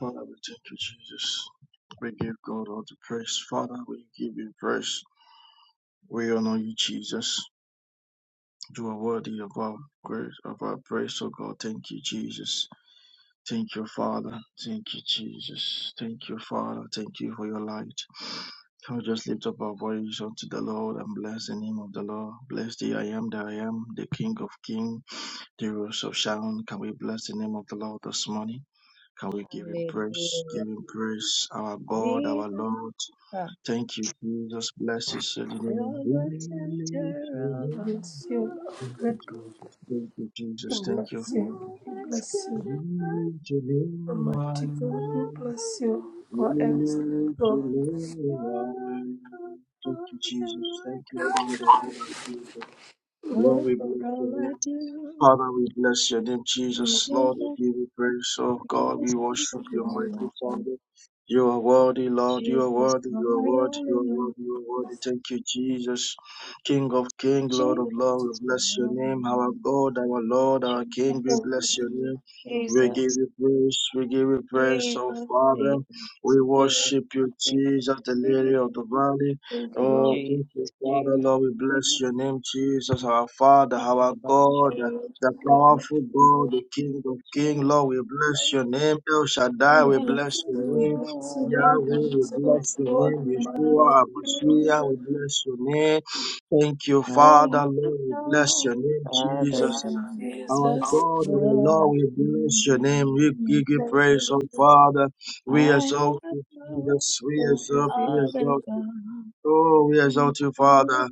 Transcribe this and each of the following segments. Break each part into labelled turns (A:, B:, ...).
A: Father, we thank you, Jesus. We give God all the praise. Father, we give you praise. We honor you, Jesus. You are worthy of our grace, of our praise, oh God. Thank you, Jesus. Thank you, Father. Thank you, Jesus. Thank you, Father. Thank you for your light. Can we just lift up our voice unto the Lord and bless the name of the Lord? Bless the I am that I am, the King of Kings, the Rose of Sharon. Can we bless the name of the Lord this morning? Can we give him praise? Give him praise, our God, our Lord. Thank you, Jesus. Bless his holy name. We lift your name.
B: Bless you, oh
A: Thank you,
B: great God.
A: Jesus. Thank you,
B: We
A: Jesus. Thank you,
B: bless you.
A: Father.
B: We bless
A: We
B: you,
A: lift your name
B: Almighty God. We
A: high.
B: bless you,
A: We
B: our excellent
A: lift your
B: God.
A: name high. Thank you, Jesus. Thank you, Father. Thank you, Jesus.
B: Mm,
A: Lord,
C: Oh,
A: we
C: for
A: bless
C: all I
A: you. Father, we bless your name,
B: mm.
A: Jesus. Lord,
C: do,
A: we give you praise. Oh God, we
C: Jesus, thank
A: worship
C: you,
B: Thank you,
A: your
C: Lord, my
A: mighty
B: Jesus.
C: joy.
A: Father. You are worthy, Lord. You are
C: Jesus,
A: worthy.
C: you're
A: You are
C: my
A: worthy.
C: only
A: You are
C: Lord.
A: worthy. You are worthy. Thank you, Jesus. King of King, Lord
C: Jesus,
A: of
B: Thank you,
A: Lord,
B: Jesus.
A: we bless
C: my
A: your
C: only
A: name. Our
C: Lord.
A: God, our Lord, our King, we
C: Jesus,
B: Thank you,
A: bless your
B: Jesus.
A: name.
B: Thank you,
A: We
B: Lord.
A: give
C: Jesus,
A: you praise. We give you praise, oh
C: Jesus,
A: Father.
C: Jesus,
A: We
C: Jesus, Jesus,
A: worship you, Jesus, the Lily of the Valley.
B: Thank you,
C: Jesus,
A: Oh,
B: Lord.
A: thank you,
C: Jesus, Jesus,
A: Father, Lord. We bless
C: Jesus,
A: your name, Jesus, our Father, our
C: Hallelujah.
A: God the
B: Lord,
C: Hallelujah.
A: powerful
B: we bless you.
A: God, the King of Kings,
C: Jesus,
A: Lord, we bless your name. El
C: I
A: Shaddai,
B: We
A: we
C: have
B: bless
A: bless your
B: you. We
A: name.
C: no
B: bless you,
C: other
B: Lord.
C: God
A: Yahweh,
B: We
A: we
B: exalt
A: bless
B: you,
A: your
B: Lord.
A: name.
B: We magnify
A: Yeshua,
C: but
B: you, Lord. We magnify
A: Mashiach,
C: you.
B: you.
A: we bless your name. Thank you,
C: I
A: Father,
C: have
A: Lord, we bless
C: no
A: your name,
C: other
A: Jesus.
B: Thank you,
A: Our
B: Jesus.
A: God, our Lord,
C: God
A: we bless your
C: but
A: name. We
C: you.
A: give you
B: Thank
A: praise,
B: you,
A: oh
B: Lord.
A: Father.
C: I
A: We
C: have
A: exalt you,
C: no
A: Jesus. We
B: Thank you,
A: exalt, we
B: Jesus.
C: other
A: exalt.
C: God
A: Oh, we exalt you,
C: but you,
A: Father.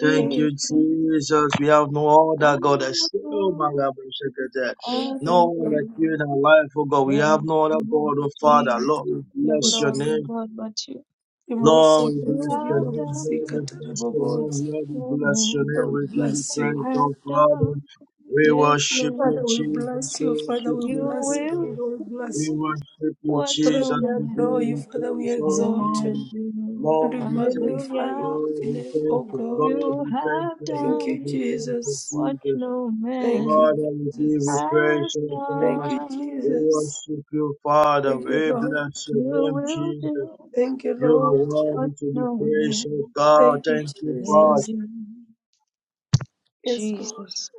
A: Thank
B: Thank
A: you, Jesus. We have no
C: I
A: other God
C: have
A: except oh my
C: no
A: God, we should get that.
B: you, thank you,
A: No
C: other
A: one
C: God
B: thank
A: like you in our life, oh God. We
C: but
A: have no other God,
C: you,
A: oh
B: you.
A: Father.
C: Jesus.
A: Lord, we
C: You have
A: bless
B: Thank
C: no
A: your
B: you.
C: other
A: name.
C: God but you.
B: Imoso
A: Lord, we
C: You
A: bless
B: kotori
A: your
C: have
A: name.
B: babasi
A: Lord,
C: done
A: we
B: katara
A: bless your name.
B: babonza.
A: Lord, we
C: no
A: bless your
C: man
B: Father,
A: name.
B: we
A: We give you
B: bless
A: praise,
B: you.
C: has
A: oh Father.
C: done.
A: We
C: Yes,
A: worship you,
B: Father,
C: Lord,
B: we
A: Jesus.
B: bless
A: We
B: you. Father,
A: worship
B: we
A: you,
C: you
B: bless you.
A: Father.
C: will
B: Father, we bless
A: We
C: do
B: you.
A: worship you,
C: what
B: Father,
C: no
A: Jesus.
B: we
A: We give
B: adore
C: man
B: you.
A: you
B: Father, we
A: praise, oh
B: exalt you.
A: Father.
C: can do.
B: And
A: Lord,
B: we
A: we thank you.
B: magnify your
C: Hallelujah.
A: Lord,
B: holy
A: we
B: name, O
A: thank you.
B: God.
A: Lord,
C: You
A: we thank
C: have
A: you.
B: Thank you,
A: Lord,
C: done
A: we thank you,
B: Jesus.
C: what
A: Jesus.
C: no
B: Thank
C: man
B: you,
A: Father, we give you
B: Jesus.
A: praise,
C: Ask
A: oh God.
B: Thank you,
C: God,
A: We
C: who
B: Jesus.
A: worship you, Father.
B: Thank you,
A: We
B: Lord.
A: bless your name,
C: will
A: Jesus.
C: do
B: Thank you,
A: You are
B: Lord.
A: worthy
C: what
A: to be
C: no
A: praised,
C: man
A: oh God.
B: Thank you,
A: Thank you,
C: can
A: Father.
B: Jesus.
C: do.
B: Yes, Lord.
C: Jesus,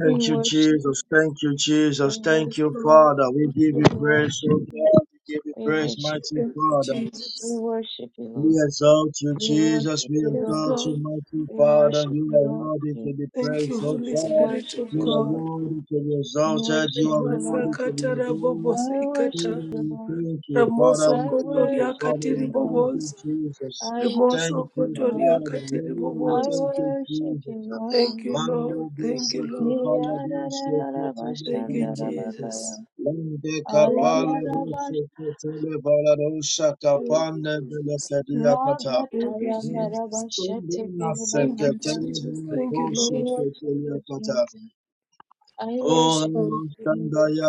C: we
A: you,
C: worship, you,
A: Jesus. Thank you, Jesus.
C: we
A: Thank
B: Yes,
C: worship
A: you,
C: you,
B: Lord.
A: Father. We
B: Yes,
A: give you
C: we
B: Lord.
A: praise,
C: worship
A: oh
C: you,
A: God. We give you
C: we
A: praise,
C: worship
A: mighty
C: you,
B: Thank you,
A: Father.
C: we
B: Jesus.
C: worship you,
A: We
C: Lord,
A: exalt you,
C: we
A: Jesus.
C: worship
A: We
C: you,
B: Yes,
C: Lord,
A: exalt you,
B: Lord.
A: mighty
C: we
A: Father.
C: worship
A: You
C: you,
A: are
C: Lord,
A: worthy
C: we
A: to be
B: Thank you,
A: praised, O
B: Holy
C: we
A: God.
B: Spirit
C: worship
B: of
C: you,
A: You are
B: God.
C: Lord,
A: worthy to be
C: we
A: exalted. You
C: worship
A: are
C: you,
A: worthy
C: Lord,
A: to be
B: Rebasakata
A: adored.
B: rabobos
C: I worship
B: ikata.
A: We
C: you, Lord,
A: Thank you, Father.
B: Ramoso
A: We
C: I
A: thank
B: kotoria
A: you,
C: worship
A: Father.
B: katiri
C: you,
A: We
C: Lord,
A: thank you,
B: bobos.
A: Jesus.
C: I worship
A: Thank
B: Rimoso
C: you,
A: you,
C: Lord,
B: kotoria
A: Father.
B: katiri
A: Lord, we
C: I
B: bobos.
A: thank you,
C: worship you,
A: Jesus.
B: Thank
C: Lord.
B: you,
A: Manda
B: Lord. Thank you,
A: busaka
B: Lord.
A: pala busu kutele
B: Thank you,
A: pala busu.
C: Yararararabashandarabagaya.
B: Jesus.
A: Lende
B: Thank you,
A: kapala
B: Lord.
A: busu
C: Alabarabash
A: kutele pala busu
B: Thank you,
A: kapanda vela
B: Jesus.
A: kadia kata.
B: Thank you, Jesus.
A: Lende
B: Thank
A: naseke
B: you,
C: Ragatayandarabashetikiribananda.
A: tele
B: Jesus.
A: pala
B: Thank you,
C: I
A: busu
B: Lord.
C: worship you,
A: kutele kata.
C: Jesus. I
B: Yes,
A: Ora
C: worship
B: Lord.
C: you, Jesus.
A: mastandaya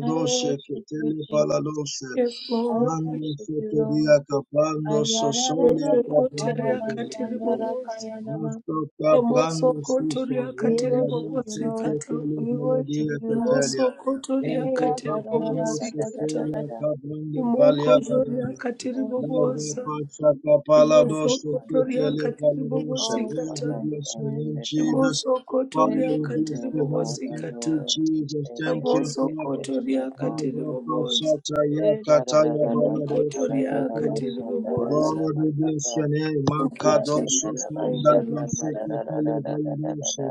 C: I worship you,
A: ketele
C: Jesus.
A: paladoshe
B: Yes,
C: I
B: Lord.
A: mando
C: worship you,
A: sotodia
C: Lord.
A: kapando sosolia
B: Ramoso
A: kapando
B: kotoria katiri bobos.
C: Ayarararabashandarakayanama.
A: Masoka
B: Ramoso
A: brando sisa
B: Kotoria
C: We
A: randa
B: Kateri
C: worship you,
A: doce
B: Bobosi
A: te
C: Lord.
B: Kata.
A: tele
C: We worship
A: melodia
C: you,
A: te
C: Lord.
A: telia.
B: Ramoso Kotoria
A: Vente
B: Kateri
A: cabrando
B: Bobosi
A: sisa
B: Kata.
C: Eyadadadadadadadadada.
A: cabrando valia
B: Imoko
A: cadena.
B: Zoria
C: Jesus,
B: Kateri
A: Mare
C: Lord.
B: Bobosa.
A: pacha capala
C: I thank
B: Ramoso
A: doce te
B: Kotoria
C: you.
A: tele
B: Kateri
A: valorosa.
B: Bobosi
C: Oh,
A: Lord,
C: Father,
A: we
B: Kata.
C: I
A: bless your name,
C: surrender, Lord.
A: Jesus.
B: Ramoso
C: Thank
A: Father,
B: Kotoria
A: we
C: you,
A: bless
B: Kateri
C: Lord,
A: your name.
B: Bobosi
C: Father,
A: Thank you,
B: Kata.
C: Lord. Just
A: Jesus.
C: Take
A: Thank
C: it,
A: you,
C: take
B: Ramoso
C: it, take
A: Father.
C: it, my
B: Kotoria
C: God.
B: Kateri
A: Mare pacha
B: Bobosa.
A: taya
C: Eh, da, da, da,
A: cataya
C: da, da, da
B: Ramoso
C: da, da, da,
B: Kotoria
C: da, ba,
A: valarosa
B: Kateri
C: sha, da, da, da,
B: Bobosa.
C: da,
A: Lord,
C: ba,
A: we
C: da da.
A: bless your name.
B: Thank
C: Ra,
B: you,
C: da,
A: Makadoso
C: da,
B: Jesus.
C: da, ba,
B: Thank
A: funda
C: sha,
B: you,
C: da da,
B: Lord.
C: da,
A: baseke
C: da,
A: tele
C: da, da, da, da, da, da,
A: baladoso.
C: da.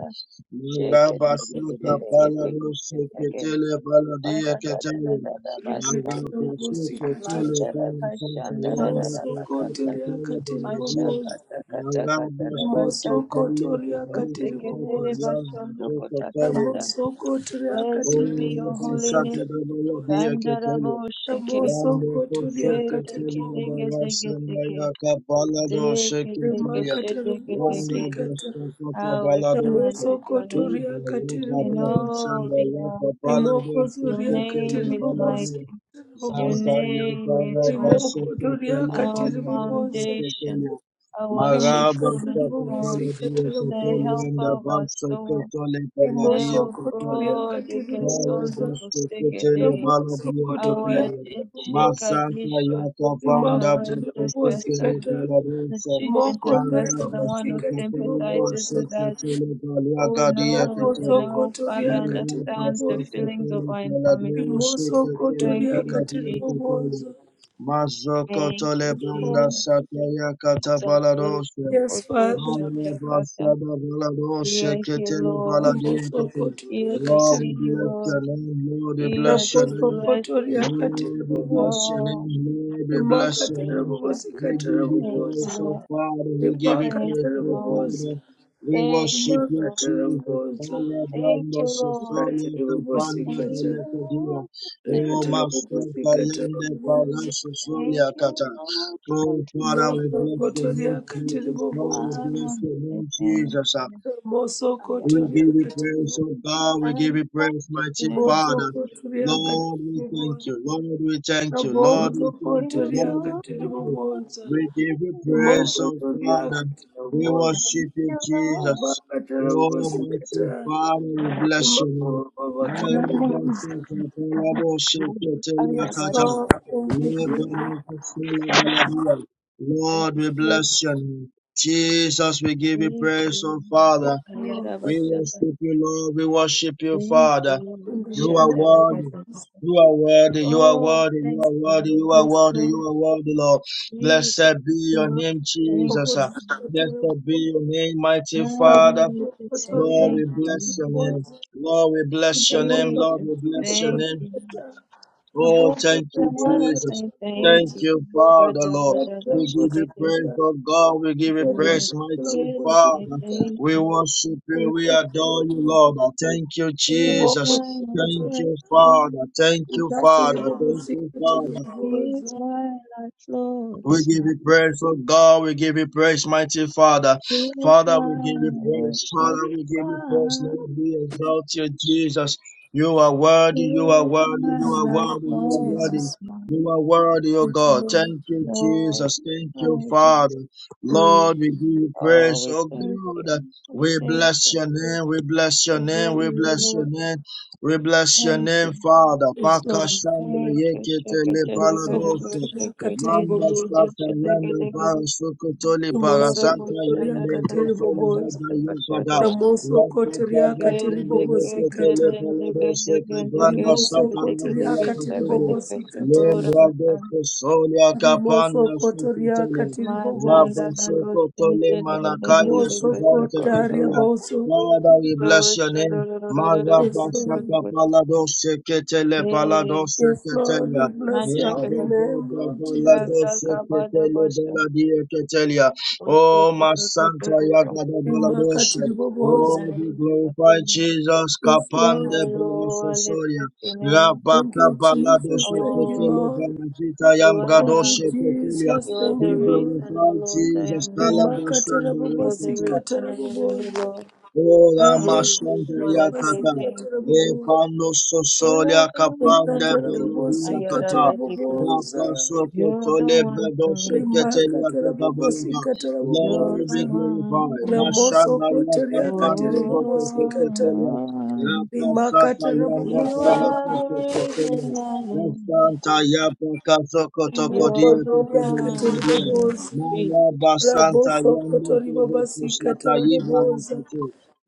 C: Shake it,
B: Thank
C: take
B: you,
C: it,
A: Magabasaka
C: take it,
B: Jesus.
C: take it, take it,
A: baladoso
C: shake, it, take it.
A: ketele
C: Ba,
A: baladia
C: da, da, da, da,
A: ketele.
C: da, da, ba,
B: Rikata
C: shan, da
A: Magabaso
B: Bobosi
C: Ma,
B: Kata.
A: ketele
C: da, da, ka, sha,
A: balasanta
C: da, da, da,
A: yanda
C: da, ba, ka,
A: kaseke
C: da.
B: Mosokotoria
A: tele
C: Ma, sha,
A: baladia.
C: ka,
B: katiribobozi.
C: da, ka, da, ka, da, da,
A: Magabaso
C: ba, shan, da
A: ketele
B: Mosokotoria
A: baladoso kata
C: Oseketere
B: katiribobozi.
A: yanda
C: bashondo
A: kaseka tele.
C: kotakabada.
B: Ramosokotoria
C: Blessed be your
B: katiribobozi
C: holy name.
B: katiribobozi.
C: Kandarabo sheke.
A: Yando
B: Ramosokotoria
A: koseke
C: Keseke
A: telia da
C: dege
B: katiribobozi.
C: dege
A: wasanda
C: dege.
A: ya kabalado
C: Zeke
A: seke
C: teke
A: telia.
C: shedege
A: Yando
B: Rimakatiribobozi
C: dege.
B: kata.
A: basa kata
C: How
A: balado
C: excellent
A: se.
C: is your name
A: Ibe
B: Ramosokotoria
A: roga
C: in
A: da
B: katiribobozi.
C: all
A: basanda
C: the
A: ya
C: earth.
A: kabalado
C: Your
A: seke
B: Rimokozoria
A: tele
C: name is
B: katiribobozi
A: balado.
C: mighty. Your
A: Zanta
B: katiribobozi.
A: ya
C: name
A: bara
C: is worthy.
A: baseke
B: Rimokotoria
A: tele
C: Our
A: balado
B: katiribobozi.
A: seke
C: foundation,
A: telia.
C: our chief
A: Maraba seke
B: Rimakatiribobozi
C: cornerstone,
A: baladia ke
C: the
B: katiribobozi.
A: telia
C: helper
A: da
C: of our
A: baso ke
C: soul.
A: tele
B: Rimoso
C: Oh
B: kotoria
A: baladia
C: God,
B: katiri
C: Ikesondo
B: bobosa.
C: Kosegede,
B: Raboso kotoria
C: our
B: kata
C: chief
B: bobosa.
A: Masanta
C: Ichikadisha,
A: yaka fanda
B: Rimaka
C: our
B: tiri bobosi
C: intercessor,
A: bukutele
B: kata.
C: the
A: balarusa
C: chief
B: Rimoko ndore
A: mala
C: intercessor, the one
B: bobosi
C: who
A: bustuka
B: katiri
A: pelero
C: sympathizes
B: bobosa.
C: with us,
A: sekutele balya
C: who
A: gadiya
C: knows and
B: Raboso
A: ketele
C: who Father
B: kotoria
A: mala
B: katiri
C: understands the
A: bustuka
B: bobosa.
C: feelings of
A: pele
C: our
A: baladu
C: infirmity.
B: Rimoso
A: sekutele
C: Thank
B: kotoria
C: you,
A: baladiya
B: katiri
C: Jesus.
A: ketele
B: bobosa.
A: mazoko
C: Thank
A: tole
C: you,
B: Yes,
A: banda
B: Lord.
C: Jesus.
A: satya kata
C: Satu
A: balarusa
B: Yes,
C: Koto
B: Father.
A: mala
C: Shakakata.
A: bastada
C: We
A: balarusa
C: are here,
A: ketele
C: Lord,
A: baladiya
B: Rimoso
A: ketele
C: here
B: kotoria
C: to
A: Lord,
B: katiri
A: we
C: see you,
A: bless
B: bobosa.
C: Lord,
A: your name. Lord, we
C: here
A: bless your
C: to
B: Raboso
A: name.
C: bless you.
B: kotoria katiri
A: Lord, we bless
B: bobosa.
A: your
C: Oh.
A: name. Lord, we
B: Rimaka
A: bless your
B: tiri
C: Thank
A: name.
C: you.
B: bobosi
A: We
B: katiri
A: give you
C: Thank you,
B: bobosa.
A: praise, oh
C: Lord.
A: Father. We give you
C: Thank
A: praise,
B: Rebakatara
C: you,
A: oh
C: Lord.
B: bobosa,
A: Father. We
C: Thank
A: worship
C: you,
A: you,
C: Lord.
B: rebakatara
A: Jesus.
B: bobosa,
A: Father,
C: Thank
A: blando,
C: you, Lord.
A: sosolia,
B: rekatara
A: capanda,
C: Thank you,
B: bobosikata,
A: delecadia.
C: Lord.
A: Oh,
C: Thank
B: rekatara
A: Master,
B: bobosikatara
A: Kayande, Pagan,
B: bobosa,
C: thank
A: sosolia,
C: you,
A: kata.
C: Lord, for
A: Oh, Father,
C: keeping.
A: we
B: moso
A: bless your
B: kotoria
A: name,
B: katara
A: Jesus. Father,
C: I
A: we
B: bobosa,
A: bless
C: want
A: your
C: to
A: name,
C: say thank
A: Jesus.
C: you.
B: moso
C: I
A: We
C: have a
B: kotoria
A: give you
B: katara
A: praise,
B: bobosa,
A: oh God. We give
C: and
A: you
C: have
A: praise,
C: to say
A: mighty
B: moso
A: Father.
C: thank you,
B: kotoria
C: Lord.
A: Lord,
B: katara
A: we thank
B: bobosa,
A: you. Lord, we thank you. Lord,
B: raboso
C: Thank
A: we thank you.
C: you,
B: kotoria
A: Lord, we
C: Lord,
B: katara
A: thank you.
C: for
B: bobosa,
A: We give you
C: keeping me.
A: praise,
B: moko
A: oh
B: kotoria
A: Father.
B: katara
A: We
B: bobosa,
C: Thank
A: worship you,
C: you, Lord.
A: Jesus.
C: for
B: rebakatara
A: Oh,
C: saving me.
A: mighty
B: bobosikata,
A: Father, we bless
B: remako
A: you.
B: babakara bobosa.
C: I
B: Yes,
C: want to
B: Lord. Thank you, Jesus.
C: say
A: Lord, we
B: Lord,
A: bless you. Jesus, we give you
C: Thank
A: praise,
C: you.
A: oh Father.
B: thank you, Lord.
A: We
C: Ayarabashata.
A: worship you, Lord. We worship you,
C: Thank
A: Father.
C: you.
B: In the
A: You
B: name
A: are
B: of
A: worthy.
C: Shatarabata.
B: Jesus.
A: You are worthy. You are
C: Oh,
A: worthy. You
C: thank
A: are worthy.
C: you.
A: You are
B: Yes,
A: worthy. You
B: Lord.
A: are worthy, Lord.
C: Jesus,
A: Blessed be your
B: Mark,
A: name,
C: thank
A: Jesus.
B: Bobos,
C: you.
B: Kotoro,
A: Blessed be your name,
C: I
A: mighty
B: Rabo,
A: Father.
C: need to say
B: Kotoria,
A: Lord,
C: thank
A: we bless
C: you.
A: your name.
B: Bobos,
A: Lord, we bless your
B: Rabo,
A: name.
B: Rabo,
A: Lord,
C: Jesus,
A: we bless your
C: thank
A: name.
C: you.
B: Kata,
A: Oh,
B: Rabo,
A: thank
C: I
A: you,
B: Kotoria,
C: want to
B: Kata,
A: Jesus.
C: say
B: Bobos,
A: Thank
C: thank you.
A: you, Father,
C: brother,
A: Lord.
B: Kata,
C: brother,
A: We give
B: Bobos,
A: you
B: Kata,
C: gashigete.
A: praise,
B: Kata,
A: oh God. We give
B: Kata, Bobos, Kata,
A: you
C: Lord,
A: praise,
B: Rikata, Bobos,
A: mighty
B: Rabo,
C: Here
A: Father.
C: say thank
A: We
C: you.
A: worship you. We adore you, Lord. Thank you,
C: Here's
A: Jesus.
C: my
A: Thank
C: life,
A: you, Father.
C: Lord.
A: Thank
B: Kotoria,
A: you,
B: Kata,
A: Father. Thank
B: Bobos,
A: you, Father.
B: Kata,
C: Here's
B: Bobos,
C: my life,
A: We
C: Lord.
A: give you praise, oh God. We give you praise, mighty Father.
C: He is
A: Father,
C: my
A: we give you praise.
C: worship,
A: Father, we give you praise.
C: my
A: Lord, we exalt you, Jesus. You are worthy.
C: He
A: You are
C: is
A: worthy.
C: my
A: You are
C: life,
A: worthy. You are
C: Lord,
A: worthy.
B: Jesus.
C: my
A: You are worthy, oh
B: Thank you,
A: God.
B: Lord.
A: Thank you,
C: Lord.
A: Jesus. Thank you,
C: Oh,
A: Father.
B: Mm,
A: Lord, we give you praise,
C: we
A: oh
C: thank
A: God.
C: you, we
A: We
C: thank
A: bless
C: you,
A: your name. We bless your
C: we
A: name.
C: bless
A: We
C: the
B: mm.
A: bless your
C: Lord.
A: name. We bless your
C: Thank
A: name,
C: you,
A: Father.
B: Yes, Lord.
A: Pakashanda
C: thank you.
A: yekete
C: Shukadeva, Gadadeva,
A: lebalado
B: Mosokotoria
C: Gaurideva,
B: katiri
A: Manda
C: Jayadeva, Jayadeva,
B: bobozi.
A: sata
C: Jayadeva,
A: yanda
C: Jayadeva.
A: bara sokotoli bara
C: Dora
A: zanta
C: Bhushan,
B: Mosokotoria
A: yende
C: Dada Dada
B: katiri
C: Dada,
A: zotoli
C: Kasta
B: bobozi.
A: bada
C: Kasta Kasta
A: yukada.
C: Kasta.
A: Yaka
B: Ramosokotoria
A: banda
C: Dheke
B: katiri
A: sunde
C: Dheke
B: bobozi
C: Dheke
A: veketele
B: kata.
A: palado
C: Dheke Dheke Dheke
A: seka
C: Dheke
A: banda
C: Dheke.
A: sata ya
C: Dheke Dheke Dheke
B: Rimosokotoria
A: bala
B: katiri
C: Dheke
A: kasunde.
C: Dheke
B: bobozi
C: Dheke
B: kata.
C: Dheke
A: Lembra
C: Dheke.
A: deste solia kapanda
B: Rimosokotoria
A: sokotoli.
B: katiri
A: Rabba
B: bobozi.
C: Mazanda da
A: sokotoli
C: gosente de de de de de
A: manakaya
C: de gosto
A: suzante
B: Rimosokotaria
C: gosto
A: tekia.
B: boso.
A: Father, we
C: do
A: bless your name.
C: shororororororo
A: Mara
B: Yes, Lord.
C: gosto gosto
A: basaka
C: gosto
A: palado seketele palado
C: de
B: Yes, Lord.
A: seketele.
B: We
A: Oh,
B: bless your
C: mancha que
B: holy name, Lord
C: basta
B: Jesus.
C: salga bada basta gosto
A: my
C: gosto gosto
A: Santa
C: gosto
A: Yagada Baladosha.
B: Rimakatiri bobozi.
A: Lord, be
C: aleluya
A: glorified Jesus.
B: Yes,
A: Kapande
B: Lord.
C: aló
A: Balasosoria.
C: aleluya
B: Thank
A: Rabaka
B: you, Jesus.
A: Baladosha
B: Thank you,
C: oh
A: Ketele
B: Lord.
A: Banazita
C: you
B: Thank
C: are
B: you,
A: Yambradosha Ketulia.
B: Jesus.
C: you are
B: Thank
A: Be
C: the
B: you, Lord.
C: reason oh
A: glorified
C: Lord I
A: Jesus.
C: am here
B: Rimaka
A: Kalabasanda
C: you are the
A: Yakata,
B: tarabobosika
C: reason I am here
B: tarabobosa.
C: Lord
A: Ola
C: I
B: Raboko
C: just
A: mashanda ya
C: wanna say
A: kata.
B: tarabobosika
C: thank you
A: E
B: tarabobosa.
A: pano
C: You are
A: sosolia
C: the
B: Eka
C: reason
A: kapande
C: I live. Ah,
A: belodia
C: You're
B: tarabobosika
C: the
A: kata.
C: the giver.
A: Rapa
B: tarabobosa.
A: soko
C: You're the
A: tole
C: one
A: bedo
C: for me.
A: shekete
B: Rimaka
A: ya kata balada.
B: tarabobosika
C: You're
A: Lord
C: the
A: be
B: tarabobosa.
C: one for
A: glorified.
C: me.
B: Ramoso
A: Mashanda ya
B: koteriaka
A: kapande gote
B: tiribobosika ta.
A: keketelia.
C: Oh,
A: Rapa
B: Rimaka
A: sata yanda
C: you
A: kaga
B: tarabobosika.
C: are the reason
A: keketelia.
C: I live.
A: Rastanta ya paka soko tokodia
C: You're
B: Rimoko
C: the
B: zoriaka
A: keketelia
C: one for
A: keketelia.
C: me.
B: tiribobosa.
C: Three.
A: Maya basanta
B: Raboso kotori
A: yanda
B: Rabosokoto
A: kaga
B: ribobosika
A: kusata yiba
B: tarabobosa.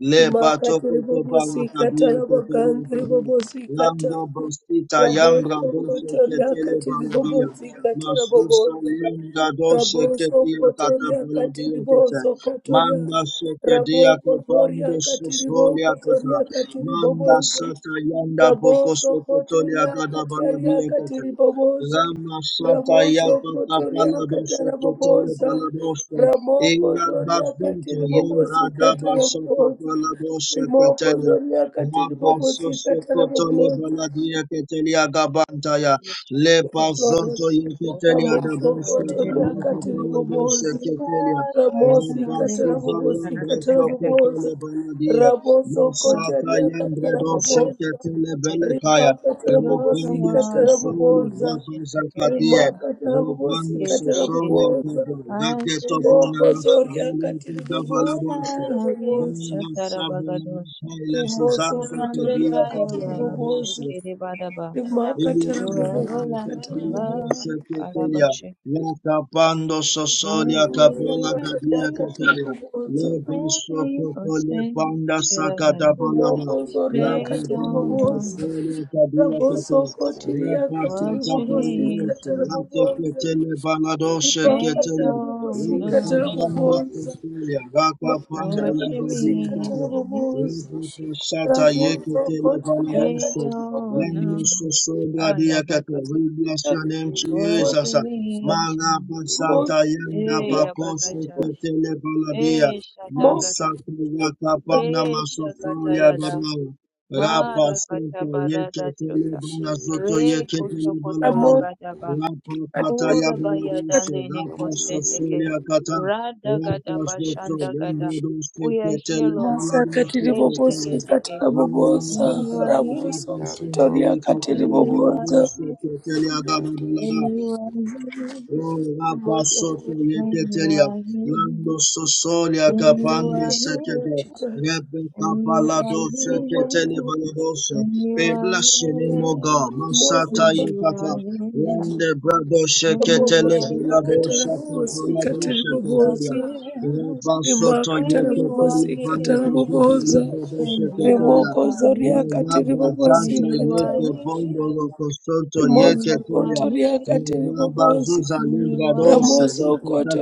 A: Lebato
B: Rimakati
A: koto
B: ribobosika
A: balakadia kotelia
B: tarabaganga
A: kadi.
B: ribobosika ta.
A: Lambo bostita yambra doshe
B: Rabosokoto
A: ketele
B: raboso
A: baladia.
B: ribobosika
A: Masusa
B: tarabobosa.
A: yanga doshe
B: riboso
A: ketia kata
B: kotoria
A: baladia kete. Manda shekedia
B: rabo ria.
A: kapando
B: Rabokoto ribo
A: susolia
B: ribokoto
A: kata.
B: riakati
A: Manda
B: ribobosa.
A: sata yanda boko
B: Raboso
A: sokotolia
B: kotoria
A: gada
B: kataria
A: baladia kete.
B: katiriboboza.
A: Rama sata
B: Ramoso
A: yapata
B: kotoria
A: balado sheketele
B: kataraboboza.
A: baladoshe.
B: Ramoko
A: Inga
B: zoria
A: basonto yendra
B: katiribobosi
A: da basonto
B: kataraboboza.
A: pala bosha
B: Rimoko
A: katelia.
B: zoria
A: La
B: katiribobosi
A: basoso kotole
B: kataraboboza.
A: baladia ketelia
C: Take it, take
A: gabantaya.
C: it, check
A: Le
C: it out.
A: basonto
C: Oh,
A: yeketelia
C: check
A: da
C: it,
B: Ramoso
C: put it
A: bosha
C: in it,
B: kotoria
C: look at
A: kayoko
C: it. in.
A: pala bosha
C: You
B: katiriboboza.
A: ketelia.
C: are the
A: Le
B: Ramosi
C: reason I live.
A: basuza
C: Check it
B: katarabobosi
C: out,
A: yendre
C: check it out.
A: soko
B: katarabobosa.
A: kole baladia.
C: You're the
B: Raboso
C: one for
A: Masata
B: kotaria
C: me. Check
A: yendre
C: it out, check
A: dosha
C: it
B: katarabobosa.
A: ketele
C: out.
A: belekaya.
B: Rima
C: You're the
B: katarabobosi
A: Rabando
C: one for me.
A: sosolo
B: katarabobosa.
C: Shake it, shake it, baby.
A: rabazakadia.
B: Rima katarabobosi
A: Rebano
C: Shake it, shake it.
A: Sosole
B: katarabobosa.
A: Gaba,
C: I
A: Lageto
C: should have
B: Rimoko
C: it
A: Bonana
B: zoria
A: Suzanne
B: katarabobosi
C: when
A: Davalabosco,
C: I have you.
B: katarabobosa.
A: Benda Sabona
C: Shatarabagadosha.
A: Michaela
B: Rimoso
A: Suzante
C: Surrounded
B: kotaria
A: Pedia
C: by your love. Shake
B: katarabobosa.
A: Babalabosco,
C: it, badaba.
B: Rima
A: la
C: Your
B: katarabobosi
C: everlasting
B: katarabobosa.
C: love. Alaba shake it.
A: Lakapando
C: Right
A: sosolia
B: Rimoso
C: to
A: kapala
C: the
A: kadia
B: kotaria
C: grave.
A: ketelia.
B: katarabobosa.
A: Leba
C: Where you
A: sokoto le basso cotole
C: forsake.
A: panda sakata
C: Shirabada.
A: palama.
B: Rimoko
A: la
B: zoria
C: They
A: bando
C: don't know
B: katarabobosa.
A: sosolia kadia ketelia.
B: Rabosokotiria
A: Leba
C: what you
A: sakapala
C: mean
B: katiribobosika
C: to
A: doshe.
C: me.
A: Late
B: tarabobosa.
A: ketele baladoshe
C: They
B: Ribaka
A: ketelia.
C: don't
B: tarabobosika
A: Leba
C: know.
A: bando
B: tarabobosa.
A: sosolia. Laka
B: Maka
A: panda
C: What you
A: yabadia
B: tarabobosika
C: mean to
A: ketelia.
C: me?
B: tarabobosa.
A: Leba sata yeketele
B: Rabosokotiria
C: They
A: baladoshe
C: don't know.
B: katiribobosika
A: Lemesosobadiakata. We
C: Ayabakata.
A: bless your name,
C: What
B: tarabobosa.
A: Jesus.
C: you mean to
A: Manga
C: me?
A: Basanta
B: Mokotiria
A: Yanda
C: Hey,
A: Bakoso
B: katiribobosika
C: Yabakata.
A: Ketele Baladia.
C: Hey,
B: tarabobosa.
C: Shadagata.
A: Masaka Yaka Bana
C: Ye Shakata
A: Masosolia
C: Yada.
A: Badala. Rapa Santa
C: Marakata Barada
A: Yeketele
C: Chuta.
A: Bana Soto
C: Re
A: Yeketele Baladia.
C: Kotokotologadaba.
A: Rapa Kata Yabaladoshe.
C: Kurabayadande
A: Rapa
C: Nekosteteke.
A: Sosolia Kata. Rapa
C: Radagadaba
A: Soto Yendo
C: Shandagada.
A: Doshe
C: We are here,
A: Ketele
C: Lord.
A: Baladia.
B: Masakatiribobosika
C: Eshtegedege.
A: Raya
B: tarabobosa.
C: And
A: Baba
C: you are
A: Baba
C: here.
A: Baba Sundere
B: Rabosokotiria
C: When
A: Ketele
C: you are
A: Balabu
B: katiribobosika
C: here,
A: Sokotele Ababa
C: when
A: Balada.
C: you are here,
A: Oh, Rapa Soto
C: when
B: tarabobosa.
C: you
A: Yeketelia,
C: are here,
A: Lando Sosolia
C: when
B: Ramoso
C: you
A: Capande
C: are
B: kotoria
C: here,
A: Sekega, Rebecca
C: when you are
A: Balado
C: here,
A: Seketele Baladosa.
C: when you
A: We
C: are
A: bless your name,
C: here,
A: O God. Masata
C: when you are
A: Yakata,
C: here,
A: Rande Brado
C: when you
A: Seketele
C: are
B: katiri
A: Baladosa
C: here, sickness
A: Capaladosa Capelia.
B: bobosa,
C: disappears.
A: Rapa Soto
B: rimaka
C: When
B: tara
C: you are
B: bobosi
A: Yeketele
B: katara
A: Panatas
C: here,
B: bobosa.
A: Librado
C: when you are
A: Seketelia.
C: here,
A: Mazaba
C: when
A: Zanta
C: you are
A: Yeke Bondo
C: here,
A: Locosoto
C: when you are
A: Yeketelia.
C: here,
A: Mirabazuza
C: when you are
A: Limbradose,
C: here.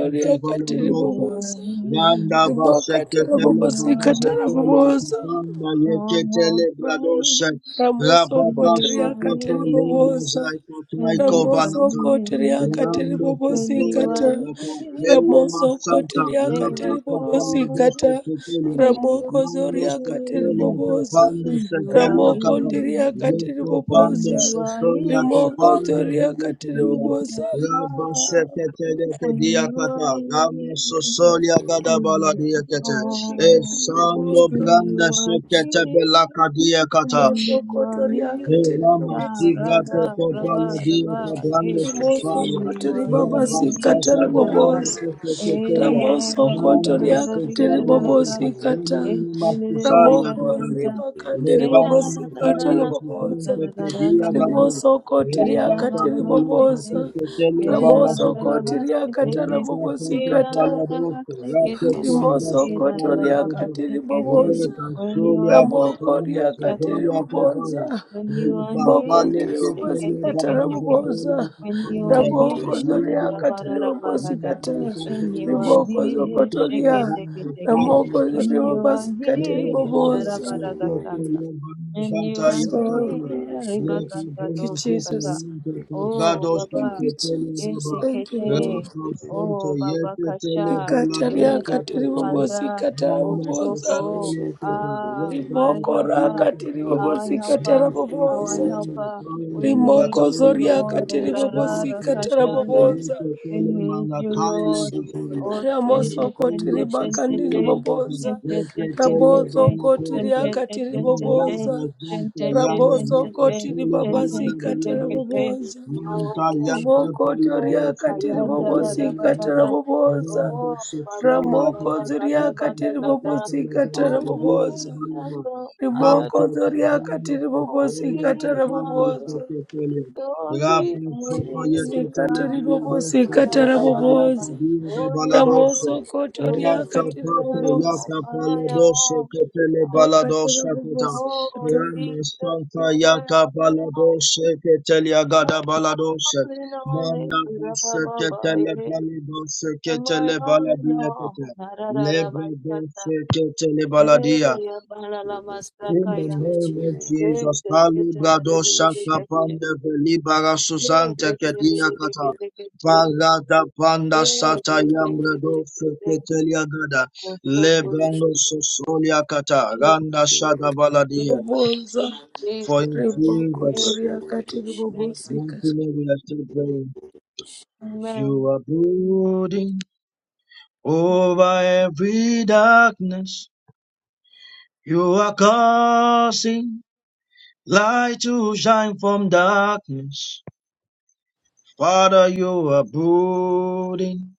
C: When you are near,
A: Yanda Vasekele
C: when you are
A: Bradose,
C: near,
A: Papanda Yekele
C: strongholds break.
A: Bradose,
B: Ramoso
C: When you
B: kotoria
C: are
A: Rababasukoto
B: katiri
C: near,
B: boboza.
A: Limbazaiko
C: when
A: Traiko
C: you are
B: Ramoso
A: Vanata,
C: near,
B: kotoria katiri
A: Ramba
B: bobosi
C: when you
A: Sofolia
C: are
B: kata.
A: Papa,
C: near,
A: Yele
B: Ramoso
A: Masanta,
C: you
B: kotoria
C: save
B: katiri
C: us
B: bobosi
A: Rapapapana
C: all.
A: Dose
B: kata.
A: Kekele,
C: When you
B: Ramoko
C: are
A: Mando
B: zoria katiri
A: Sofolia
C: near,
B: boboza.
A: Papanda
C: when you are
A: Segelia
B: Ramoko
C: near,
A: Kapa,
B: ndiria katiri
C: when
A: Lekopanda
B: boboza.
C: you are
A: sosolia
C: near,
B: Rimoko
A: kopanda
B: zoria katiri
C: you
A: bilekobia.
C: lift us
B: boboza.
A: Rabba
C: up.
A: shekete leke
C: When you are
A: diakata. Rame
C: near,
A: sosolia
C: you
A: gadabala
C: make us
B: Katiri
A: diakete.
B: bobosi
C: whole.
B: katiri
A: Esando
B: boboza.
A: branda
C: You are
A: shekete
C: here,
A: belaka kata.
B: Ramoso
C: you are
B: kotoria
C: here,
B: katiri
A: Rapa
C: ya
B: bobosi
C: ra da
B: katara
C: ra ba
B: boboza.
C: da ba eh.
B: Ramoso
C: You
B: kotori
C: are here,
B: babasi
C: shi
B: katara
C: da da,
B: bobosi.
C: eh
B: Ramoso
C: da da
B: kotori
C: da da da da
B: akatiri
C: da da da da da,
B: bobosi kata.
C: eh shi da da da da
B: Ramosokoto
C: eh da da da da da
B: ribabasikata
C: da da
B: ribobosa.
C: da da da da da,
B: Ramosokoto
C: eh da da
B: riakati ribobosikata.
C: da da
B: Ramokozi
C: da da da
B: ribakandi ribobosikata bobosa Rimosokoti riakati ribobosa.
C: Eh, da, da, da, da, da,
B: Ramosokoti
C: ba, se, te,
B: riakata
C: te. Eh, da,
B: ribobosikata.
C: da, da, da, ba, se, ke, te. Eh, da,
B: Rimosokoto
C: da, da, da, ba,
B: riakati
C: se, ke, te.
A: Mele
B: ribobosa.
C: When you
A: kazulia
C: are here,
B: Ramoko
A: kapande
B: riakati
A: kazulia
C: shatakata.
A: kapaya.
B: bobosa.
C: When you
A: Mele
C: are
B: Boko
C: here,
A: babale
B: ndiri
C: shake
B: bobosi
C: it,
A: kepele
C: shake
B: kata
C: it, shake
A: babuze
C: shekete.
A: kele
B: rabobosa
C: When you
A: kapande
C: are
B: raboko
C: here,
A: mekibili
B: zoria
A: dosto.
B: katiri bobosi
C: shabarabagada.
A: Mele
B: kata
C: When
A: kapele
C: you are
B: riboko
A: dosto.
C: here,
A: Mele
C: shake it,
B: zokotoria
C: shake it,
A: kabrande
C: shake shekete.
A: kalpa
B: ramoko zoria
C: When
A: pile.
C: you are
B: bobosi katiri
A: Mele
C: here,
A: brado se
B: bobosa
C: sharabaragatanta.
A: kepele banu
C: When you
A: zanta
C: are
A: yaka
B: so
A: tu.
C: here, ribaganda
B: thank you
A: Lepademos de
C: doskata.
B: Jesus
A: talento,
C: Oh,
A: pedrados y
B: thank
C: Baba.
B: you
A: tetele
B: Jesus
A: baba.
B: thank you
C: Esekete,
B: Lord
A: Rapacento,
C: O
A: yete
C: Babakasha,
A: tele balados
B: ikataria
A: que
C: Era
B: katiri
A: tetele.
B: bobosi
C: Cassandra,
B: kata
C: O
A: Manos que
B: rabobosa
C: Soko,
A: sole teta,
C: Ah,
A: lebane
C: my
B: riboko
A: padilla
C: helper,
B: raka tiri
A: tetele.
C: our
B: bobosi kata
C: helper,
A: Musta
C: our
B: rabobosa
A: teleno,
C: helper.
A: tele.
C: We
A: de
C: need
B: rimoko
C: you,
A: catale
B: zoria
A: teta.
C: Lord.
B: katiri
C: Era
B: bobosi
C: Rara
B: kata
A: Rapacento,
C: Kashanda.
B: rabobosa
A: yete
C: We
A: tele
C: need you,
A: manacailes
C: Lord.
A: de sole.
C: Oh,
B: Ramoso
C: tente,
A: Rapacento,
C: tente,
B: kotiri
A: que
C: tente,
B: bakandiri
A: sole
C: te.
A: teta,
B: boboza.
C: Shente,
A: yete
C: te, tente,
A: tele
B: Rabozo
C: te.
B: kotiri
A: banacosta.
C: Shente, te,
B: akatiri ribakandi
C: tente, te.
A: Malaba
B: riboboza.
A: Zanta
C: Shente, te,
A: Yame
C: tente,
A: Moko
B: Rabozokoti
C: te.
B: riakati riboboza. Rabozokoti
A: Soli Balada
B: ribabasikata
C: tente,
A: Baladosa
B: raboboza.
C: Our
A: Manta
C: helper.
A: Yanta
B: Rimokoto
C: Oh,
A: Paladosa
B: riakati
C: Kayanda
A: Tele
B: ribobosikata
A: Balada
C: Rabagada.
B: raboboza.
A: Zanda
C: Oh, Baba
A: Sosolia
C: Baba
A: Tata
B: Ramokozo
A: Yanta
B: riakati
C: Bagada
A: Tata
C: gada.
A: Tele
B: ribobosikata
C: Oh,
A: Balada Bira
B: raboboza.
A: Balada
C: Nasa.
A: Manta
C: Ayada
B: Rimokozo
C: gada.
A: Tadrima
B: riakati
C: Oh,
A: Sosolia
B: ribobosikata
A: Tata Moko
C: Nasa.
B: raboboza.
A: Tele
C: Dogi
A: Rapa Sosolia Tete
C: Munia.
A: Tele
B: Sikata
A: Baladosa
B: ribobosikata
C: Ayada
A: Tata
C: Rabag.
A: Balada
B: raboboza.
A: Bira
C: Oh,
A: Baladosa
B: Ramoso
C: Ninaso.
B: kotoria
A: Yata
B: katiri
A: papa
C: Jesus,
B: boboza.
A: yata
C: you're my
A: paladoshe
C: all in
A: ketele
C: all.
B: Wakatiri
A: baladoshe keta.
C: Oh,
B: bobosikata
A: Yama
C: Jesus,
A: santa
C: you're my
A: yaka
C: all in all.
A: paladoshe ketele agada baladoshe. Manda
C: You're
A: doshe
C: my all
A: ketele
C: in all.
A: baladoshe
C: On my
A: ketele
C: own and
A: baladia
C: all,
A: keta.
C: na ra ra ra ba
A: Lebe
C: sha ta,
A: doshe ketele baladia.
C: eh ya ba la la ma sa ka
A: In the
C: ya,
A: name of
C: ke
A: Jesus,
C: se ke
A: Pali
C: te da da da da
A: Shaka
C: da ke che,
A: Panda Velibara
C: che ke
A: Susanta
C: te da
A: Katia
C: da da ke
A: Kata
C: te ke che,
A: Parada Panda
C: che ke
A: Sata
C: te ke te
A: Yambrado
C: ke te,
A: Fetelia Gada
C: ko to ko to
A: Lebrando
C: she,
A: Sosolia Kata Randa Shada Baladia.
C: Jesus,
B: boboza
C: Jesus,
A: For in
C: Jesus,
A: Jesus,
B: ribokotoria
C: Jesus,
B: katiri
C: thank you,
A: mighty
B: bobosikata
C: Jesus.
A: name we are still praying. You
C: Amen.
A: are brooding over every darkness. You are causing light to shine from darkness. Father, you are brooding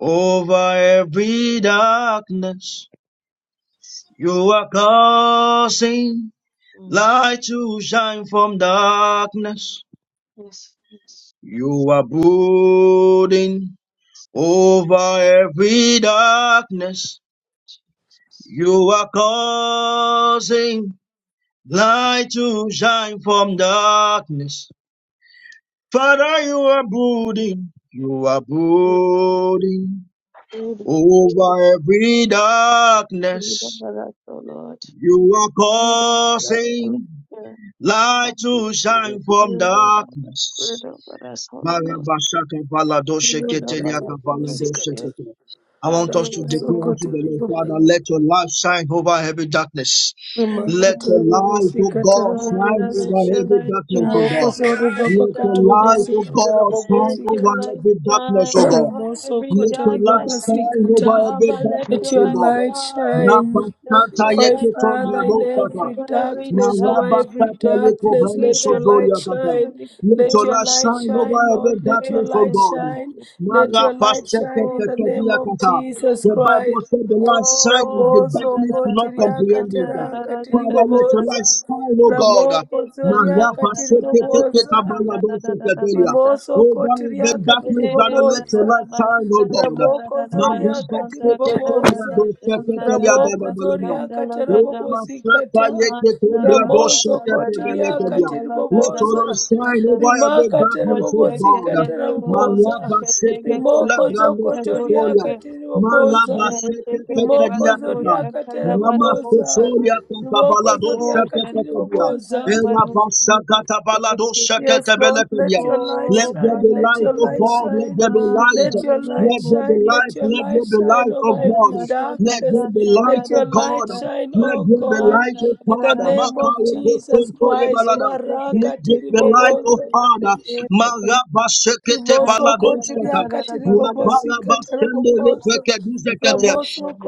A: over every darkness.
C: Yes,
A: You are causing
C: Mm.
A: light to shine from darkness.
C: yes, yes, yes,
A: You are brooding
C: yes.
A: over every darkness. You are causing light to shine from darkness. Father, you are brooding. You are
C: Good,
A: brooding
C: good, good,
A: Over every
C: good, good,
A: darkness,
C: good, Lord.
A: you are
C: fruit of that Holy
A: causing
C: Spirit,
A: light
C: help
A: to
C: Spirit,
A: shine from
C: you, dove on us, fruit
A: darkness.
C: of us, Holy Ghost,
A: Marabashaka baladoshe
C: fruit of
B: rikatiri
C: us,
A: keteliaka
C: Holy
A: baladoshe
B: bobosikata
C: Spirit,
A: kete. I
C: have
A: want us
C: your
A: to declare
C: way,
A: unto the
B: ramosokotori
C: Holy
A: Lord,
B: baba
A: Father,
C: Spirit.
A: let your light shine over every darkness. Let your
B: rimakatiri
C: Amen.
A: light, O
B: bobosikata
A: God, shine
C: Father,
B: raboboza
C: let
A: over
C: your
A: every
C: light
A: darkness, O
C: shine
A: God.
B: rimokosori
C: over every
A: Let your
B: babakati
A: light,
C: darkness.
A: O
B: bobasikata
A: God,
C: Let
A: shine
C: your
A: over
B: rabobosikata
C: light
A: every darkness, O
C: shine
A: God.
C: over every
A: Let your
B: rimosokotori
A: light
C: darkness.
A: shine
B: babasikata
A: over every
C: Abba, let
B: let
A: darkness,
C: your
B: your
A: O
C: light
A: God.
B: light
C: shine.
A: La
B: shine
C: Let
A: pastata
C: your
B: My
C: light
A: yeke tombra
B: Father, in
C: shine
A: dostata.
B: every
C: over every
B: darkness,
C: dark
B: over every darkness,
C: need
B: let your
C: that
B: light
C: is
B: shine.
C: to
A: Let
B: Let
C: do
A: your
B: your
A: light
C: the
B: light
A: shine over
B: shine,
A: every
B: Lord. Let your
A: darkness,
C: Grace
A: O
B: light
C: and
A: God.
C: thank
B: shine.
C: you,
B: Let your
C: Jesus.
B: light shine in
C: Lord,
B: the
C: thank
B: name of
C: you,
B: Jesus
A: The
C: Jesus.
A: Bible
B: Christ.
A: said the light shine and
C: Oh,
A: the
B: Ramoso
C: da
A: darkness
C: da
A: do
C: da da
A: not
C: ba
B: kotiria
C: sha
A: comprehend it.
C: da da
B: katera
C: da da da da
A: Father, let
C: da
A: your
C: da.
A: light
B: katiriboboza.
A: shine, O God.
B: Ramoko
C: Grace and da
B: zoria
C: da da da da da ba sha
B: katiriboboza.
C: da da da da da ba
A: Marabasaketeketabaladosofedelia.
C: sha da.
B: Rimoso
A: Over
B: kotiria
A: every darkness,
C: Eh,
A: Father,
C: da
A: let
C: da
A: your
C: da
B: katiriboboza.
A: light
C: ba
A: shine, O
C: sha
A: God.
C: da da da
B: Ramoko
C: da ba
B: Zoria
C: sha da da da da da
B: Katiriboboza.
C: sha da da da da
B: Ramoko
C: sha
B: Zoria
C: da da
A: Let
C: da da.
A: all shine
B: Katerabobosikata.
C: Man da da da
B: Ramozo
C: da ga da
B: Kotiria
C: sha da da da da ba
B: Katiriboboza.
C: shan da
A: over every
B: Rimaka
C: Oh,
A: darkness, O
C: Father,
A: God.
B: Terabobosikata
C: may your light shine
B: Raboboza.
A: Malaba sete
B: Rimoko
A: telebrando
B: Zokotoria
A: sofolia. Malaba
B: Katiriboboza.
A: sete
B: Rimoko
A: tetedia tata.
B: Zoria
A: Mama
B: Kateraboboza.
A: sofolia tata
B: Rimoko
A: balado
B: Zoria
A: sete tetedia.
B: Katiriboboza.
A: Ela basa kata balado sete
B: Yes,
A: tebele
B: Lord,
A: tedia.
B: let your light
A: Let there
B: shine,
A: be
B: let
A: light,
B: your
A: O
B: light
A: God. Let
B: shine,
A: there be
B: let
A: light.
C: in
B: your
C: the
B: light
A: Let
C: name of
A: there be
B: shine, let
A: life,
B: your
C: Jesus.
A: let
B: light
A: there be
B: shine
A: life, oh
B: over
C: Da, da,
A: God.
B: every
C: da, da, da,
A: Let
B: darkness.
A: there be light,
C: da, da,
B: Let
C: da,
B: your
A: oh
C: da, da, da, da, da, da,
A: God.
B: light shine,
A: Let
B: O
A: there be
B: God,
A: light, oh
B: in the
A: Father.
C: da, da,
B: name
C: da,
B: of
A: Makaya
C: da.
B: Jesus
A: posonto
B: Christ.
C: Kiss,
A: balada.
C: kiss, kiss,
A: Let
B: Maraka
A: there be
C: kiss,
A: light, oh
B: tiribobozo,
A: Father.
C: kiss, kiss, kiss,
A: Maraba sekete
B: rimoso
A: baladosata.
B: kotiriaka
A: La
C: kiss.
A: balaba
B: tiribobosika
A: sende
B: tarabobozo,
C: Thank
A: repeke
B: ramoso
C: you.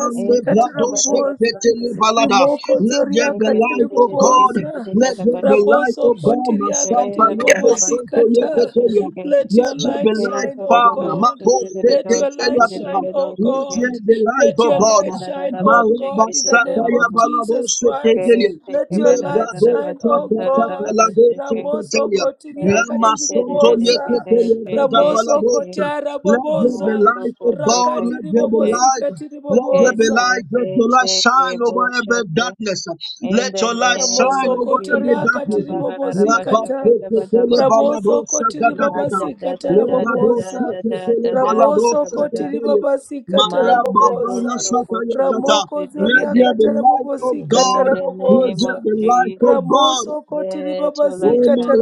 A: Ambe bladoshe petele balada.
B: Rimoko
A: Let
B: Zoria
A: there be
B: Katiri
A: light, O God.
B: Boboza,
A: Let there be light, O
B: Raboso
A: God.
B: Kotiria
A: Masanta
B: Katiri
A: yebo sonto
B: Bobosikata.
A: yepeteyo.
B: Let
A: Let
B: your
A: your be
B: light
A: light,
B: shine, O
A: Father.
B: God.
A: Mako
B: Let
A: feke
B: your
A: teya
B: light
A: tata.
B: shine, O
A: Let
B: God.
A: your be light,
B: Let
A: O
B: your
A: God.
B: light shine, O God, in the name
A: Marabasataya
B: of Jesus
A: Balabose Ketelia,
B: Christ. Let your light
A: Lebrados
B: shine, O God.
A: Takatakalados
B: Ramoso
A: Ketelia,
B: Kotiria Katiri
A: Ramasonto
B: Boboza,
A: Yeketelia
B: Ramoso
A: Balabose.
B: Kotiara
A: Let there be
B: Boboza,
A: light, O God, let
B: Rakatiri
A: there be light.
B: katiri
A: Let there be
B: Boboza.
A: light, let your light shine over every darkness.
C: In
A: Let
C: the
A: your light
C: name
A: shine
B: Ramoso
C: of
A: over every
B: kotoria
C: Jesus,
B: katiri
A: darkness. Rabba
B: bobosikata.
C: Kabarabashakatabadagose,
B: Ramoso kotiri
C: Manda da
B: babasikata
C: da da da da
B: rabobosa.
C: da da
A: Lebradoshekele
C: da da
B: Ramoso
C: Shakabada,
B: kotiri
A: baladoshekele.
B: babasikata
A: Mara
C: Manda do
A: babana
B: rabobosa.
C: soko soko
A: satayakata.
B: Ramoko
A: Let
B: zoria
C: shidigede.
A: there be
B: katara
A: light of
B: bobosikata
C: In
A: God.
C: the
A: Let
C: name
A: there
C: of
B: rabobosa.
A: be light of
C: Jesus,
A: God.
B: Ramoso kotiri
C: let your light
B: babasikata
C: shine.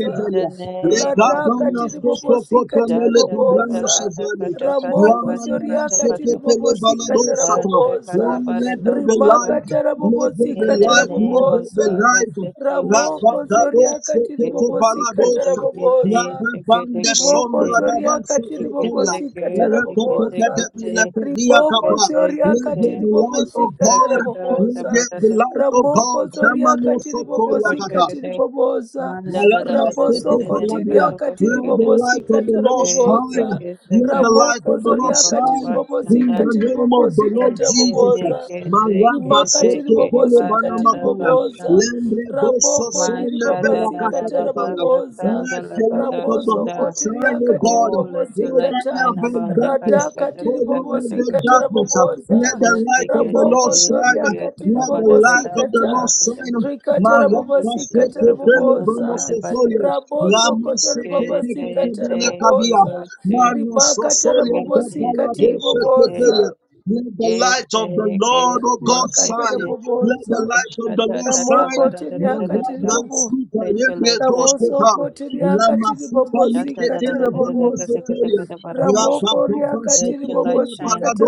C: In the name of
B: Rata katiri
C: Jesus,
B: bobosikata
A: Lekabanasesokotramele
C: Shata kata
B: rabobosa.
C: kata
A: kabranosevale.
C: kata kata
B: Ramoko
C: kata
B: zoria
C: kata
B: katiri
C: kata,
A: Ramanamasekepele
B: bobosikata
A: baladosata.
C: Pasha kata
A: Oh,
B: rabobosa
A: let
C: barado
A: there be
C: shata.
B: rimaka
A: light, let there be
B: tarabobosika
C: In the
A: light, let
C: name of
A: there be
B: tarabobosa
C: Jesus,
A: light.
C: let your light shine.
B: ramoko zoriaka
A: Rabakadosekete
B: tiribobosika
A: baladosa.
B: tarabobosa
A: Rababanda
B: rimoko
A: sombra
B: zoriaka
A: dabanseketelia.
B: tiribobosika tarabobosa
A: Rabakopetepetepelia
B: riboko
A: kapa. Let
B: zoriaka
A: there be light, O
B: tiribobosika
A: God. Let
B: tarabobosa
A: there be light, O God.
B: ramoko zoriaka tiribobosika
A: Shamanosotoyakata.
B: tiribobosa
A: Malama Seke
B: rabosoko
A: Balabia.
B: tiriaka
A: Let the light
B: tiribobosika
A: of the Lord shine.
B: tarabobosa
A: Let the light
B: ramoko
A: of the Lord
B: zoriaka
A: shine in
B: tiribobosika
A: the name of the
B: tiribobosika
A: Lord Jesus.
B: tarabobosa
A: Malaba Seke Pele
B: babāsi Rāmōso kāṭirī kāṭa ribobosikati
A: Banamakaya.
B: riboboza
A: Lembre Doso
B: ramokondi
A: Sole
C: Masha da
A: Bela
C: da
A: kasha
C: da
B: ribobasikata
C: da ba
A: kataya.
C: ka san
B: raboboza
C: da
A: Let
C: la
A: the
C: ba da
A: Lord of the
C: shun da
A: Lord
B: ramosokoti
A: shine, O
B: riakati
A: God,
C: Oh, let your light
A: over
B: ribobosikata
C: shine
A: every
C: above the
A: darkness,
C: kada kada
B: radhakati
C: kada
A: over
C: kada
A: every
C: kusha.
B: kāṭa
A: darkness. Let
B: raboboza
A: the
C: Oh, take
A: light of
C: it,
A: the
C: take
A: Lord
C: it,
B: ramokodzo
C: take
A: shine.
C: it,
B: riakati
A: Let the
C: kabada da
A: light
C: da
A: of the
C: kusha
A: Lord
B: ribobosikata
C: kada.
A: shine.
B: rikata
C: Oh, take
A: Maranta
C: it, take it,
B: rabobosikata
A: sete
C: take it,
A: pele
C: bato
A: bano
B: raboboza
C: kabada bato
A: sosolia,
C: kusha.
A: lama
B: ramosokoto
A: sete
C: Yes,
A: tete
C: yes,
B: ribobosikata
A: pele
C: yes,
A: kadia,
B: raboboza
C: yes, yes,
A: mano
B: rimakata
A: sosolia
C: yes, yes,
A: tapala
B: rabobosikati
A: do
C: yes,
A: sete pele.
B: riboboza
A: Let the
C: yes,
A: light of the
C: yes,
A: Lord,
C: yes,
A: O God,
C: yes,
B: makata
A: shine.
C: yes.
A: Let the
B: raboboza
A: light of
C: Kusha
A: the
C: da
A: Lord
C: da da
B: Ramoko
A: shine.
C: bada da da da
B: tiriaka
C: da da da.
B: tiribobo.
C: Let your light shine.
B: Ramosoko tiriaka tiribobo
C: Shata da da
B: sikata
C: da da da da da da
B: rabobosa.
C: da da da da da.
B: Ramoko riaka
C: Let your
B: tiribobo
C: light shine.
B: sikata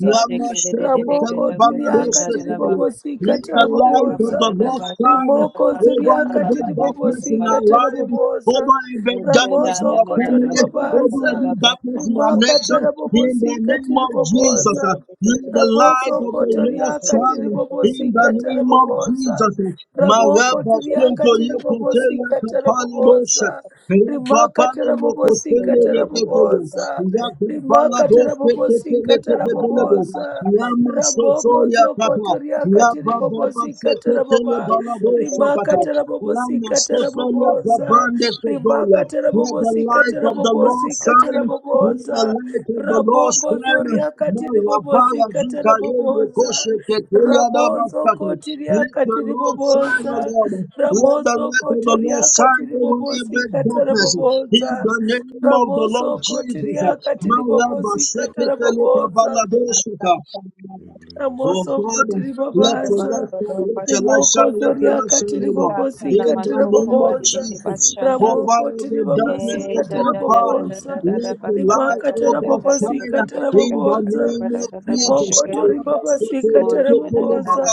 C: Thank
B: Ramoko tiriaka tiribobo
A: Let
B: sikata
A: the light of
B: rabobosa.
A: the Lord shine
B: Rimoko
A: over and
B: ziriaka
A: big
B: tiribobo
A: darkness in our
B: sikata
A: life, over
B: rabobosa.
A: and big darkness in
B: Ramoso
A: our family, over
B: kotoribabasa.
A: every darkness in our
B: Rimaka
A: nation,
B: tarabobo
A: in the
B: sikata
A: name of Jesus. uh,
B: ribobosa.
A: Let the light
B: Raboso
A: of the Lord
B: kotoriaka
A: shine in the
B: tiribobosika
A: name of
B: tarabobosa.
A: Jesus. uh,
B: Ramoko
A: Maraba
B: tiriaka
A: Santo
B: tiribobosi
A: Yekotelia Kapala Moshe.
B: katarabobosa.
A: Let the
B: Rimaka tarabobosi katarabobosa. Rimaka tarabobosi katarabobosa. Ramoko zoko toriaka tiribobosi katarababa. Rimaka tarabobosi
C: you.
B: katarabobosa. Rimaka tarabobosi
C: Shaka
A: light of the Lord
B: katarabobosi
A: shine the
B: katarabobosa.
A: light of the Lord
B: Ramoko
A: shine.
B: zoriaka tiribobosi katarabobosa. Raboso kotiria
A: Let the
B: katiri
A: Lord shine, O
B: boboza.
A: Lord. Let the
B: Ramoso
A: light of the Lord
B: kotoria
A: shine
B: katiri
A: over
B: bobosi
A: every
B: katara
A: darkness. In
B: boboza.
A: the name of the Lord
B: Ramoso
A: Jesus.
B: kotiria katiri
A: Now, Rabba
B: bobosi
A: Sheke
B: katara
A: Tele
B: boboza.
A: Kabala Doshika. Oh
B: Ramoso
A: Father,
B: kotiri
A: let your
B: babaza.
A: light shine, let your light
B: Rimoko
A: shine, let your
B: zoria
A: light shine,
B: katiri
A: O Lord.
B: bobosi
A: In the
B: katara
A: name of
B: boboza.
A: Jesus, over
B: Ramoko tiri
A: every
B: babasi
A: darkness, O
B: katara
A: God, Father,
B: boboza.
A: let your light,
B: Rimaka
A: O
B: tara
A: God,
B: bobosi
A: shine.
B: katara
A: In the
B: boboza.
A: name of Jesus,
B: Rimoko tori babasi katara babosa,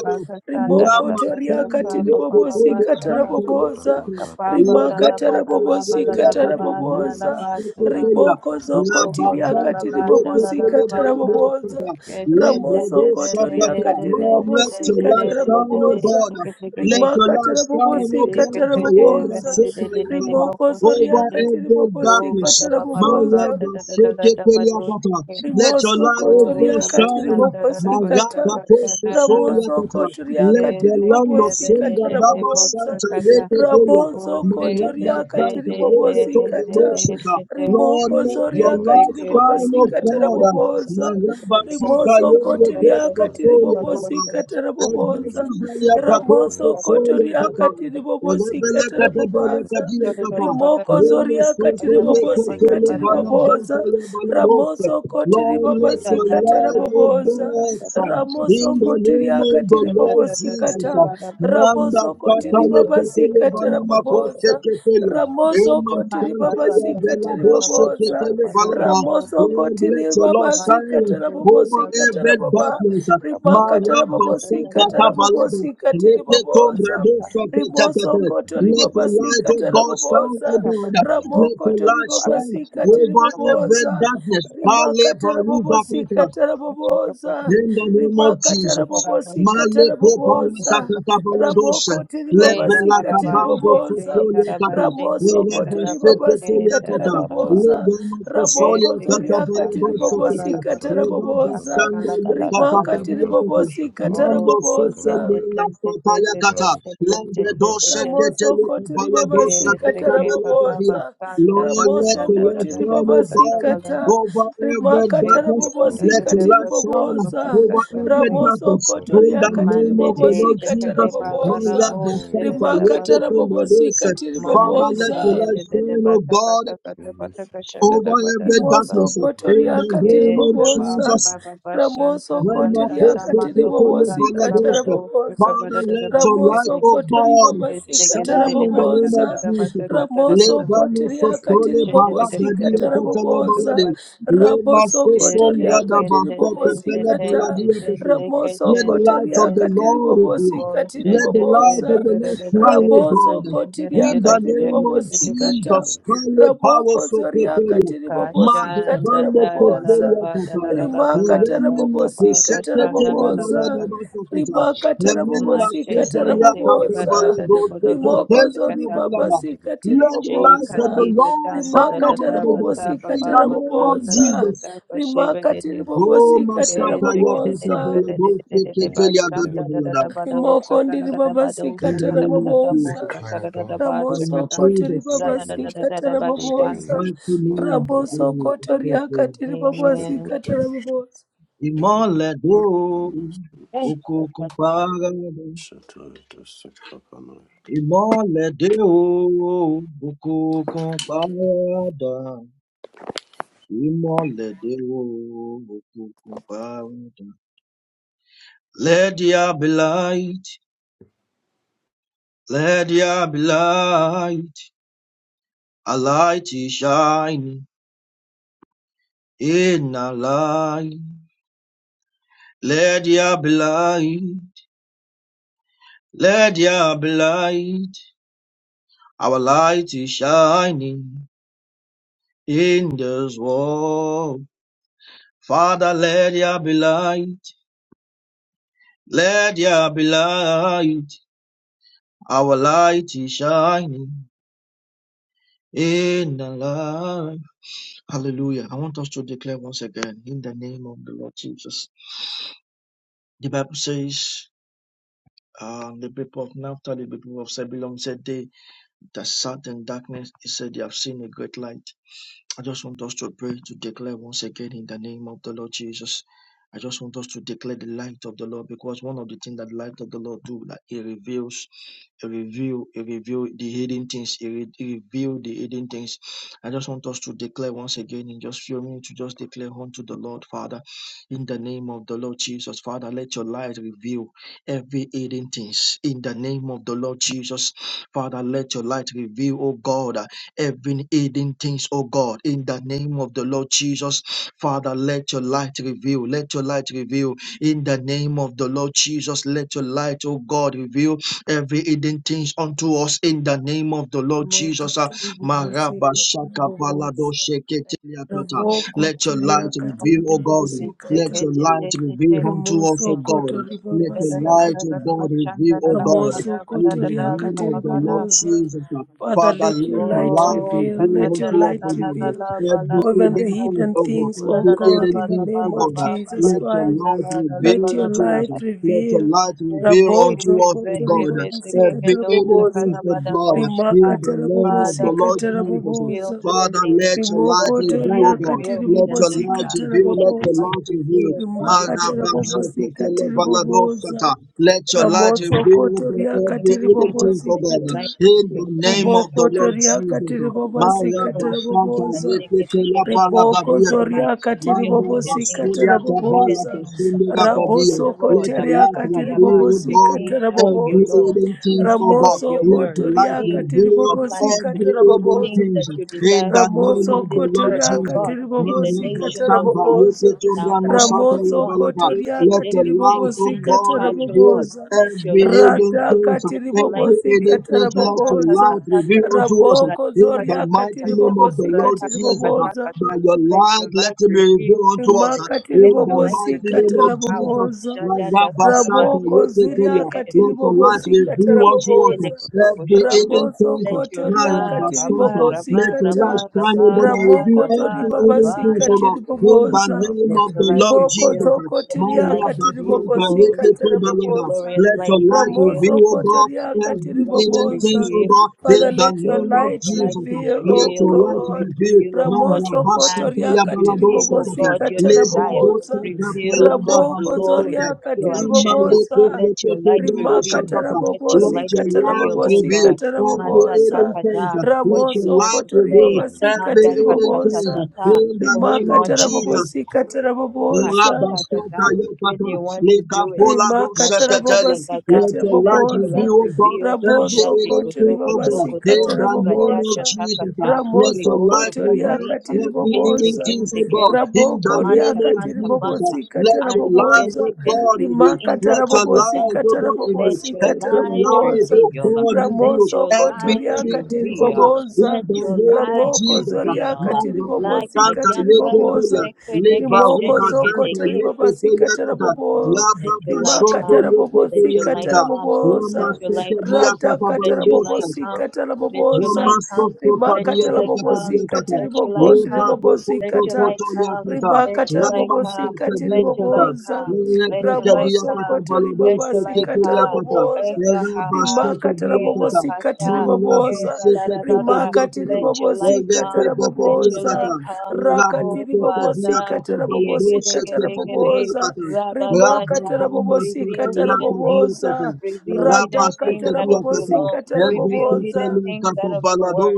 B: Rimoko
A: Lama,
B: toria
A: Shanda,
B: katiri babosi katara boboza.
C: Kapaba
A: Lord,
C: da
B: Rimaka
C: da ba
B: tara
A: let
C: da la ba
B: bobosi
A: your
C: la la la
B: katara
C: ba da la la
B: boboza.
C: ba
B: Riboko zoko
C: Ustoko
B: tiri
C: kola la la
B: akatiri
C: banda la
B: bobosi
C: la la
B: katara
C: basta.
B: babosa.
C: Este de
B: Ramoso
C: de de de
B: Kotoria
C: de de de de
B: Katiribobosi
C: de de
A: light
C: de de de de
A: shine, O
C: de
B: Katarabobosa
A: God.
C: chique chique de.
A: Let your
B: Rimaka
A: light shine, O
B: Tarabobosi
C: Este
A: God.
C: que se de de
A: Tayendra
C: de
B: Katarabobosa
C: de de
A: Sekaya
C: de de
A: Papa.
B: Rimoko
C: boco
B: Soria
A: Over
C: chindi.
A: every
B: Katiribobosi
C: Oh ba ba
A: darkness.
C: ba ba ba ba
B: Katarabobosa
C: da
A: Mayaba
C: da da da da da ba
A: Sekepelia
C: do
A: Papa.
C: chique.
A: Let your
B: Rimoso
A: light, O
C: Oh
A: God,
B: kotoria
C: da ba
A: shine.
C: shanda da da ba sa
A: Magapa
B: katiribobosikata.
C: ka da
A: Toso
C: da da da.
A: Soya
B: Ramoso
A: Papa.
B: kotoria
A: Let the
C: Este
A: land
C: que
A: of
C: de de
A: Singa
B: katiribobosikata
C: de de
A: Daba
C: bo
B: rabobonza.
C: sa
A: Santa
C: ka da.
A: Yekepelia.
C: Oh
B: Raboso
A: My
C: se
A: love
C: de
A: has
B: kotoria
C: de
A: found the
C: de
A: way
C: de
A: to
C: de
A: the
C: de
B: katiribobosikata.
C: de
A: motion.
C: de de.
A: Lord,
B: Rimoko
A: let your
C: Thank
B: zoria
A: light shine, O
B: katiribobosikata
A: God. My
B: rabobonza.
A: love has found the
B: Rimoso
A: way to
B: kotoria
A: the
C: you.
A: motion.
B: katiribobosikata
A: Every
B: rabobonza.
A: season, your purpose
B: Ramoso
A: the full of
B: kotoria
A: God.
B: katiribobosikata
A: Rebeleka de beleka
B: rabobonza. Rimoko
A: we
B: zoria
A: must Remo it leke tele
B: katiribobosikata
A: bana banta
B: riboboza.
A: ya bana bose.
B: Ramoso kotiri
A: Lord, let your
B: babasikata
A: light, O
B: raboboza.
A: God, shine.
B: Ramoso
A: In the
B: kotiri
A: name of the
B: akatiri
A: Lord Jesus.
B: babasikata.
A: Manda
B: Ramoso kotiri
A: katale ketele
B: babasikata
A: bana makose
B: raboboza.
A: ketele.
B: Ramoso
A: Ema
B: kotiri
A: santa ya bela
B: babasikata
A: doshe
B: raboboza.
A: ketele balada.
B: Ramoso
A: Lord, let
B: kotiri
A: your Lord shine
B: babasikata
A: over
B: rabobosikata
A: every
B: rababa.
A: darkness.
B: Rimakata
A: Mara basanta
B: rabobosikata
A: kabalada.
B: rabobosikata
C: Oh,
A: Lete tombe
B: riboboza.
A: dosa
B: Rimoso
A: ketele.
B: kotori
A: Let the light of
B: babasikata
A: God shine, O
B: raboboza.
A: God. Let
B: Ramoko
A: the
B: tori
A: light shine
B: babasikata
A: over every
B: riboboza
A: darkness. Hale
B: rimakatara
A: baruza kata.
B: bobosikatara boboza
A: In the name of
B: rimakatara
A: Jesus. Male
B: bobosikatara
A: prepara
B: boboza
A: sakata baladosha.
B: ramokotori
A: Lebela
B: babasikatiri
A: kabando
B: boboza
A: fosolia tata. Eleva
B: ramosokotori
A: sete tolia
B: babasikatara
A: tata.
B: boboza
A: Lebema fosolia tata
B: ramokozoriakatiri
A: baladosha tata.
B: bobosikatara
A: Eleva
B: boboza
A: sanda yota papa
B: rimakatiri
A: yota.
B: bobosikatara
A: Mando
B: boboza
A: sosende la fata yakata. Lembre dosha tete
B: Ramoso
A: le baladosha tete bela tata. yata, lebela doshete tele
B: koti
A: balado
B: ribabasikata
A: saketa beletadia.
B: raboboza.
A: Lord, let
B: Ramoso
A: your light
B: koti
A: shine, oh God,
B: ribabasikata.
A: over every
B: Rimakata
A: darkness. Let your
B: rabobosikati
A: light shine
B: riboboza.
A: over every
C: Mande
B: Ramoso
A: darkness.
B: koto
A: In the
B: riakati
A: name of
C: de
A: the Lord
C: checa
B: ribobosikata
C: de
A: Jesus, my
B: raboboza.
A: love,
C: barabo
A: my
C: de de
A: Santa,
C: de de
A: let
B: Rimakata
A: it
C: baso.
A: be my dose.
B: rabobosikati
C: Mande
A: Father,
C: de
A: let
C: de
A: your
C: de
B: riboboza.
A: light
C: de de de
A: shine, oh
C: bata
A: God,
C: kata kata bata kasha da da
A: over
C: bata
A: every
C: da da ba.
B: Rimoso
A: darkness. In
B: kotoria
A: the
B: katiri
A: name of
C: Keta ba ba
B: boboza.
A: Jesus,
C: ba ba ba shanta
B: Ramoso
A: when
C: tan
A: my
C: tan
B: kotoria
C: tan
A: faithful
B: katiri
C: manto ko
A: people live
B: bobosi
A: by
C: santa
A: the
C: la ba
B: katara
A: ghost,
C: de uske ka
B: boboza.
C: ba
A: Father,
C: da da da
A: let
C: ba
A: your
C: shike
A: light,
B: Ramoso
C: te.
A: O
B: kotori
A: God,
B: babasi
C: Este ke de
B: katara
C: de
A: shine
C: de
A: in
C: ba
A: the name
C: shanta
A: of
C: da
B: boboza.
C: da ba de
A: Jesus.
C: kata da da
B: Ramoso
C: da ba.
A: Lebano
B: kotoria katiri
A: sosole
C: Shente de
A: baga
C: de
B: bobosi
C: de de
A: gadi
C: de
B: katara
C: basa ko
A: ekatele
C: da da da
B: boboza.
C: ba.
A: balade. We must
B: Raboso
C: Kashanda da da da- da- da- ba- da- da- da-
A: son
B: kotoria
A: rada
B: katiri
A: basta
B: bobosi
A: tepele
B: kata.
A: baladi ekatele.
C: ba-
B: Ramoso
A: Let the
C: change it.
A: light
B: kotoria
A: of
C: Da-
A: the
B: katiri
A: Lord is you.
B: bobosi katiri
A: Let the light
C: da-
A: of
B: boboza.
A: the
C: da- da- da- da-
A: Lord shine, O
C: da-
B: Raboso
A: God.
B: kotoria
A: In the
B: katiri
A: name of
B: bobosi
C: da- ba- change.
B: kata.
A: Jesus, Holy Power
B: Raboko
A: so
B: zoria
A: pretoria.
B: katiri bobosi
C: Kashan da
B: katara
A: Magabambe
C: da la la la
B: boboza.
A: Febelia
C: ba da la
A: Kataya.
C: la la
B: Rima
C: ba la la
B: katara
C: ba
A: Remene
C: ka
B: bobosi
C: ba
B: katara
C: kashanda
A: Kusetetele
C: la la ba
B: boboza.
C: ka
A: Baladaba Sakata.
B: Rima katara
A: Remena
B: bobosi
C: mashe
B: katara
C: ten
A: Susalia
C: te ke ba da
B: boboza.
C: da da
A: Katabalado
C: ba da la la ba
B: Rimoko
C: se
A: Setetelia
C: ka
B: zori
C: ta ka
A: Babalaba.
B: babasi katiri
A: Let the
C: she
A: light
C: ka
A: of
B: boboza.
A: the
C: ni ka
A: Lord
C: tan da
B: Rima
C: da
A: shine
C: da
A: upon
B: katara
C: da
A: the
C: ba sa
B: bobosi
A: darkness.
C: ba
A: In
C: ba
A: the
B: katara
C: ba
A: name
C: san
A: of
C: da da
B: boboza.
C: da
A: Jesus.
C: da ka she
B: Rima
C: ba de
B: katiri
A: Oh,
B: bobosi katara
C: Amen.
A: Masata Yakata
B: boboza.
A: Balado Setetelia Gadabalada.
B: Rimoko ndiri babasi
A: In the
B: katara
A: name of
B: boboza.
A: Jesus. For
B: Ramoso
A: in
B: kotori
A: Jesus'
B: baba sikata rabobosa.
A: mighty name,
B: Raboso
A: we
B: kotori
A: pray.
B: akati baba sikata rabobosa.
A: Ìmọ́lẹ̀ dé o,
C: Thanks,
A: òkùnkùn
C: Papa.
A: para dà. Ìmọ́lẹ̀ dé o, òkùnkùn para Ìmọ́lẹ̀ dé o, òkùnkùn para Let there be light, let there be light. A light is shining in our light. Let there be light, let there be light. Our light is shining. in this world. Father, let there be light. Let there be light. Our light is shining in the light. Hallelujah. I want us to declare once again in the name of the Lord Jesus. The Bible says, um, the people of Naphtali, the people of Zebulun said they that sat in darkness, he said they have seen a great light. I just want us to pray to declare once again in the name of the Lord Jesus. I just want us to declare the light of the Lord because one of the things that the light of the Lord do, like it reveals, it reveal, it reveal the hidden things, it, re- it reveal the hidden things. I just want us to declare once again in just few minutes to just declare unto the Lord, Father, in the name of the Lord Jesus, Father, let your light reveal every hidden things in the name of the Lord Jesus, Father, let your light reveal, oh God every hidden things, oh God, in the name of the Lord Jesus. Father, let your light reveal, let your light reveal, in the name of the Lord Jesus, let your light, oh God, reveal every hidden things unto us, in the name of the Lord Jesus. Ah,
B: Mokotori baba
A: Maraba
B: sikata
A: shaka balado
B: rabobosa.
A: sheke
B: Raboko
A: Let your
B: tiri
A: light
B: akati
A: reveal, oh
B: baba
A: God. Let
B: sikata.
A: your light reveal unto
B: Ramoso
A: us, O God.
B: kotori
A: Let
B: baba
A: your light, O
B: sikata.
A: God, reveal, O God.
B: Ramoso
A: In the
B: Kotoria
A: name of the Lord
B: Katiribobosa.
A: Jesus. ah,
B: Father,
A: Father,
B: let your
A: let my
B: light
A: life is
B: reveal,
A: given
B: let your
A: unto us,
B: light
A: O God.
B: reveal
A: Every
B: even the
A: hidden
C: Oh,
A: things,
B: hidden
A: O God.
B: things,
C: La
B: O
A: Every
C: la la la
B: God,
A: hidden
C: ba
B: in the
C: ba
A: things,
C: ba
A: O
B: name
C: ba
B: of
A: God.
C: ba ba
B: Jesus
C: ba
A: Let your
B: Christ.
C: shanda
A: light
C: la la la ba
B: Let
A: reveal
B: your
C: la ba
A: unto
C: la
A: us.
B: light
C: ba
A: Let your
B: reveal.
A: light
C: se
A: reveal
C: ke
A: unto
B: Rabozo
C: be
A: us,
C: be
A: O
C: ke
A: God,
C: be se
B: Kotoribobosi
C: ke be
A: every
C: do sa
A: hidden
C: ka
B: Katiribobosa.
A: things,
C: da
A: O
C: ba da go
A: God,
C: sha ka.
B: Rimaka
A: in the name of
B: Terabobosi
C: Father,
A: the
C: let
A: Lord
C: your light
A: Jesus.
C: reveal
B: Katiribobosa.
C: hidden
A: Father,
C: things.
A: let your light
C: Let
B: Rimoko
C: your light
A: reveal, O
B: Toria
A: God.
C: reveal
A: Let
C: hidden
A: your
B: Katiribobosi
C: things.
A: light
C: ah.
A: reveal,
C: Let
A: let
C: your
A: your
B: Katiribobosa.
C: light
A: light reveal.
C: reveal every
B: Rimaka
C: hidden thing.
B: Terabobosi Katiribobosa.
A: Marabaseketelebaladoshata. Let your
C: Hidden
A: light
C: thing.
B: Ramoso
A: reveal, O
C: In
A: God,
B: Kotoria
C: the name of
A: every hidden
B: Katiribobo
C: Jesus,
A: thing, O
C: let
A: God,
C: your light
B: Sikata,
A: in
C: reveal.
A: the name of the
B: Riboko
C: And
A: Lord
B: Toria
A: Jesus.
B: Katiribobo Sikata
A: Marabasanta
B: Raboboza,
A: yeketela
C: That
B: Riboko
C: your
A: balagabiateke.
C: light
B: Zoria
C: reveal
A: Manda
B: Katiribobo
C: hidden things,
B: Sikata
C: uh,
A: basuria
C: hidden
A: tabala
B: Raboboza,
C: things. uh,
A: kasunda
C: Oh,
A: gakabia.
B: Raboso
C: Father Lord,
A: Let your
B: Kotoria
A: light reveal,
C: Abakatayaba,
B: Katiribobo
A: O God,
C: things
B: Sikata
C: out of your
A: every
B: Raboboza,
C: law,
A: hidden things,
C: things
A: O
C: out
A: God.
C: of
B: Ramoso
C: your
A: Let
C: word,
A: your light
B: Kotoria
C: things that you
A: reveal
C: are
B: Katiribobo
C: planning to
A: every
B: Sikata
C: do,
A: hidden
B: Raboboza,
C: things
A: things.
C: that you
A: In
C: desire
A: the
C: to do
A: name
B: Ramoso
C: in
A: of
C: this
A: the Lord
C: earth, oh
B: kotoriaka
A: Jesus.
C: God, in the
B: tiribobosi
C: nations, oh
A: Mahabhasanta,
C: Father,
B: katarabobosa.
C: in our
A: Yukitumra
C: families,
A: Nusata
C: oh
B: Ramoso
C: God,
A: Yabalaka.
C: in the
A: Let
B: kotoriaka
A: the
C: executive,
A: light of
B: tiribobosi
C: in the
A: God
C: church, oh
A: reveal
C: God.
B: katarabobosa.
C: Let your
A: every
C: light
A: hidden
C: reveal,
B: Radaka
A: things,
C: let your light
A: every
B: tiribobosi
C: reveal.
A: hidden things,
C: Ta
A: let
C: ta
A: your
C: ta ta
B: katarabobosa.
A: light
C: ta
A: reveal
C: ta
A: unto us
C: ta.
B: Ramoko
A: in the
B: zoriaka
A: mighty
C: Rakatatatata,
A: name of the
B: tiribobosi
A: Lord Jesus.
B: katiribobosa
A: By
C: rakatapatatata.
A: your
C: Let your
A: light, let
C: light
A: it be
C: reveal
A: revealed unto us
C: glory.
B: rimakatiri
A: in
C: Let
A: the
C: your light
A: mighty
C: reveal
B: bobosikata
A: name
C: your
A: of
C: power.
A: Jesus.
B: raboboza
A: Lord,
C: Shada da gara ba
A: Ragabasanta
B: raboko
A: Yeketeya.
C: together.
B: ziriakatiri
A: Let the light
B: bobosikata
A: reveal unto
C: Meche de le
B: raboboza
A: us uh,
C: koko
A: every
C: shogodo.
A: hidden
B: raboso
A: things.
C: Let your
A: Maya
C: ra
B: kotoriakatiri
C: raba
A: basanta.
C: raba
A: Let the
C: raba
A: light
B: bobosikata
A: shine
C: raba
A: over and reveal
B: ramoko
C: raba
B: tori
A: every hidden
B: babasi
A: things, O
C: rabaya.
B: katiri
A: Lord. In the
B: boboza
A: name
C: Let
A: of
C: your
A: the
C: light
A: Lord
B: riboko zoko
C: reveal.
A: Jesus.
C: Let your light
B: zokotiriakatiri
C: reveal
A: Marabasanta
C: glory.
B: bobosikata
C: Let your
A: Yeketeya.
B: raboboza
C: glorious
A: Let
C: light
A: the light
C: reveal.
A: reveal,
B: ramoso
A: O God,
B: kotoria
C: things
A: every
B: katiri
C: light
A: hidden things,
B: boboza
A: O
C: reveal.
A: God. in
B: Father,
A: in
C: Let
A: the
C: your
B: let your
A: name
C: glorious
A: of
B: light
C: light
A: Jesus, uh,
B: reveal,
A: let
B: oh
C: reveal.
A: your light
B: God.
A: reveal.
C: Reveal, O God,
A: Maya
C: your
B: Ramoso
C: plan.
A: basita
B: kotoria
A: ya
C: Reveal,
A: baladosa
C: O
B: katiribobosi
A: kata.
C: God, your
A: Lebra
C: desire.
A: dosa
B: katarabobosa.
A: kata
C: Reveal,
A: ya
C: O
A: da
C: God, the
B: Ramoko
C: Lord,
A: basita.
B: zoria
C: your
A: Lama
C: agenda.
A: lepo
B: katiribobosa.
C: Let
A: lepo
C: your light
A: lebra dosa
B: Rimaka
C: reveal.
A: kata.
C: Let your
A: Let
B: tarabobosi
C: light
A: your
C: reveal,
A: light
C: O
B: katarabobosi
A: reveal
C: God.
A: every hidden
B: katarabobosa.
A: things.
C: Mazatakada,
A: uh,
C: what
A: Let your
C: you
B: Ramoso
C: want
A: light
C: to say.
A: reveal
B: kotoribabasi
A: every hidden things.
B: katiribobosa.
A: uh,
C: Madakatatata,
A: In the
C: what
A: name
C: you
B: Rimaka
A: of
C: want to do.
A: Jesus,
B: tarabobosi
A: Ola
B: katarabobosa
A: basoka
C: Mashakadada,
A: yo
C: when you want to
A: Leka
C: do it.
A: pola do
B: rimakata
C: Mashakadagada,
B: rabobasikata
A: Let your
C: let
A: light
C: your light
B: raboboza
A: reveal, God,
C: reveal.
A: every
C: Jadi
B: rabosokoto
A: anything
C: kotoko
A: of God.
C: toko
A: In
C: to,
B: ribabasikata
A: the name of
C: radasha
B: raboboza
A: Jesus, uh,
C: takata,
A: let your
C: ribosho
A: light
B: ramosokoto
A: reveal
C: kobarika,
B: riakati
A: every
C: kente
B: riboboza
A: anything
C: kente
A: of God.
C: kente,
A: In the
B: raboko
A: name
C: manta
A: of
B: riakati
C: kanta
A: Jesus, uh,
C: banta,
B: ribobosikata
A: let your
C: ante
A: light
B: raboboza
C: bente
A: of God
C: kente,
A: reveal.
B: rimakata
C: inta
A: Let your
C: kamba
A: light life,
C: danta.
A: oh
B: rabobosikata
A: God, in
C: Let
A: you.
C: your
B: rabobosikata
A: Every
C: light
A: life,
B: raboboza
A: oh
C: reveal.
A: God, in
C: Let
A: you.
C: your
B: ramosokoto
A: Every
C: light
B: riakati
A: iniquity, oh
C: reveal.
A: God, in
B: riboboza
C: Let
A: the
C: your
A: name of
C: light
B: raboko
A: Jesus.
C: reveal
A: My
B: zoriakati
A: God,
C: like a
A: Santa,
B: ribobosikati
C: yambra no
A: Yekotoya,
B: riboboza
C: secret de que
A: Leba,
B: rimoko
A: Ruka,
C: shede gede
A: Santa,
B: zokoto
C: ge
B: ribobasi
A: Yekotoya, Kata,
C: let
A: Laba,
C: your light
A: Bashonto,
C: come.
B: rimakatara
C: Let
B: bobosi
C: your
A: Yekotoya,
C: light
B: katara
A: Kata,
C: come. Let
A: Lama,
B: bobosa
C: your light
A: Seke, Bia,
C: come.
B: Rada
A: Kata,
C: Let
B: katara
C: your light
A: Balabosa,
B: bobosi
C: come.
B: katara
C: Let your
B: bobosa
C: light come. Let your
B: rimakatara
C: light come.
B: bobosi katiri
C: Let your light
B: bogondri
C: come.
B: bobosi
C: Let your light
B: kata
C: come. Let your
B: rimakatara
C: light
B: bobosi
C: come.
B: katiri
C: Let your light
B: bobosa
C: come. Let your light
B: ramoso
C: come.
B: kotori
C: Let your
B: babasi
C: light
B: katara
C: come. Eh,
B: bobosa
C: ha ha ha.
B: rimakatara
C: Eh, ra
B: bobosi
C: ka
B: katiri
C: sha. Eh,
B: bobosa
C: ra da da da da.
B: rimakatiri
C: Let your
B: bobosi
C: light come.
B: katara
C: Let your light
B: bobosa
C: come. Oh
B: rakatiri bobosi
C: Father.
B: katara
C: Ye gere
B: bobosi
C: gere gere.
B: katara
A: Thank
B: bobosa
A: Rabba
B: rimakatara
C: Rabazata,
B: bobosi
C: reveal
B: katara
C: hidden things,
B: boboza
C: reveal hidden things
B: radakatara
C: out of your
B: bobosi
C: law,
B: katara
C: reveal
B: boboza
C: hidden things out of your word,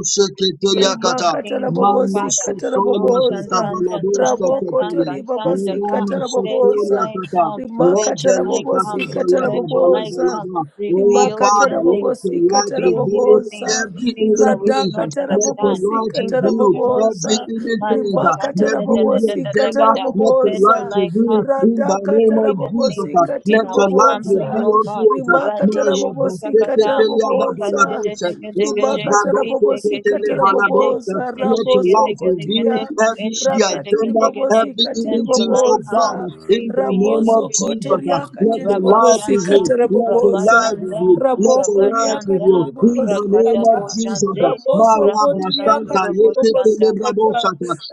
C: reveal hidden
B: rimakatara
C: things, O
B: bobosi
C: Father.
B: katara
C: Oh
B: boboza
C: Shantan Tan Tan Tan Tan
B: rabokoto
C: Tan Tan
B: ribabasi
C: Daka,
B: katara
C: let your
B: boboza
C: light come, let your
B: rimakatara
C: light
B: bobosi
C: come,
B: katara
C: let your light
B: boboza
C: come,
A: Oh
C: reveal
B: rimakatara
C: hidden
A: Father,
C: things,
A: let your
B: bobosi
A: light
B: katara
C: reveal hidden
A: reveal
C: things,
B: boboza
A: every
C: things
A: hidden
C: that we do
A: things.
C: not
B: radakatara
A: Let your
C: understand,
B: bobosi
A: light
C: things
B: katara
C: that we do
A: reveal
C: not
A: every
B: boboza
C: see.
A: hidden things.
C: Mazata da
B: rimakatara
C: da da
A: Reveal the
C: da
B: bobosi
C: da da da
A: agenda.
B: katara
C: da.
A: Let your
C: Let your
A: light
B: boboza
C: light
A: reveal
C: come
A: in the
C: reveal
A: name
B: radakatara
A: of
C: hidden
A: Jesus.
B: bobosi
C: things in
B: katiri
A: Let
C: our
A: your light
C: family,
B: boboza
A: reveal
C: oh
A: unto
C: God.
A: us. My
B: rimakatara
C: Radesho
A: Rabba,
B: bobosi
C: kotakata,
B: katara boboza
C: ikatededegedegeje,
B: rimakatara bobosikatara
C: iteketegedegede,
B: raboso
A: Let your light
B: rabosokotiria
C: keshegedegedegede,
A: reveal every
B: rakatiri
A: agenda,
C: eshebedegedegede.
A: every
B: bobosikatiri
C: Let
A: hidden
C: your
A: things
C: light
A: of
B: ramoso
A: God,
C: come,
A: in the
C: reveal
A: name of
C: every
A: Jesus.
C: hidden
A: uh,
C: thing.
A: Let
B: ramosokotoriakatiri
A: your light
C: Rabajanda,
A: reveal,
B: bobosikatara
A: let your
B: boboza
A: light
C: Rabajanda,
A: reveal, let
B: raboko
A: your light reveal,
B: riakatiri
C: Rabajanda,
A: in the name
B: bobosikata
A: of Jesus. uh,
C: Rakadabojande,
A: my Rabba
C: Rakosanto
A: Santa,
B: ramosokotiriakatiri
C: Robosanda.
B: bobosikata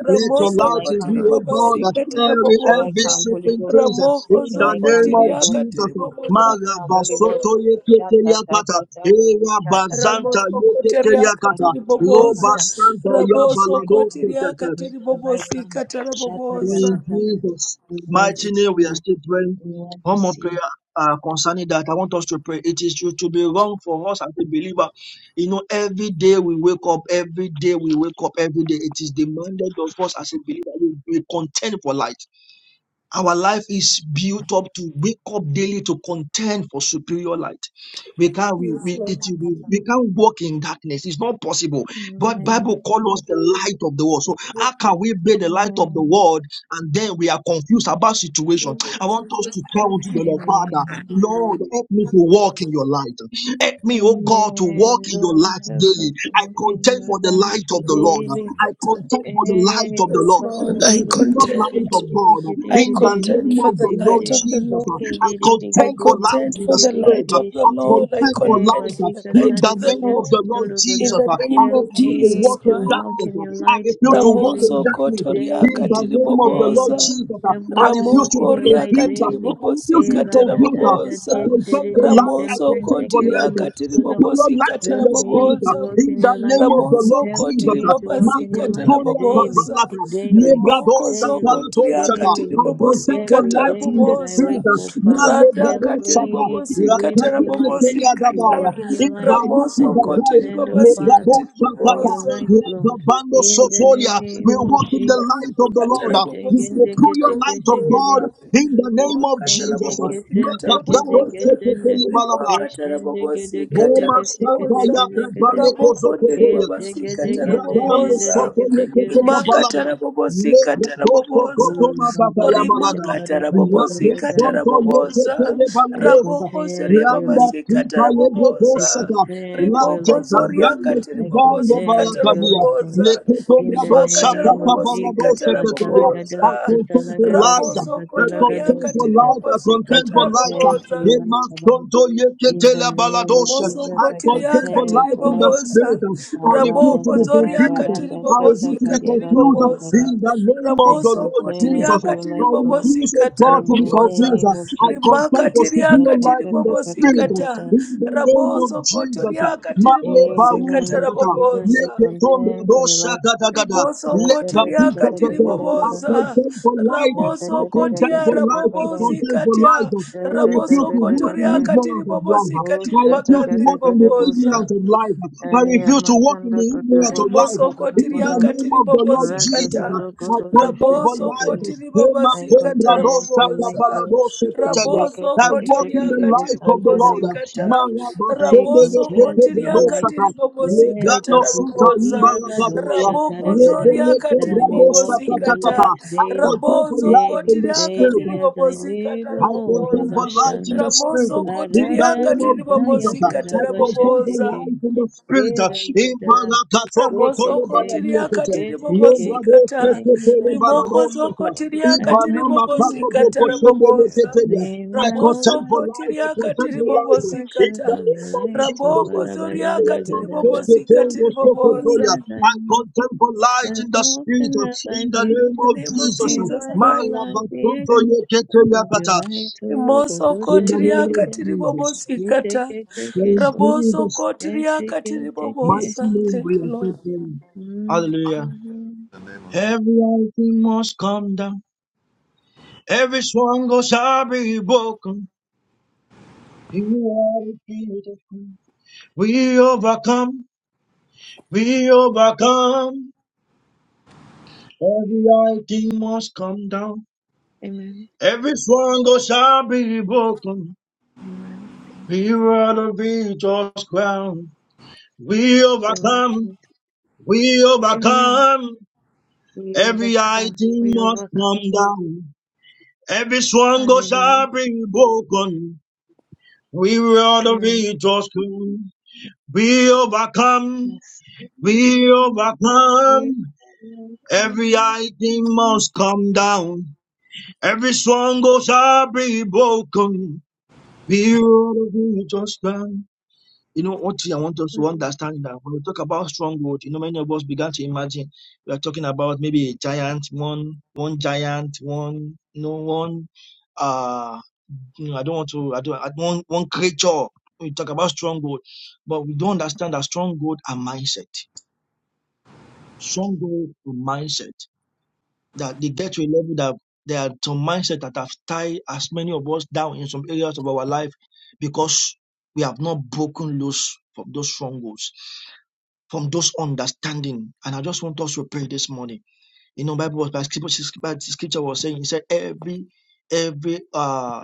A: Let
C: Let
A: your
C: your
A: light
C: light
B: ramosokotiri
A: reveal,
C: come,
A: oh God, uh,
B: bobosikatara
C: let
A: every,
C: your light
A: every
B: boboza
C: come, Holy
A: shipping
C: Ghost.
A: things, uh,
C: Let
A: in
C: your
A: the
C: light come,
A: name of
C: Holy Ghost.
B: ramohozokotiriakatiri
A: Jesus. uh,
C: Let
A: my
C: your light come,
B: bobosikatara
A: Rabba
C: Holy Ghost.
A: Soto,
B: boboza
C: Sha ta ta
A: Yeteteliakata,
C: ta ta.
A: Eh,
C: Sha
A: Rabba
C: ta ta
A: Zanta,
C: ta
B: Ramoso
C: ta.
B: koteria
C: Ah,
D: That's
A: Yeteteliakata,
B: katiri
C: sha ta ta ta
A: Loba
B: boboza.
C: ta.
A: Santa
C: Let your
B: Raboso
C: light
A: Yabalado
C: come.
B: koteria
C: Let
B: katiri
C: your light
B: bobosi
C: come.
B: katara
C: Sha ta
A: so
C: ta
B: boboza.
C: ta
A: in
C: ta.
A: Jesus'
C: We want to
A: mighty
C: see
A: name, we are
C: you.
A: still praying.
C: We want to
A: One more
C: see
A: prayer
C: you.
A: uh, concerning that. I want us to pray. It is to to be wrong for us as a believer. You know, every day we wake up, every day we wake up, every day it is demanded of us as a believer. We, we contend for light. Our life is built up to wake up daily to contend for superior light. We can't we,
B: Yes,
A: we,
B: Lord.
A: it-
C: Amen.
A: we, we can't walk in darkness. It's not possible. But Bible
C: Amen.
A: calls us the light of the world. So how can we be the light of the
C: Amen.
A: world and then we are confused about situation? I want us to tell unto the Lord, Father,
C: Amen.
A: Lord, help me to walk in your light. Help me, oh God, to walk
C: Amen.
A: in your
C: Lord,
A: light
C: help
A: daily.
C: me to
A: I
C: walk in
A: contend for
C: your
A: the
C: light
A: light of the Lord.
C: daily.
A: I contend
C: Help
A: for the light
C: me
A: of
C: to
A: the
B: Yes,
A: Lord,
C: walk
B: Lord.
A: the
B: I
A: superior light
B: contend.
C: in
A: of God.
B: I
A: In the
B: contend
A: name
B: for
A: of
B: the
A: the Lord
B: light of the
A: Jesus,
B: Lord.
A: I
B: I
A: contend for light
B: contend
A: in the
B: for the
A: spirit.
B: light of the
A: I
B: Lord. I
A: contend for
B: contend
A: light
B: for the
D: about
A: in
B: light
A: the
B: of the
A: name of
B: Lord.
A: the Lord
B: In
A: Jesus.
B: the
A: I
B: name of
A: refuse to
B: Jesus
A: walk in
B: Christ.
A: darkness.
C: your
A: I
C: light
A: refuse to walk in
B: Ramoso
C: daily,
A: darkness.
B: kotoria
A: In the
C: daily,
B: katiri
A: name of the Lord
C: daily.
B: boboza.
A: Jesus,
C: Help
A: I
C: me to
A: refuse
C: walk
A: to
C: in
A: be
B: Ramoko
C: your
B: ria
C: light
A: confused. I
B: katiri
C: daily.
B: bobosi
A: refuse
C: Eh,
A: to be
C: ra
B: katara
C: da
A: confused. I
C: da da
B: boboza.
C: din
A: contend for
C: din din din
A: light. I
C: din din
B: Ramoso
A: contend
C: din
A: favor
B: kotiria
A: life, uh,
C: din
B: katiri
C: din
A: superior
B: bobosi
A: light in
B: katara
A: the
C: Help me
A: spirit,
C: to
A: uh,
B: boboza.
C: walk
A: in
C: in
A: the
C: your light.
A: name of the
B: Ramoso
A: Lord
C: Help
A: Jesus.
B: kotiri
C: me
A: uh,
C: to walk
B: babasi
C: in your light
B: katara
A: Mapandoria
C: daily,
B: boboza.
A: Papalata,
C: daily,
A: Lebrado
B: Rimoko
C: daily,
B: zoko
A: Satalato
B: tiria
A: Sata,
C: daily,
B: katiri
A: I
C: Lord.
B: bobosi
A: contend for
C: Every
B: katara
A: light
C: day
A: in the
C: that I
A: spirit,
B: boboza.
C: wake,
A: uh,
C: oh Father,
B: Rada
C: help
A: Malebrado
B: katiri
A: Sata,
C: me to
B: bobosi
C: live
B: katara
C: in your light,
B: bobosi
C: to
A: Lakakekekeliadabaya,
B: katara.
C: walk in your light. I
B: Ramoso
A: Ivanukudataya,
B: kotiri
C: contend, oh
B: babasi
C: Father,
A: Lebrado
B: katiri
C: for
A: Satata,
C: your
B: boboza.
C: light, Lord.
A: Lebabando
C: In the
A: Sofolia. We
C: name of
A: walk in the
C: Jesus.
A: light of the Lord,
B: Katara
A: uh, the
B: bobosi,
A: superior
B: katara
A: light of
B: bobosa.
A: God, in the name
B: Rima
A: of
B: katara
C: Kesende
A: Jesus. uh,
B: bobosi,
C: kesende
B: katara
C: kede
A: Makabrado
B: bobosa.
C: kesende
B: Rima
A: Malaba.
B: katara
C: kesende
B: bobosi,
C: kede kede
A: Roma
B: katara
C: kese
A: Santa
C: kede
B: bobosa.
C: kede
A: Yaka
C: kede
A: Baleko
B: Raboko deri
A: Zokotoya,
C: kese
B: babasi,
C: kede
B: katara
C: kesende
A: Zibradano
B: bobosa
C: kede
A: Sotoya
C: kede kese.
A: Kokota Balaba,
B: rimakatara bobosi katara
A: Lebradoto
B: bobosa
C: Oh,
A: Kotoma
C: Baba,
A: Bataya
C: Raga,
A: Balada,
C: Daga,
B: orimakatara
C: Raba, Daga,
B: bobosi
C: Daga,
B: katara
C: Raba,
A: Labezonto
C: Daga.
B: bobosa
A: Yekete
C: I
A: balabosta
B: rabokoso
C: contend for your
A: Granda
C: light,
B: riababasi
C: Lord.
A: Kita
B: katara
C: I
B: bobosa
A: Lebredosata,
C: contend for your
A: Lante
C: light,
B: rimokoso
C: Lord.
A: tabrande
B: katiri
C: I
A: kizande
B: bobosi
C: contend for
B: katara
C: your
A: balakabia.
C: light, Lord.
B: bobosa
C: In
A: Leketomra
C: the
A: dosha
B: rimakatara
C: name of
B: bobosi
A: takabala
C: Jesus,
A: dosha
B: katara
A: ketoria. I
C: Satalagado,
B: bobosa
A: contend for
C: Satalagado,
A: light.
B: raboso
A: I
B: koto
C: Sakatalagado,
A: contend for
B: katiri
C: Sata.
A: light. I
B: bobosi
C: I
A: contend for
B: katara
A: light.
C: contend for
B: bobosa
C: your
A: Ema
C: light, Shabbat.
A: fronto
C: In the
A: yeketele
C: name of
A: baladosha.
B: Rimoso
C: Jesus,
A: I
C: I
A: contend
B: kotiriaka
A: for
C: contend
A: light
C: for
A: in the
C: life.
B: tiribobosa.
A: spirit. I refuse
C: Barada
B: Raboko
A: to be
C: kata
B: zoriaka
A: confused.
B: katiri
C: baranda
A: I
C: sata
A: refuse to be
C: kadiada da
A: confused
C: da da
B: tiribobosa.
C: da.
A: in the name of
C: I
A: the
B: Ramoso
A: Lord
C: contend
A: Jesus.
C: for
B: kotiriaka
C: your
A: I
C: light,
A: I
C: God.
A: refuse, oh
B: tiribobosika
A: God,
C: In
A: to be
C: the
B: tarabobosa.
A: confused.
C: name
A: I
C: of Jesus.
B: Rimaka
A: contend for superior
B: tiriaka
C: Shata
A: life
C: ta
A: in the
C: ta ta ta
B: tiribobosika
A: spirit.
C: ta
B: ta.
C: kata.
A: In the name of
B: Raboso
A: Jesus.
B: kotoriaka
A: Ma le
C: In the
B: katara
C: name
A: baruza
C: of
A: kata.
C: Jesus,
A: Le
C: I
B: tarabobosa.
A: ketom
C: contend for your
A: radosha
C: light.
A: gada gada.
B: Rimoso
C: Shada
A: Le
C: da
B: kotiria
C: da da
A: baduza
C: da da
A: kata.
C: da da da
A: I
C: da.
B: katiriboboza.
A: contend for life.
C: Shada
B: Ramoso
C: da
A: I
C: da da da
A: contend
C: da
B: kotia
A: for
C: da
A: life.
C: da
A: I
C: da.
B: rabobozi
A: contend for
B: katia.
A: life. I
C: Shada da
B: Raboso
A: refuse
C: da
A: to
C: da da
A: walk in
B: kotoria
C: da.
A: ignorance of life.
B: katiribobosi
C: Oh,
A: I
C: shata
A: refuse
C: ga
A: to
C: da
A: walk
C: ga
A: in the
C: da
B: katiribagandiriboboza.
C: bosha.
A: ignorance of life. I
C: I
A: refuse
C: am
A: to
C: a
A: walk in
C: tanda
A: the
C: ga
A: ignorance of
B: Riboso
A: life. In the
B: kotiriaka
A: name of the Lord
C: Brother
A: Jesus,
C: God,
B: tiribobozikata.
C: oh God,
A: I
C: oh God,
A: contend
C: shall
A: for
B: Raboso
C: take
A: life.
C: it.
A: Ema
C: I
A: kombra
B: kotiribobozikata
C: contend for
A: dosa
C: your light,
A: kabala
B: raboboza.
C: Lord.
A: dosa ketelia.
C: Zeke,
B: Raboso
A: I
C: take it,
A: walk
C: take
A: in
C: it,
A: the
B: kotoriaka
C: able
A: light of the
C: Santa
A: Lord.
C: Rabasha.
B: tiribobozikata.
A: Maraba
C: I
A: sembele
B: Raboso
C: contend for
A: ketelia
C: your
B: kotiriaka
C: light.
A: dosa ka.
C: Let
B: tiribobozikata
A: Lebrano
C: that be
A: suta
C: the deed
B: raboboza.
C: of
A: libara
C: a
A: kabaya.
C: dosha
B: Raboko
C: taragada,
A: Lebele
B: zoriaka
C: that I
A: kobra
C: may
A: dosa
C: walk in your
A: katakata.
C: light
B: tiribobozikata.
A: I
C: daily,
A: contend for
B: Rabozo
A: life
C: daily,
A: in the
B: kotiriaka
C: daily
A: spirit.
C: as I live,
B: tiribobozikata
A: I
C: oh
A: contend for
B: raboboza.
A: life in
C: Rabashanda.
A: the spirit
B: Ramoso
A: in the
C: Arada
B: kotiriaka
A: name of
C: Gataya
A: Jesus.
B: tiribobozikata
A: I contend
C: Tarabasha,
A: for
C: take
B: raboboza.
C: it.
A: life in the spirit in
C: Irada,
A: Balakatoko
B: Ramoso
A: Tole
B: kotiria
A: Baladiakete,
B: katiri
C: Keseke,
A: Lembrado
B: bobosikata.
A: Sete
C: daily
A: Tole
C: as I
B: Rimoko
C: live,
A: Balanosata,
B: zokotiria
C: as
B: katiri
A: Ibanama
C: often as
A: Kako
C: I
B: bobosikata
A: Boko
C: breathe,
A: Shembe
B: rabobosa.
A: Leketeya.
C: may
A: I
C: my whole
B: Ramoso
A: contend
C: life
A: for life. I
B: kotiria
A: contend
B: katiri
A: for
C: be
A: life. In
C: expressions
B: bobosikata.
A: the
C: of your
A: name of
C: light. So,
B: Raboko
A: Jesus,
B: zoria
A: we
B: katiri
A: will take
C: Barabajadagadaga,
A: you to
B: bobosikata
A: your
C: daily
B: ribobosa.
A: superjoya
C: as I
A: and
C: live,
A: contemplate light
C: as
A: in the spirit.
C: often as I
A: In the
C: breathe,
A: name
B: In
A: of
B: the name of
A: Jesus,
C: may
B: Jesus
C: my
A: my
B: Christ.
C: whole
A: love,
C: life
A: but come
C: be
A: to your
C: expressions of your light. So,
B: Rimoso
A: in
C: Logodosha,
A: the
C: take
B: kotiria
A: name
C: it,
A: of
C: take it,
B: katiri
A: Jesus,
C: take it, yes,
B: bobosikata.
A: in
B: Raboso
A: Jesus'
B: kotiria
C: take
B: katiri
C: it, take
A: mighty
C: it.
B: bobosa.
A: name, we
B: Thank you,
A: are so
B: Lord.
A: praying.
C: Amen.
A: Hallelujah.
C: Amen.
D: In the name of Jesus.
A: Every mountain must come down. Every stronghold shall be broken. You are the King of kings. We overcome. We overcome. Every idea must come down.
C: Amen.
A: Every stronghold shall be broken.
C: Thank
A: We
C: you. Lord.
A: are the victor's crown. We
C: Thank you, Lord
A: overcome.
C: Jesus.
A: We
C: Amen.
A: overcome.
C: We
A: Every
C: overcome.
A: idea
C: We
A: must
C: overcome.
A: come down. Every stronghold
C: Hallelujah.
A: shall be broken. We are the
C: Mm.
A: victor's crown. We overcome.
C: Yes. We
A: We
C: overcome. We
A: overcome. Every
C: overcome.
A: idea must come down. Every stronghold shall be broken. Beautiful, just land. You know, what I want us to
C: Mm.
A: understand that when we talk about stronghold, you know, many of us began to imagine we are talking about maybe a giant, one, one giant, one, you know, one, uh, you know, I don't want to, I don't, I, one, one creature. We talk about stronghold, but we don't understand that stronghold and mindset. Stronghold and mindset that they get to a level that there are some mindset that have tied as many of us down in some areas of our life because we have not broken loose from those strongholds, from those understanding. And I just want us to pray this morning. You know, Bible was by scripture was saying, he said, every every uh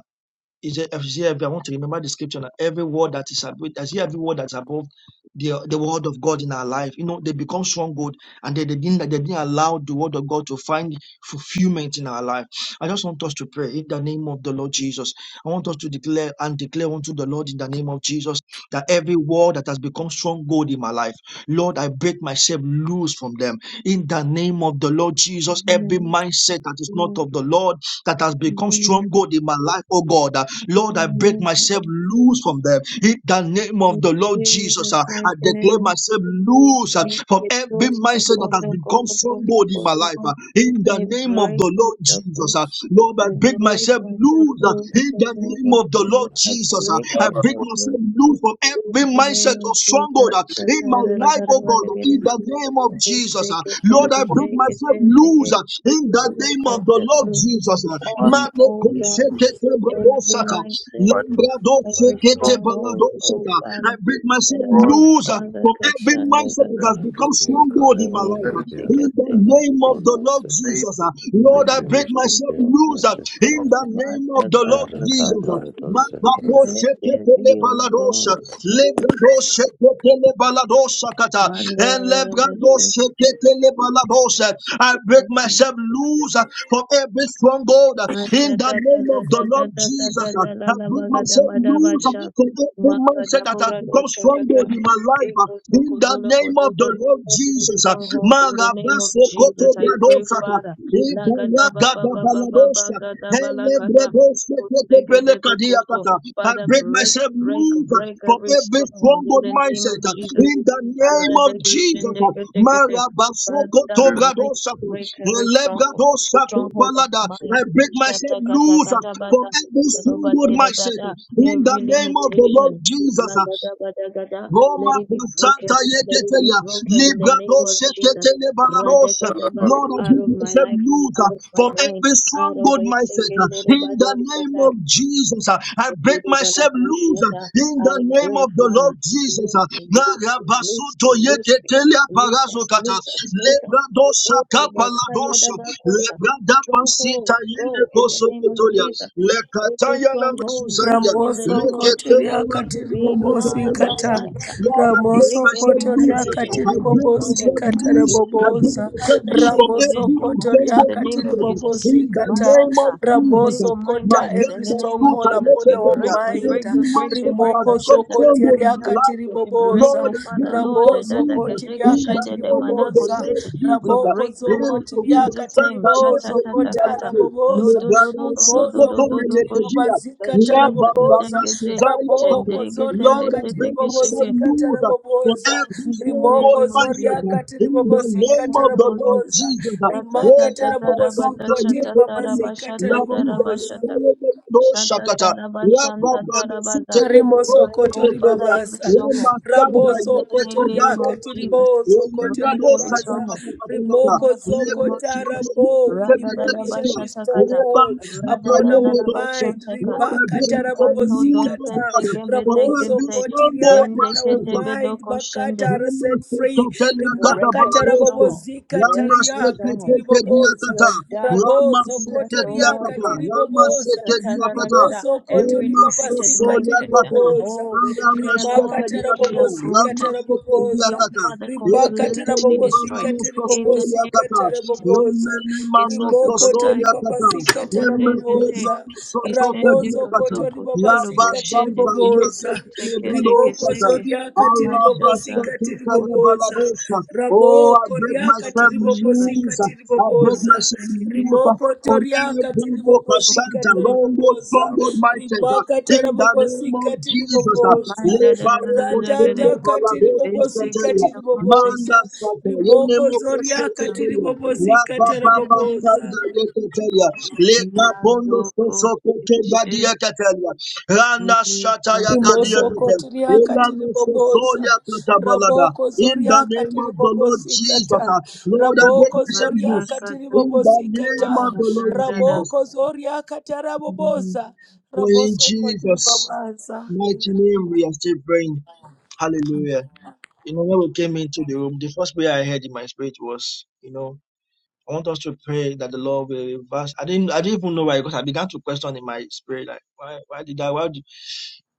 A: is said, every, want to remember the scripture now. Every word that is above, I see every word that's above the, the word of God in our life. You know, they become stronghold and they, they, didn't, they didn't allow the word of God to find fulfillment in our life. I just want us to pray in the name of the Lord Jesus. I want us to declare and declare unto the Lord in the name of Jesus that every word that has become stronghold in my life, Lord, I break myself loose from them. In the name of the Lord Jesus, every
C: Amen.
A: mindset that is not
C: Amen.
A: of the Lord, that has become
C: Amen.
A: stronghold in my life, oh God. Uh, Lord, I break myself
C: Amen.
A: loose from them. In the name of
C: In
A: the Lord
C: Jesus'
A: Jesus, uh,
C: mighty
A: I declare
C: name.
A: myself loose uh,
C: Thank
A: from
C: you,
A: every
C: Jesus. The
A: mindset that
C: God,
A: has
C: the God,
A: become
C: the God, the
A: stronghold in
C: God,
A: my
C: the
A: life.
C: God.
A: uh, In the
C: I
A: name of
C: break
A: the Lord
C: myself
A: Jesus,
C: loose.
A: uh, Lord, I
C: I
A: break
C: break
A: myself
C: myself
A: loose uh,
C: loose
A: in
C: in
A: the
C: the name
A: name
C: of
A: of the
C: Jesus.
A: Lord
C: I
A: Jesus. uh,
C: break
A: I
D: Father,
A: break
C: myself
D: God,
C: loose
A: myself loose from
C: in
A: every
C: the
A: mindset
C: name
A: of
C: of
D: I
A: stronghold uh,
C: Jesus.
A: in my
D: thank
A: life, oh God. Lord, in
D: you.
A: the name of
C: shake it
A: Jesus. uh,
C: shake it,
D: We
A: Lord,
C: shake
A: I
C: it,
D: put
A: break
C: shake
A: myself
C: it, shake
A: loose
C: it.
A: uh, in the
C: Break
A: name of
D: your
A: the
C: myself
A: Lord
C: loose
A: Jesus. uh,
C: off,
D: command
A: Mate
C: oh God,
D: to
A: kushekete
C: every
D: them
A: bradosata,
C: mindset,
D: by the
C: every
D: God,
A: lambradosekete
C: stronghold, oh
A: baladosata. I
C: Father.
A: break
C: Let
A: myself
C: us,
D: God,
C: oh
A: loose uh,
C: Father,
A: from every
C: Kashanda
A: mindset that
D: that
C: Gada,
A: has become stronghold in my life.
D: that is
A: uh, In
D: the
C: Ezekiel,
A: the name of the Lord
D: name
A: Jesus. uh, Lord, I break
C: Master,
A: myself loose uh,
C: Portion,
A: in
D: of
A: the name
C: Mata
A: of the Lord
C: Kata
A: Jesus.
C: Kata,
A: uh, Makapo
D: Jesus.
C: let there
A: shekepele
C: be, oh
A: baladosha,
C: God, Shepherd,
A: lebrado shekepele baladosha kata, and
C: Mandela
A: lebrado
C: Russian,
A: shekepele baladosha. I break myself loose uh, from every stronghold uh, in the name of the Lord Jesus. uh, I break myself loose uh,
C: Matatatatatatatatatatatalalabagadamadabasha.
A: from every mindset that has become
C: Makadaboradoshakata.
A: stronghold in my life uh, in the name of
C: Ikosokodolobodogo.
A: the Lord
C: Every
A: Jesus. uh,
C: stronghold in the name of
A: Marabasokoto
C: Jesus, I pray, Father. Lagadabababababagadabalakata. Kosegedebekoso.
A: I
C: Father,
A: break
C: break,
A: myself
C: break,
A: loose
C: break
A: from
C: every
A: every
C: stronghold in
A: stronghold
C: the name of
A: mindset
C: Jesus.
A: in the name of Jesus.
C: Aradegoshendegetekete.
A: Marabasoko
C: Father,
A: to
C: break,
A: bradosa.
C: break every
A: Hele
C: stronghold,
A: bradosa to
C: stronghold of the
A: balada.
C: mind
A: I break
C: Shatta
A: myself
C: kata
A: loose
C: kata
A: from
C: Shatakatakatabata,
A: every stronghold mindset
C: Robatedadada,
A: in the
C: Every
A: name of the Lord
C: limitation, la
A: Jesus.
C: gada bada Ragadabadagada,
A: Roma
C: let it be
A: Prasanta
C: broken. Let it be
A: Yeketelia,
C: broken in the name
A: Librado
C: of Jesus.
A: Seketele
C: Rada
A: Balarosa.
C: gada ba,
A: Lord, I
C: out
A: give
C: of my
A: myself
C: life,
A: loose
C: out
A: uh,
C: of my
A: from
C: mind,
A: every
C: out of
A: stronghold
C: my
A: mindset.
C: secret.
A: uh, In the name of Jesus, uh, I break myself loose uh, in
C: I
A: the name
C: pray,
A: of the
C: Father,
A: Lord Jesus. uh,
C: loose me, loose
A: Narabasuto
C: me, loose me,
A: Yeketelia
C: loose us,
A: Barazokata,
C: loose us, loose us.
A: Lebrado
C: Hey,
A: Saka Paladosa,
C: Bakayadabakota.
A: Lebrada Sita
C: Stronghold,
A: yende
C: go in the
A: koso
C: name of
A: kotoria.
C: Jesus. Every
A: Lekataya na
C: stronghold, leave
A: masuzanga.
C: in the
B: Ramoso
C: name of
A: Reketeni
B: Kotoria
C: Jesus.
B: Katiri
A: makunko
C: We come,
A: meketeya.
B: Kata
C: Masanta
A: Lord, I break
C: break
B: Ramoso
A: myself
C: every
A: loose.
B: Kotoria
C: partnership
A: I
B: Katiri
C: with this
A: break
B: Bobosi
C: stronghold.
A: myself
B: Kata
C: We
A: loose. I
C: break
A: break
C: every
B: Raboboza
A: myself loose
C: partnership
A: from
C: with this
B: Ramoso
A: every
C: stronghold in
B: Kotoria
A: resembled
C: the name
B: Katiri
C: of
A: mindset.
C: Jesus.
A: In the
B: Kata
A: name of
C: Masata, with
A: Jesus.
C: this
B: Ramoso
A: My
B: Kota
C: mindset
A: name
C: in
B: every
C: the
A: is
C: name of
B: stronghold
A: Kuta
C: Jesus.
B: upon
C: We
B: our
A: Leketeya.
C: break, we
B: mind
C: break, we
A: Every
C: break, we
A: mindset that
C: break.
A: has
B: Rimoko
A: become
C: Ashanda
A: stronghold in
B: Zokotiria
A: my
C: katakata.
B: Katiri
A: life.
C: We break,
B: Boboza
A: Lord,
C: oh
A: I give
C: Father Lord,
A: myself
C: eh,
B: Raboso
C: dada
A: leave
C: kadeke
A: in
B: Kotiria
A: the
C: shede
B: Katiri
C: de
A: name of the
C: manako
B: Boboza
A: Lord
C: sete. We
A: Jesus.
B: Raboko
C: break them
A: In
C: off
A: the
C: in
B: Zokotiria
A: river,
C: Jesus'
B: Katiri
C: name.
A: Santa, in
C: Shata
A: the
B: Bozo
C: tata
A: river,
B: Kota
C: kata.
A: Lati, in
C: Lo
A: the
B: Raboboza
C: do do
A: Brado,
C: do do do do
B: ribozo
C: do
A: Sokoto,
C: do
A: in
B: koti
C: do
A: the
C: go sh-
A: Tebia,
B: ribobazika
C: Shende
A: Rabba,
C: de de
B: taraboboza
A: Bana,
C: de de.
A: Suzaya,
B: raboko
A: Tata.
C: Shende ge tende
A: Lord,
B: zoriaka
A: I
C: te te
A: bring
C: ke sheke.
A: myself
B: tiribobozika
A: loose for
B: taraboboza
A: every
C: In the
A: single
B: rimoko
A: God,
C: name of
A: Isaac,
C: Jesus.
B: zoriaka
A: in the
C: In the
B: tiribobozika
A: name of
C: name
A: the
C: of
A: Lord
C: Jesus.
B: taraboboza
A: Jesus.
C: Da ta
B: rimaka
C: ta ta
A: Wela
C: ta ra ba ta
B: tarabobosuko
A: basanta
C: sha ta
A: yeke
C: ta ra
A: penya,
C: ba
B: tiribabazika
C: sha
A: la
C: ta ta ra
A: kuza
C: ba sha
B: taraboboza
C: ta.
A: kutele mendo
C: Sha ta ta
A: shakata.
C: ra ba
A: Ya
C: shan ta
A: baba
C: ta
A: na
C: ra ba
A: sute
C: za.
A: lebero
B: Rimoso
C: Break,
A: yeke
C: oh
B: kotori
C: Father,
A: penya,
C: every
B: babasa,
A: ya
C: stronghold. In
A: masanda
B: raboso
C: the
A: yeke
B: kotori
C: name
A: ogaro
C: of
B: akati
A: shakata.
C: Jesus.
A: Ya
B: riboso
A: yenda
B: kotori
C: Break
A: do
C: every
A: shakata
B: babasa,
C: stronghold.
A: kata kata
C: In the
A: kata.
B: rimoko
A: Ya
B: zoko
C: name of Jesus.
A: bosondo yeke
B: tarabo. We
A: kete
C: Rada da da
A: kete
B: demolish
C: ba
A: kia.
C: sha
B: every
C: ta ka
A: Ya
C: ta.
B: stronghold
A: bana zuta
C: Rada
B: upon
C: da da
B: our
A: yombe
C: da
A: do
C: ba
A: shakata.
C: shan
B: mind.
C: ta ka.
A: Lord, I
B: Ribaka
A: beg you to
C: Kanto
A: move,
C: dom
A: oh
B: tarabobozikata,
A: God,
C: pente
A: for
C: gembete
B: ramoso
A: every
C: gente.
A: stronghold,
B: kotiria that
C: Bende
B: our
C: kete
A: master.
C: bedo
B: mind bakata
C: koshende
B: are set free.
C: break
B: Rimaka
C: every stronghold,
B: tarabobozikata
C: break every
B: riakati
C: stronghold, every
B: riboboza,
C: your
B: rabozo
C: darkness, oh
B: kotori
C: Lord
B: akati
C: God. eh,
B: riboboza.
C: ta- ta- ta- ta- ta- ta,
B: Rimoso koto
C: Every defeated
B: ribabasika
C: mindset. uh,
B: tiriboboza.
C: Oh, we declare,
B: Rimaka
C: Lord, it be
B: tarabobosika
C: uprooted. It be,
B: taraboboza.
C: oh Father,
B: Ribaka
C: completely
B: tarabobosika
C: destroyed. In the name
B: tiribobosika
C: of Jesus.
B: taraboboza. Rimoko to
C: Kesotokosai,
B: ribabasika
C: kesokotezente,
B: taraboboza.
C: isende
B: Ramoso koto
A: Rabas
B: ribabasika
C: kesokotorobosende,
A: Banta, Yeke
B: tiriboboza.
C: sekende
A: Lebado
B: Rimoko
A: Shaka,
C: keseke,
B: zoriaka
C: mashanda,
B: tiribobosika tiribobosa
A: Arabashakatalebaladosha. Oh, I
B: ramoko
A: break
B: riaka
A: myself
B: tiribobosika
A: loose. I break
B: tiribobosa
A: myself loose
B: rimoko
A: from
B: toriaka
A: every book of
B: tiribobosika
A: Santa, Longboard,
B: tarabobosa
A: Strongboard, my uh,
B: rimaka
A: In the name of
B: tarabobosika
A: Jesus. uh,
B: tiribobosa ratataka tiribobosika
A: Lebarokosenebaladoshakataya.
B: tiribobosa
A: Manda Sata,
B: rimoko zoriaka
A: Yenemokosheketeya.
B: tiribobosika
A: Rabababa
B: tarabobosa
A: Sanda Yeketeya. Lekapondo Sosokote Badia Keteya. Randa Shataya Gadia
B: Rimosoko
A: Catella.
B: tiriaka tiribobosa.
A: Elanusosoria katabalada.
B: Raboko
A: In the
B: zoriaka
A: name of the Lord Jesus,
B: tiribobosikata.
A: ah, Lord, I break
B: Raboko
A: myself
B: zoriaka
A: loose. In the name of
B: tiribobosikata.
A: the Lord Jesus,
C: Mazaka
B: Raboko zoriaka tarabobosa.
A: for in
B: Rabosoko
A: Jesus'
B: tiribabasa. In
A: mighty
B: the name
A: name
B: of
A: we are still praying. Hallelujah. You know, when we came into the room, the first prayer I heard in my spirit was, you know, I want us to pray that the Lord will reverse. I didn't, I didn't even know why because I began to question in my spirit, like, why, why did I, why, did,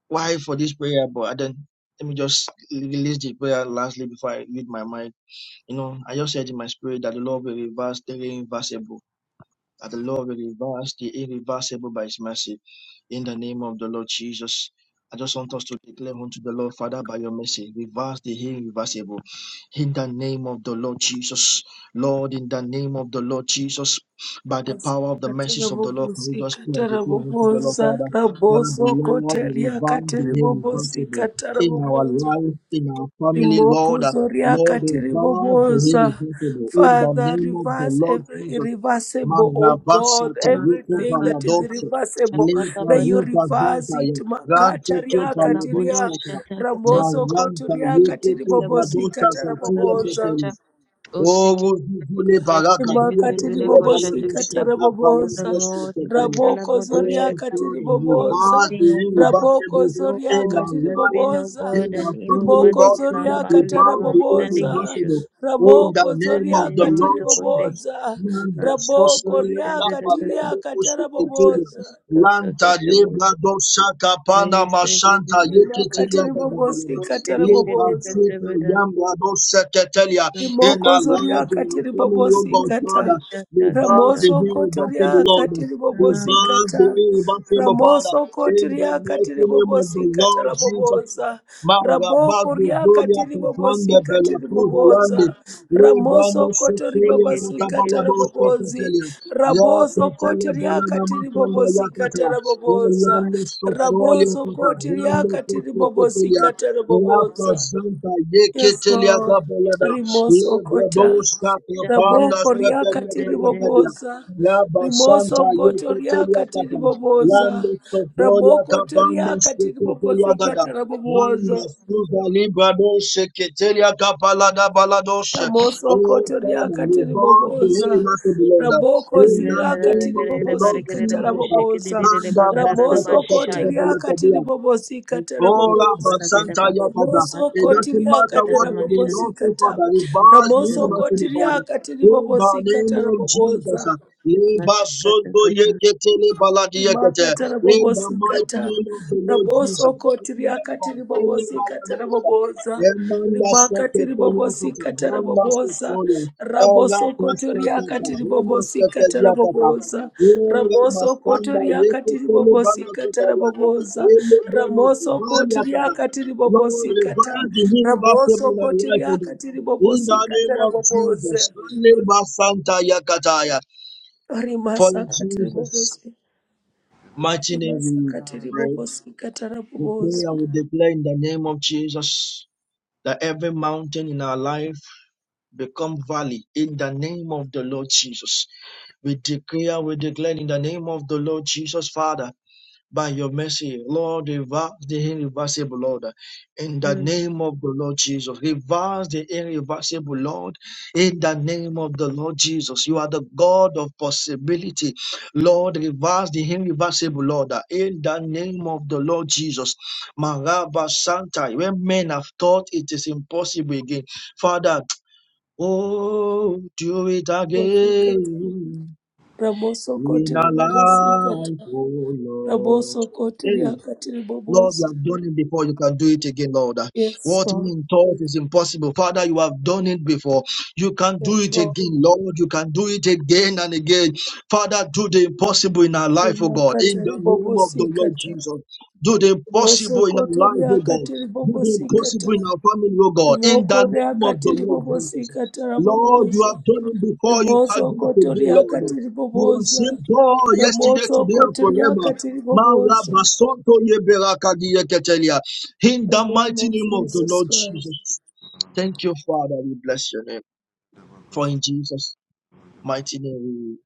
A: why for this prayer? But I didn't. let me just release the prayer lastly before I read my mind. You know, I just said in my spirit that the Lord will reverse the irreversible, that the Lord will reverse the irreversible by His mercy. In the name of the Lord Jesus, I just want us to declare unto the Lord, Father, by your mercy, reverse the irreversible. In the name of the Lord Jesus, Lord, in the name of the Lord Jesus, by the
B: Jesus.
A: power of the message of the Lord, can we just pray
B: Katarabobosikata
A: and declare unto the Lord,
B: rabobosa.
A: Father, Father, the
B: Rabosoko
A: Lord, you
B: teriaka
A: reverse the irreversible
B: tiribobosikata
A: in our
B: rabobosa.
A: life, in our family, Lord. uh, Lord, reverse the
B: Rimokozoriakatiribobosa.
A: irreversible in the
B: Father,
A: name of the
B: reverse
A: Lord
B: every
A: Jesus.
B: irreversible, oh God,
A: Marabasata, Yuko
B: everything that is
A: Balados,
B: reversible.
A: Leta
B: May you
A: rupa
B: reverse
A: danta ya
B: it.
A: rante
B: Makata
A: ke paladosa
B: riakatiria.
A: ka
B: Ramoso
A: maranta yeke ke bradosa ka tiye
B: kotoriakatiribobosikatarabobosa.
A: teteri, Oh, Zule Baraka,
B: Makatiri
A: Ketele
B: bobosi
A: Balanu
B: katara
A: Sata
C: Father
B: bobosa.
A: Palubo
C: Lord, if you
A: Seketele.
C: tell
B: Raboko
C: about those
B: zoria
C: shut
A: Oh,
C: up
B: katiri
A: God,
B: bobosa.
A: reverse the
C: anything, oh Father.
B: Raboko
A: irreversible
B: zoria
A: in
C: Lord,
A: our
B: katiri
C: there's been,
A: life,
C: oh
B: bobosa.
C: God,
A: in our
C: an evil
A: family,
B: Riboko
C: verdict
A: Lord,
C: in our
A: Father,
B: zoria
C: families,
B: katara
A: reverse the
B: bobosa.
C: long-standing issues.
A: irreversible.
C: We
A: Oh, in the
C: put
B: Ramoko
C: them
A: name
C: in
B: zoria
A: of
C: the
A: the
C: name of
B: katiri
A: Lord
C: Tokote.
A: Jesus.
B: bobosa.
C: We bless
A: Manda
C: you, oh God,
B: Raboko ria
C: send
A: Sosolenta
C: the person.
B: katiria
A: Palubo
B: katara
C: What's that?
A: Seketele.
B: bobosa.
C: What's that?
A: Lanta
C: What's that? What's
A: Lebra Dosaka
C: that?
A: Pana
C: What's that?
A: Mashanta
C: What's that?
A: Yeketele
B: Rimakatiri bobosi
A: Gadabalada.
C: What's that? What's
B: katara
C: that? What's
A: Liba
B: bobosa.
C: that?
A: Zika Yamba Bosa
C: What's
A: Tetelia
C: that? What's that?
A: in
B: Rimoko
A: our life,
B: zoria
A: in our
B: katiri
A: family, oh
B: bobosi
A: God,
B: kata.
A: Father.
C: Masha
A: Revive the
C: Takata.
B: Ramoso
A: irreversible
B: kotoria
A: Lord.
B: katiri bobosi
C: Naha,
A: Revive the
B: kata.
A: irreversible Father.
B: Ramoso
A: In the
B: kotoria katiri
A: mighty name of
B: bobosi
A: the
B: kata
A: Lord
B: la
A: Jesus
B: boboza.
A: Mara
B: Raboko
A: bagus
B: ria
A: dolia
B: katiri bobosi
A: kapanda bela
B: katiri
A: kuza lande.
B: boboza.
A: Lebrano
B: Ramoso kotori
C: take
A: sotolia
C: it,
B: bobosi
C: take it,
B: kata
A: katabala
B: la
A: bosta
B: bobozi.
A: kotelia. Ya
B: Raboso
A: kotelia
B: kotoria
A: bela
B: katiri
A: namakanda ya
B: bobosi kata
A: kata.
B: la boboza.
A: Elando
C: Kata.
A: sotolia
B: Raboso
A: kata.
B: kotoria
A: Elando
B: katiri
A: kote
B: bobosi
A: kotelia.
B: kata la
A: Rapa
B: boboza.
A: Santa
B: Yes,
A: Yeketelia
B: Lord.
A: Gabelada,
B: Rimoso kota.
A: Lebebosta Kapanda
B: Raboko
C: Mashan,
B: riakati
C: and
A: Stepetelia,
B: riboboza.
C: Mm.
A: Laba Santa
B: Rimoso koto
A: Yeketelia
B: riakati
A: Kata,
B: riboboza.
A: Lando Sofolia
B: Ramoko
A: Kapanda
B: toriakati
A: Sheketelia
B: riboboza
A: Gada,
B: kata
A: Manda
B: raboboza.
A: Suda Librado Sheketelia Kapalada Baladoshe.
B: Ramoso
A: Oh
B: kotoria
A: Father, we
B: katiri
A: bow to
B: boboza.
A: him as the Lord.
B: Raboko
A: In the
B: sira
A: name
B: katiri
A: of the
B: bobosi
A: Lord
B: katara
A: Jesus,
B: boboza.
A: Manda Baseta
B: Ramoso kotoria katiri
A: Katabela
B: bobosi katara
A: Oh,
B: boboza.
A: Rabba Santa Yakata.
B: Ramoso
A: It doesn't
B: kotiria
A: matter what
B: katara
A: I've been
B: bobosi
A: wrong for,
B: kata.
A: Father. It bars me, you
B: Ramoso
A: must be
B: kotiria
A: Father.
B: katiri
A: In the
B: bobosi
A: name
B: katara
A: of Jesus.
B: boboza
A: uh, Leba Soto Yekete Lebaladi Yekete.
B: rimakata
A: In the mighty
B: rabobosikata
A: name of the Lord Jesus.
B: rabosokoti
A: In the
B: riakati
A: Gospel of our
B: ribobosikata
A: Lord, sir.
B: raboboza
A: Emmanuel
B: rimakati
A: Sekete Yakata.
B: ribobosikata
A: Ramba
B: raboboza
A: Sotoya. Ela
B: rabosokoti
A: Kaskata.
B: riakati
A: Rama Sekete
B: ribobosikata
A: Yakata.
B: raboboza
A: Ura
B: rabosokoti
A: masamba yeke
B: riakati
A: tele bana
B: ribobosikata
A: kubali akata.
B: raboboza
A: Ele bueno kubali
B: ramosokoti
A: akata.
B: riakati
A: Lord,
B: ribobosikata
A: revive the universal in my
B: ramosokoti
A: life, O God.
B: riakati
A: In the name
B: ribobosikata
A: of
B: raboboza
A: Jesus. Kale basanta yakataya. For in
B: rimasakati
A: Jesus'
B: ribobosikata
A: mighty name we
B: Rimasakati
A: pray.
B: ribobosikata
A: We pray
B: rabobozo.
A: and we declare in the name of Jesus. That mountain in our life, be quiet in the name of the Lord. We declare, we declare in the name of the Lord Jesus, Father. by your mercy, Lord, reverse the irreversible, Lord. In the name of the Lord Jesus, reverse the irreversible, Lord. In the you are Lord of the Lord, reversible, Lord. In the name of the Lord Jesus, Maraba Santa. When men have thought it is impossible again, Father, oh, do it
B: Ribobosikata.
A: again
B: Ramosokoti
A: in our
B: ribobosikata.
A: life, oh Lord.
B: Ramosokoti
A: Hey,
B: riakati
A: Lord, you
B: ribobozo.
A: have done it before. You can do it again, Lord.
B: Yes,
A: What
B: Lord.
A: men thought is impossible, Father, you have done it before. You can do
B: Yes,
A: it
B: Lord.
A: again, Lord. You can do it again and again. Father, do the impossible in our life, oh God. In
B: Rimakata
A: the name of the Lord
B: rabobosikata.
A: Jesus, do the impossible in our
B: Ribosokoto
A: life, oh God.
B: riakati
A: Do the impossible in
B: ribobosikata.
A: our family, oh God. In the
B: Rimoko
A: name of
B: riakati
A: the Lord Jesus,
B: ribobosikata
A: Lord, you
B: rabobozo.
A: have done it before. You can do it
B: Rimosokoto
A: again, Lord.
B: riakati
A: You are same
B: ribobozo.
A: God yesterday, today, and
B: Ramosokoto
A: forever.
B: riakati ribobozo.
A: In
B: In
A: the
B: the name
A: mighty
B: of
A: name of the
B: Jesus
A: Lord
B: Christ.
A: Jesus. Thank you, Father. We bless your name. For in Jesus' mighty name we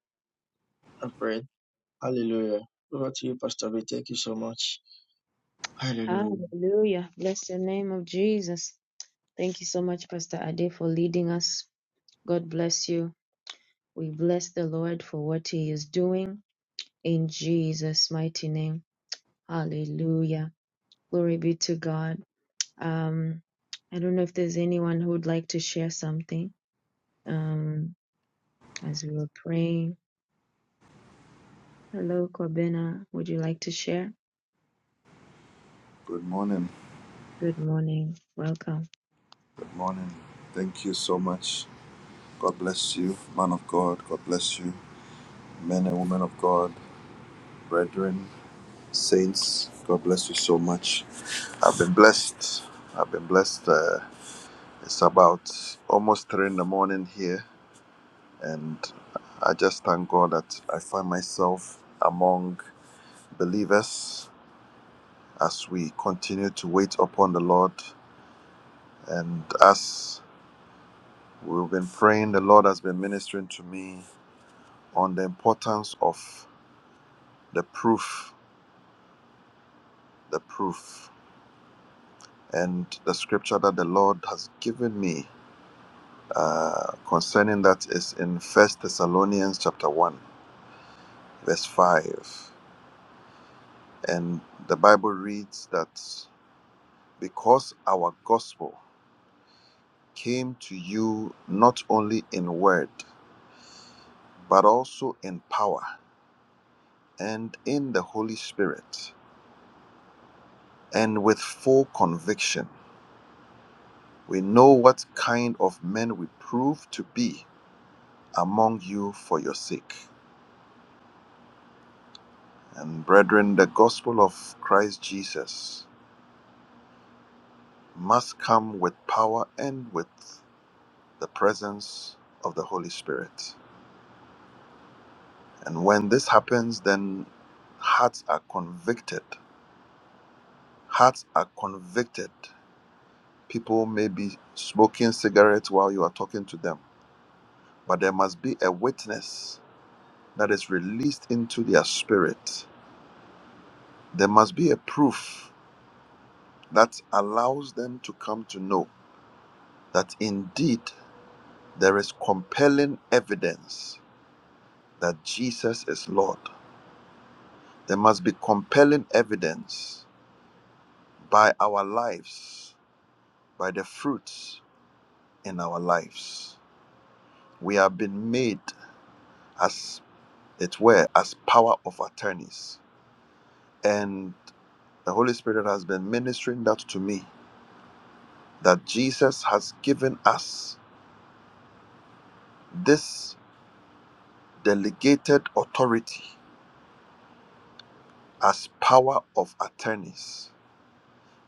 A: pray. Hallelujah. Over to you, Pastor B. Thank you so much. Hallelujah.
C: God to share.
D: Good morning. Good morning. Thank you so much. God bless you, man of God. God bless you, men and women of God, brethren, saints. God bless you so much. I've been blessed. I've been blessed. Uh, it's about almost three in the morning here. And I just thank God that I find myself among believers as we continue to wait upon the Lord. And as we've been praying, the Lord has been ministering to me on the importance of the proof, the proof, and the scripture that the Lord has given me uh, concerning that is in First Thessalonians chapter one, verse five, and the Bible reads that. because our gospel came to you not only in word, but also in power and in the Holy Spirit, and with full conviction. We know what kind of men we prove to be among you for your sake. And brethren, the gospel of Christ Jesus must come with power and with the presence of the Holy Spirit. And when this happens, then hearts are convicted Hearts are convicted. People may be smoking cigarettes while you are talking to them, but there must be a witness that is released into their spirit. There must be a proof that allows them to come to know that indeed there is compelling evidence that Jesus is Lord. There must be compelling evidence by our lives, by the fruits in our lives. We have been made as it were, as power of attorneys. And the Holy Spirit has been ministering that to me that Jesus has given us this delegated authority as power of attorneys.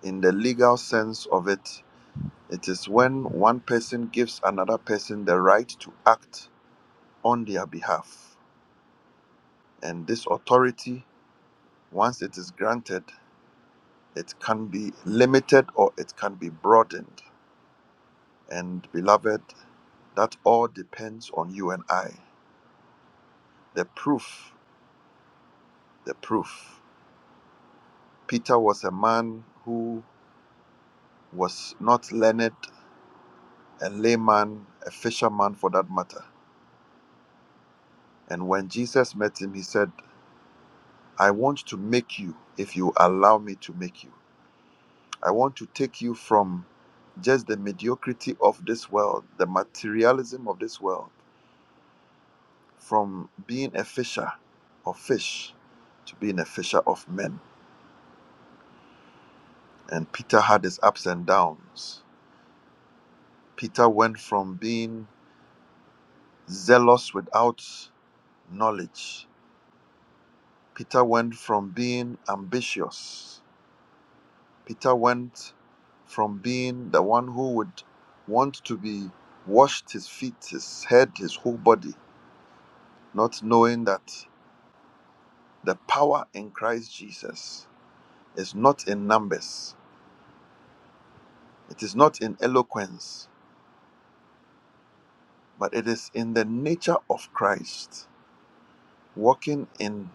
D: In the legal sense of it, it is when one person gives another person the right to act on their behalf. And this authority, once it is granted, it can be limited or it can be broadened And beloved, that all depends on you and I. The proof, the proof. Peter was a man who was not learned, a layman, a fisherman for that matter. And when Jesus met him, he said, I want to make you if you allow me to make you. I want to take you from just the mediocrity of this world, the materialism of this world, from being a fisher of fish to being a fisher of men. And Peter had his ups and downs. Peter went from being zealous without knowledge. Peter went from being ambitious. Peter went from being the one who would want to be washed his feet, his head, his whole body, not knowing that the power in Christ Jesus is not in numbers, it is not in eloquence, but it is in the nature of Christ. walking in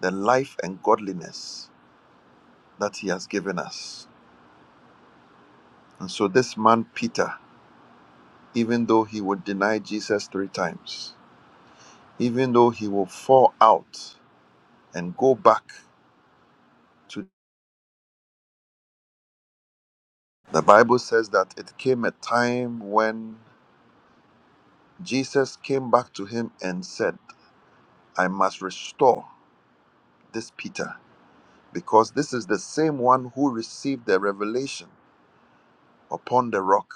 D: the life and godliness that he has given us. And so, this man, Peter, even though he would deny Jesus three times, even though he will fall out and go back to the Bible says that it came a time when Jesus came back to him and said, I must restore this Peter because this is the same one who received the revelation upon the rock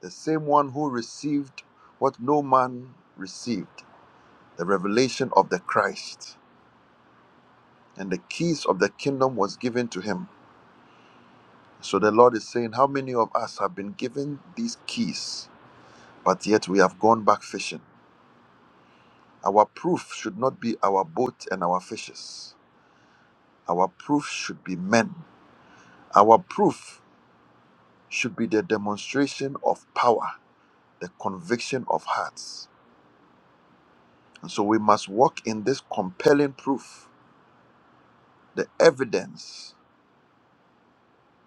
D: the same one who received what no man received the revelation of the Christ and the keys of the kingdom was given to him so the lord is saying how many of us have been given these keys but yet we have gone back fishing our proof should not be our boat and our fishes our proof should be men our proof should be the demonstration of power the conviction of hearts and so we must walk in this compelling proof The evidence,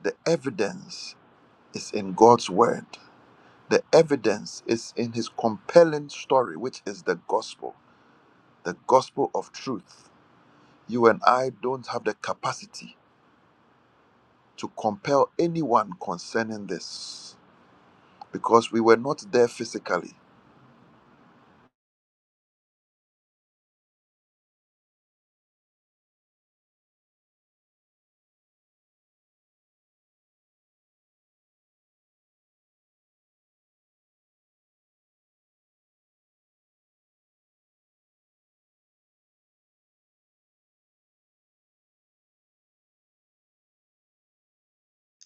D: the evidence is in God's word. The evidence is in his compelling story, which is the gospel, the gospel of truth. You and I don't have the capacity to compel anyone concerning this because we were not there physically.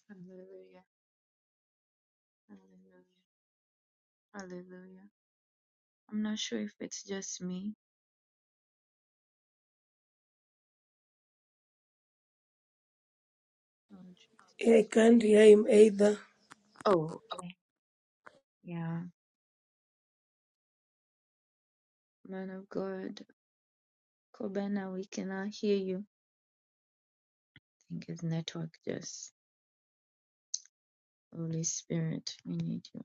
C: Hallelujah. Hallelujah. Hallelujah. I'm not sure if it's just me. Oh,
B: I
C: Jesus.
B: can't Yaikandi aidha
C: Oh, okay. Yeah. Man of God, Kobena, we cannot hear you. I think his network just Holy Spirit, we need you.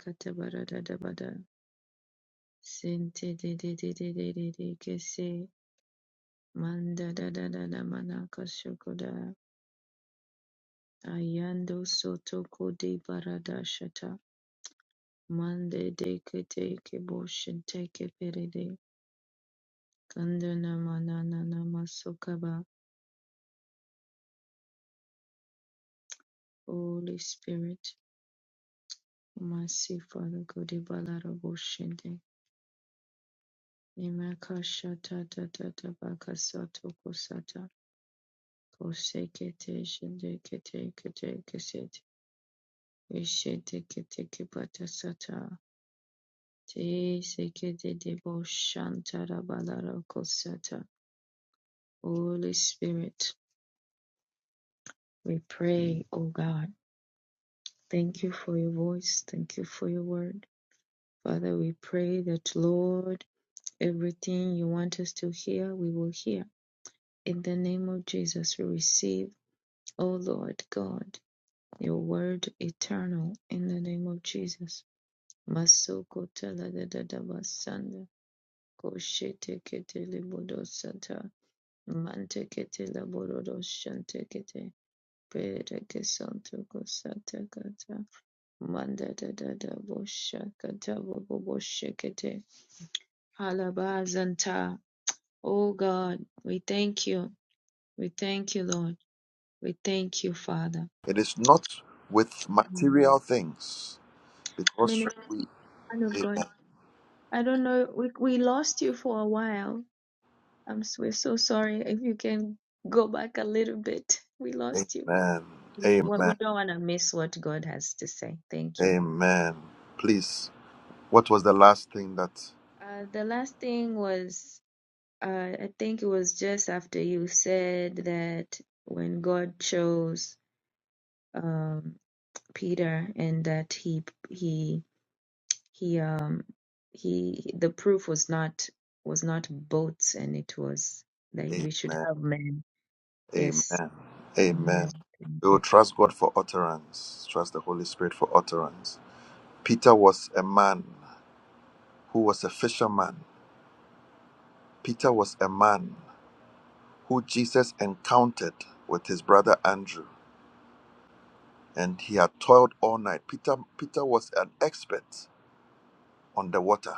C: Katabaradadabada. Sente de de de de de de de kese. Manda da da da da manaka shokoda. Ayando soto kode barada shata. Mande de kete kebo shente keperede. Kandana manana namasokaba. Holy mante kete laborodo shente kete. Pere kesonto kosata kata. Manda da da da boshakata boboshekete. Halabazanta. Oh God, we thank you. We thank you, Lord. We thank you, Father.
D: It is not with
C: Mhm.
D: material things because
C: Minister
D: we.
C: of God,
D: Amen.
C: I don't know. We, we lost you for a while. I'm, s- we're so sorry. If you can go back a little bit, we lost you.
D: Amen.
C: We, what we
D: Amen.
C: don't want to miss what God has to say. Thank you.
D: Amen. Please, what was the last thing that.
C: Uh, the last thing was. Uh, I think it was just after you said that when God chose um, Peter and that he he he
D: Amen. Amen. Amen. We will trust God for utterance, trust the Holy Spirit for utterance. Peter was a man who was a fisherman. Peter was a man who Jesus encountered with his brother Andrew, and he had toiled all night. Peter, Peter was an expert on the water.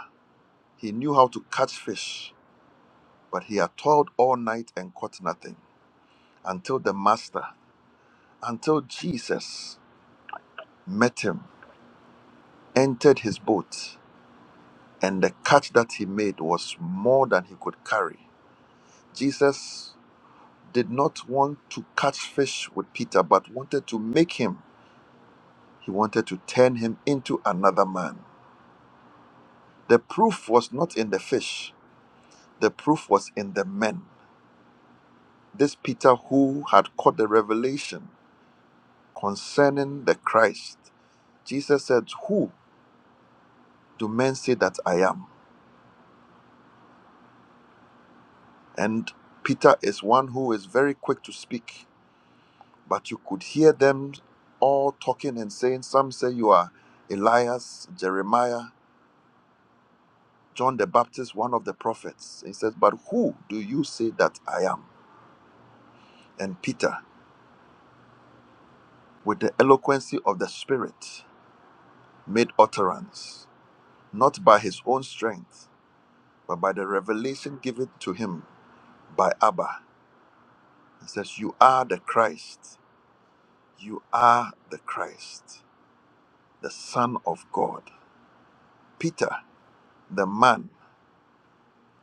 D: He knew how to catch fish, but he had toiled all night and caught nothing until the master, until Jesus met him, entered his boat and the catch that he made was more than he could carry. Jesus did not want to catch fish with Peter, but wanted to make him, he wanted to turn him into another man. The proof was not in the fish, the proof was in the men. This Peter who had caught the revelation concerning the Christ. Jesus said, Who do men say that I am? And Peter is one who is very quick to speak but you could hear them all talking and saying, Some say you are Elias, Jeremiah, John the Baptist, one of the prophets. He says, But who do you say that I am? And Peter, with the eloquency of the Spirit, made utterance, not by his own strength, but by the revelation given to him by Abba. He says, You are the Christ. You are the Christ, the Son of God. Peter, the man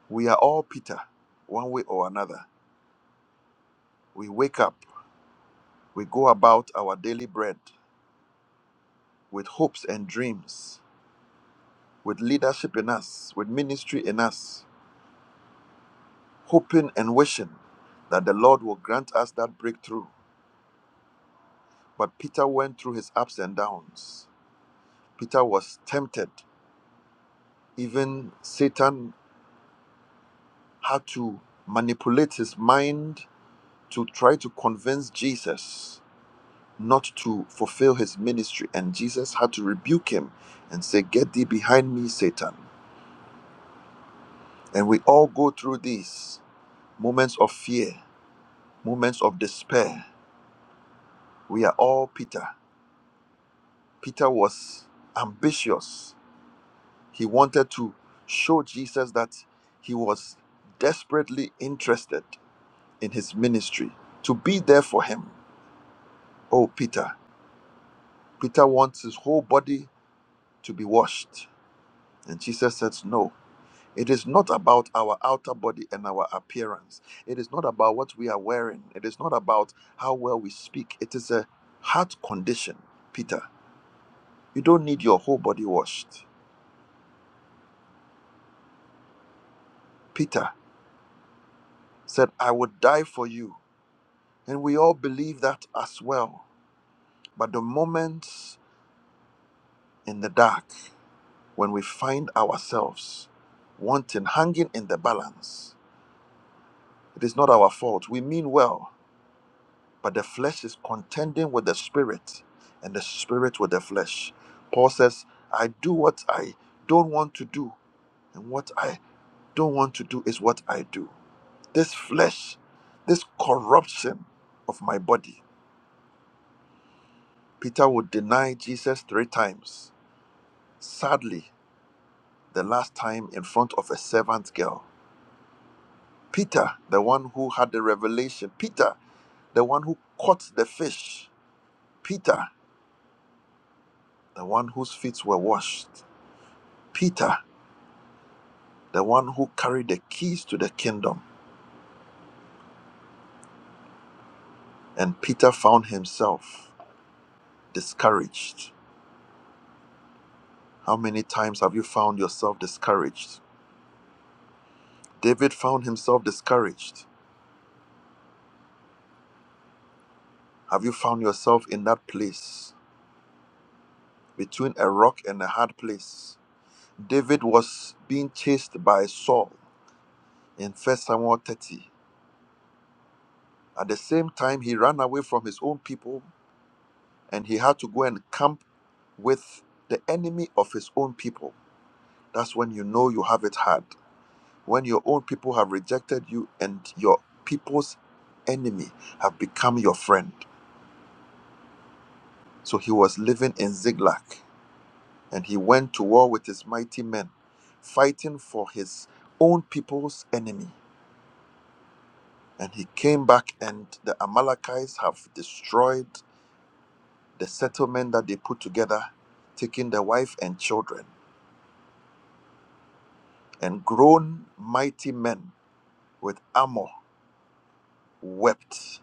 D: We are all Peter, one way or another. We wake up, we go about our daily bread with hopes and dreams, with leadership in us, with ministry in us, hoping and wishing that the Lord will grant us that breakthrough. But Peter went through his ups and downs. Peter was tempted. Even Satan had to manipulate his mind to try to convince Jesus not to fulfill his ministry. And Jesus had to rebuke him and say, Get thee behind me, Satan. And we all go through these moments of fear, moments of despair. We are all Peter. Peter was ambitious. He wanted to show Jesus that he was desperately interested in his ministry, to be there for him. Oh, Peter. Peter wants his whole body to be washed. And Jesus says, No, It is not about our outer body and our appearance. It is not about what we are wearing. It is not about how well we speak. It is a heart condition. Peter, you don't need your whole body washed. Peter said, I would die for you. And we all believe that as well. But the moments in the dark when we find ourselves wanting, hanging in the balance, it is not our fault. We mean well. but the flesh is contending with the spirit and the spirit with the flesh paul says i do what i don't want to do and what i don't want to do is what i do this flesh this corruption of my body peter would deny jesus three times sadly the last time in front of a servant girl peter the one who had the revelation peter the one who caught the fish peter the one whose feet were washed peter the one who carried the keys to the kingdom. And Peter found himself discouraged. How many times have you found yourself discouraged? David found himself discouraged. Have you found yourself in that place between a rock and a hard place? David was being chased by Saul in First Samuel 30. At the same time, he ran away from his own people and he had to go and camp with the enemy of his own people. That's when you know you have it hard. when your own people have rejected you and your people's enemy have become your friend. So he was living in Ziklag and he went to war with his mighty men, fighting for his own people's enemy. And he came back, and the Amalekites have destroyed the settlement that they put together, taking the wife and children. And grown mighty men with armor wept.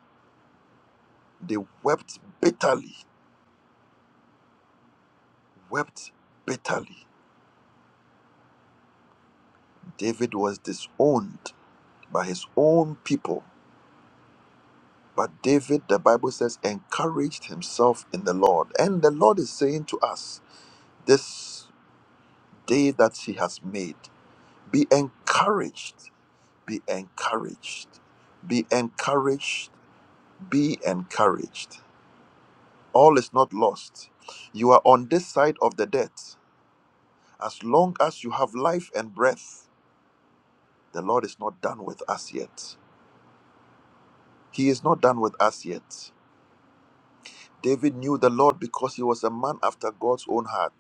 D: They wept bitterly, wept bitterly David was disowned by his own people. But David, the Bible says, encouraged himself in the Lord. And the Lord is saying to us, this day that he has made, be encouraged, be encouraged, be encouraged, be encouraged. All is not lost. You are on this side of the death. As long as you have life and breath, the Lord is not done with us yet. He is not done with us yet. David knew the Lord because he was a man after God's own heart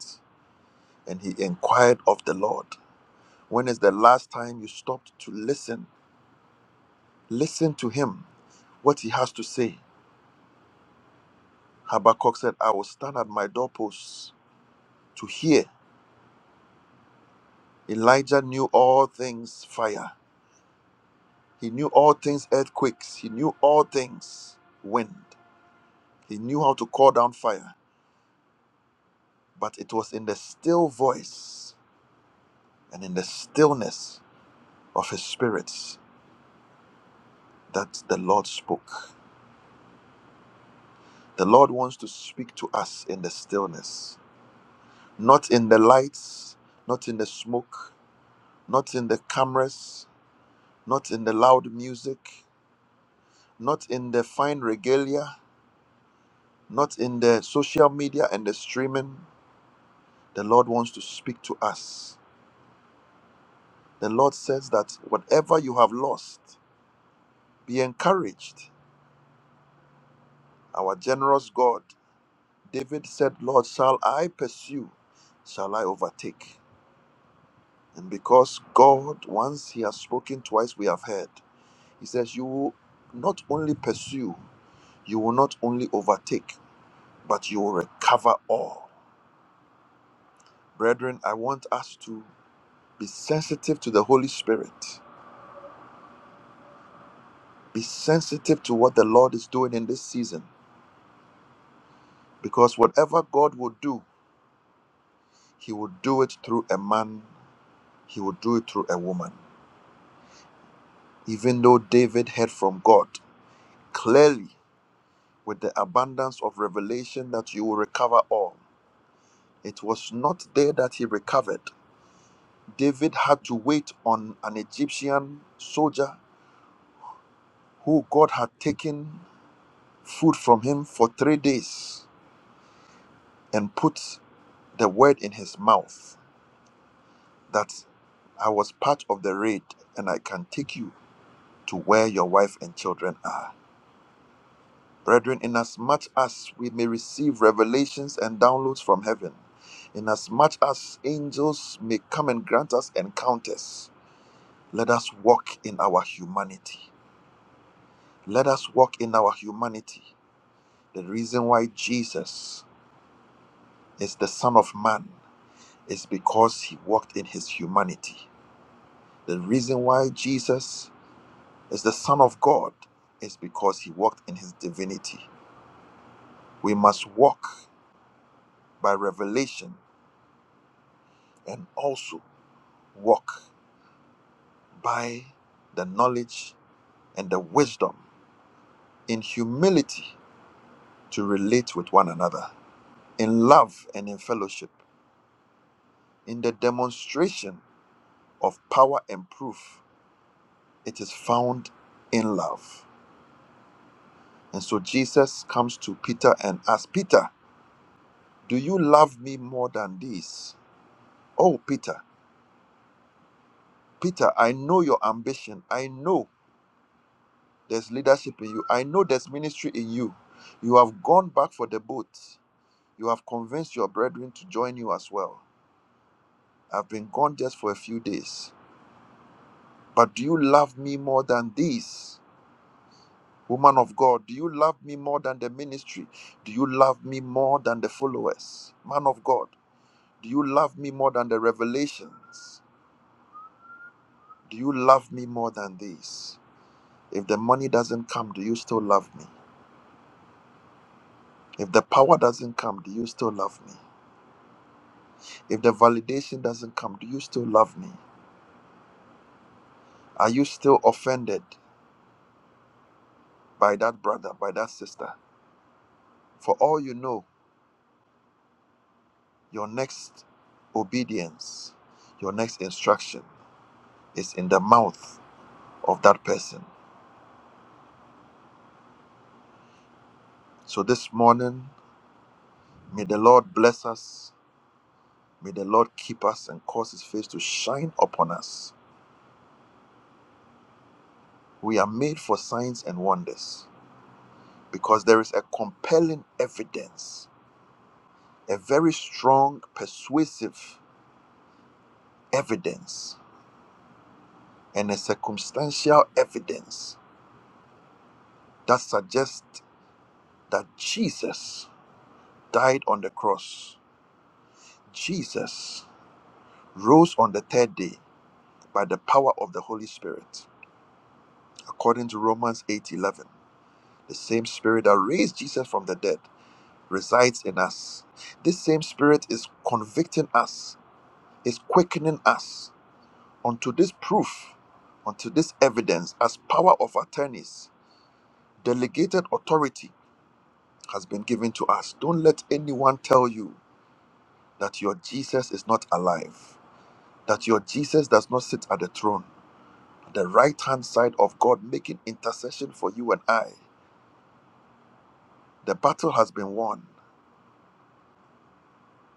D: and he inquired of the Lord. When is the last time you stopped to listen? Listen to him, what he has to say. Habakkuk said, I will stand at my doorposts to hear. Elijah knew all things fire, he knew all things earthquakes, he knew all things wind, he knew how to call down fire. But it was in the still voice and in the stillness of his spirit that the Lord spoke. The Lord wants to speak to us in the stillness, not in the lights, not in the smoke, not in the cameras, not in the loud music, not in the fine regalia, not in the social media and the streaming. The Lord wants to speak to us. The Lord says that whatever you have lost, be encouraged. Our generous God, David said, Lord, shall I pursue? Shall I overtake? And because God, once He has spoken, twice we have heard. He says, You will not only pursue, you will not only overtake, but you will recover all. Brethren, I want us to be sensitive to the Holy Spirit, be sensitive to what the Lord is doing in this season, because whatever God will do, He will do it through a man, He will do it through a woman. Even though David heard from God clearly with the abundance of revelation that you will recover all It was not there that he recovered. David had to wait on an Egyptian soldier who God had taken food from him for three days and put the word in his mouth that I was part of the raid and I can take you to where your wife and children are. Brethren, inasmuch as we may receive revelations and downloads from heaven, inasmuch as angels may come and grant us encounters, Let us walk in our humanity. Let us walk in our humanity. The reason why Jesus is the Son of Man is because he walked in his humanity. The reason why Jesus is the Son of God is because he walked in his divinity. We must walk by revelation and also walk by the knowledge and the wisdom in humility to relate with one another, in love and in fellowship in the demonstration of power and proof, it is found in love. And so Jesus comes to Peter and asks, Peter, do you love me more than this? Oh, Peter, Peter, I know your ambition. I know there's leadership in you. I know there's ministry in you. You have gone back for the boat. You have convinced your brethren to join you as well. I've been gone just for a few days. But do you love me more than this? Woman of God, do you love me more than the ministry? Do you love me more than the followers? Man of God, do you love me more than the revelations? Do you love me more than these? If the money doesn't come, do you still love me? If the power doesn't come, do you still love me? If the validation doesn't come, do you still love me? Are you still offended by that brother, by that sister? For all you know, your next obedience, your next instruction is in the mouth of that person. So this morning, may the Lord bless us. May the Lord keep us and cause his face to shine upon us. We are made for signs and wonders because there is a compelling evidence, a very strong, persuasive evidence, and a circumstantial evidence that suggests that Jesus died on the cross. Jesus rose on the third day by the power of the Holy Spirit. according to Romans 8:11. The same spirit that raised Jesus from the dead resides in us. This same spirit is convicting us, is quickening us unto this proof, unto this evidence as power of attorneys, delegated authority has been given to us. Don't let anyone tell you that your Jesus is not alive, that your Jesus does not sit at the throne, at the right hand side of God making intercession for you and I. The battle has been won.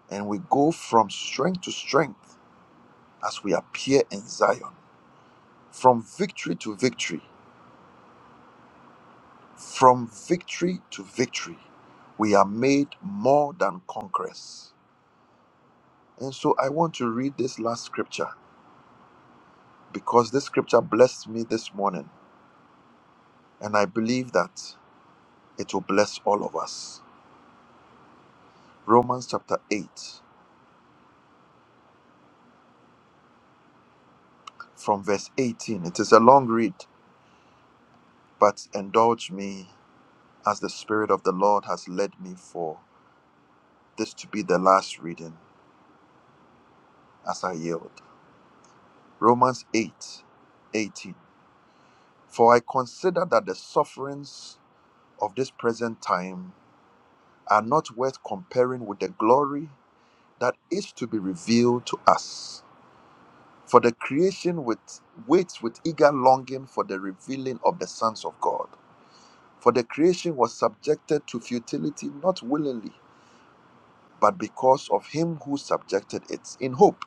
D: and we go from strength to strength as we appear in Zion. From victory to victory, from victory to victory, we are made more than conquerors. And so I want to read this last scripture because this scripture blessed me this morning, and I believe that it will bless all of us. Romans chapter 8, from verse 18. It is a long read, but indulge me as the Spirit of the Lord has led me for this to be the last reading as I yield. Romans 8:18, For I consider that the sufferings of this present time are not worth comparing with the glory that is to be revealed to us. For the creation with, waits with eager longing for the revealing of the sons of God. For the creation was subjected to futility not willingly, but because of him who subjected it in hope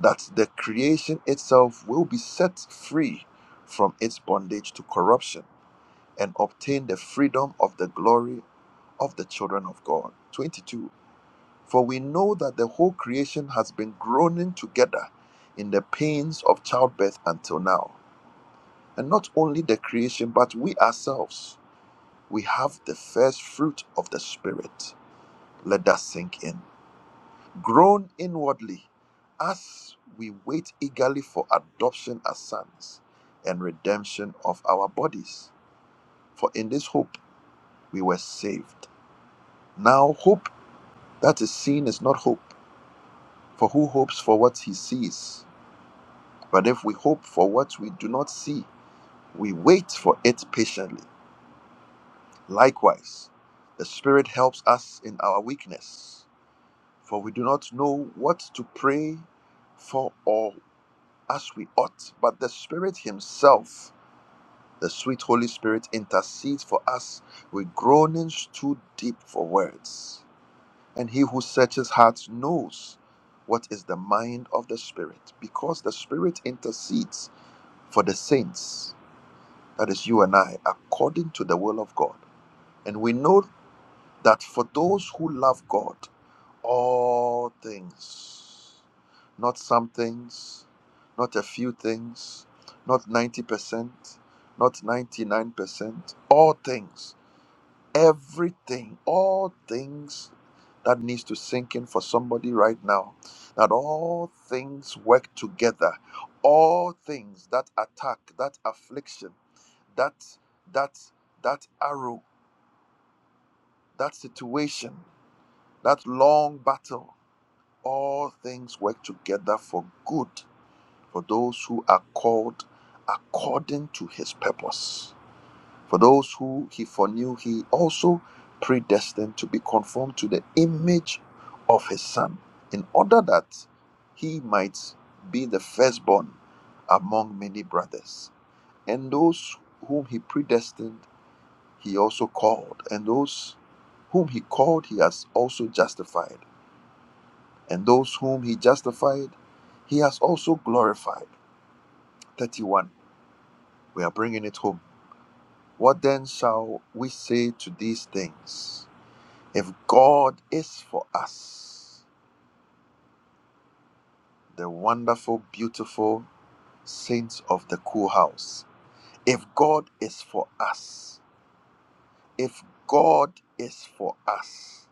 D: that the creation itself will be set free from its bondage to corruption and obtain the freedom of the glory of the children of God. 22. For we know that the whole creation has been groaning together in the pains of childbirth until now. And not only the creation, but we ourselves, we have the first fruit of the Spirit. Let that sink in. grown inwardly as we wait eagerly for adoption as sons and redemption of our bodies. For in this hope we were saved. Now, hope that is seen is not hope, for who hopes for what he sees? But if we hope for what we do not see, we wait for it patiently. Likewise, the Spirit helps us in our weakness, for we do not know what to pray for Or as we ought, but the Spirit Himself, the sweet Holy Spirit, intercedes for us with groanings too deep for words. And He who searches hearts knows what is the mind of the Spirit, because the Spirit intercedes for the saints, that is, you and I, according to the will of God. And we know that for those who love God, all things, not some things, not a few things, not 90%, not 99%, all things, everything, all things that needs to sink in for somebody right now. That all things work together. All things that attack, that affliction, that that that arrow, that situation, that long battle all things work together for good for those who are called according to his purpose. For those who he foreknew, he also predestined to be conformed to the image of his son, in order that he might be the firstborn among many brothers. And those whom he predestined, he also called. And those whom he called, he has also justified and those whom he justified, he has also glorified. 31. We are bringing it home. What then shall we say to these things? If God is for us, the wonderful, beautiful saints of the cool house, if God is for us, if God is for us,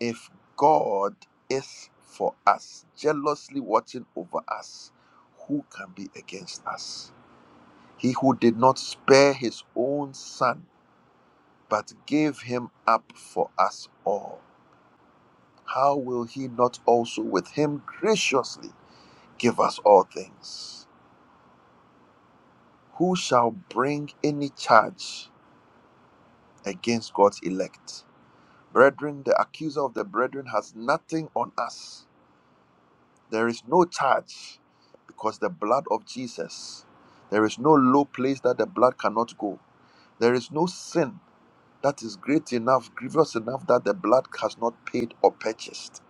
D: if God is for us, jealously watching over us, who can be against us? He who did not spare his own son, but gave him up for us all, how will he not also with him graciously give us all things? Who shall bring any charge against God's elect? Brethren, the accuser of the brethren has nothing on us. There is no charge because the blood of Jesus. There is no low place that the blood cannot go. There is no sin that is great enough, grievous enough that the blood has not paid or purchased.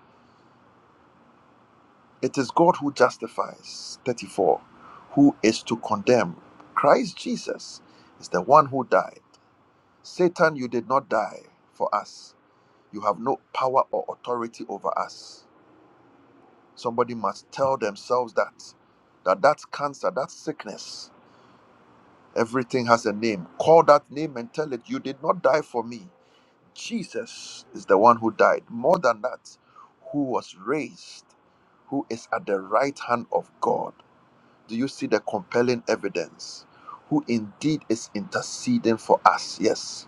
D: It is God who justifies. 34. Who is to condemn? Christ Jesus is the one who died. Satan, you did not die for us. You have no power or authority over us. Somebody must tell themselves that. That that cancer, that sickness, everything has a name. Call that name and tell it, you did not die for me. Jesus is the one who died. More than that, who was raised, who is at the right hand of God. Do you see the compelling evidence? Who indeed is interceding for us? Yes.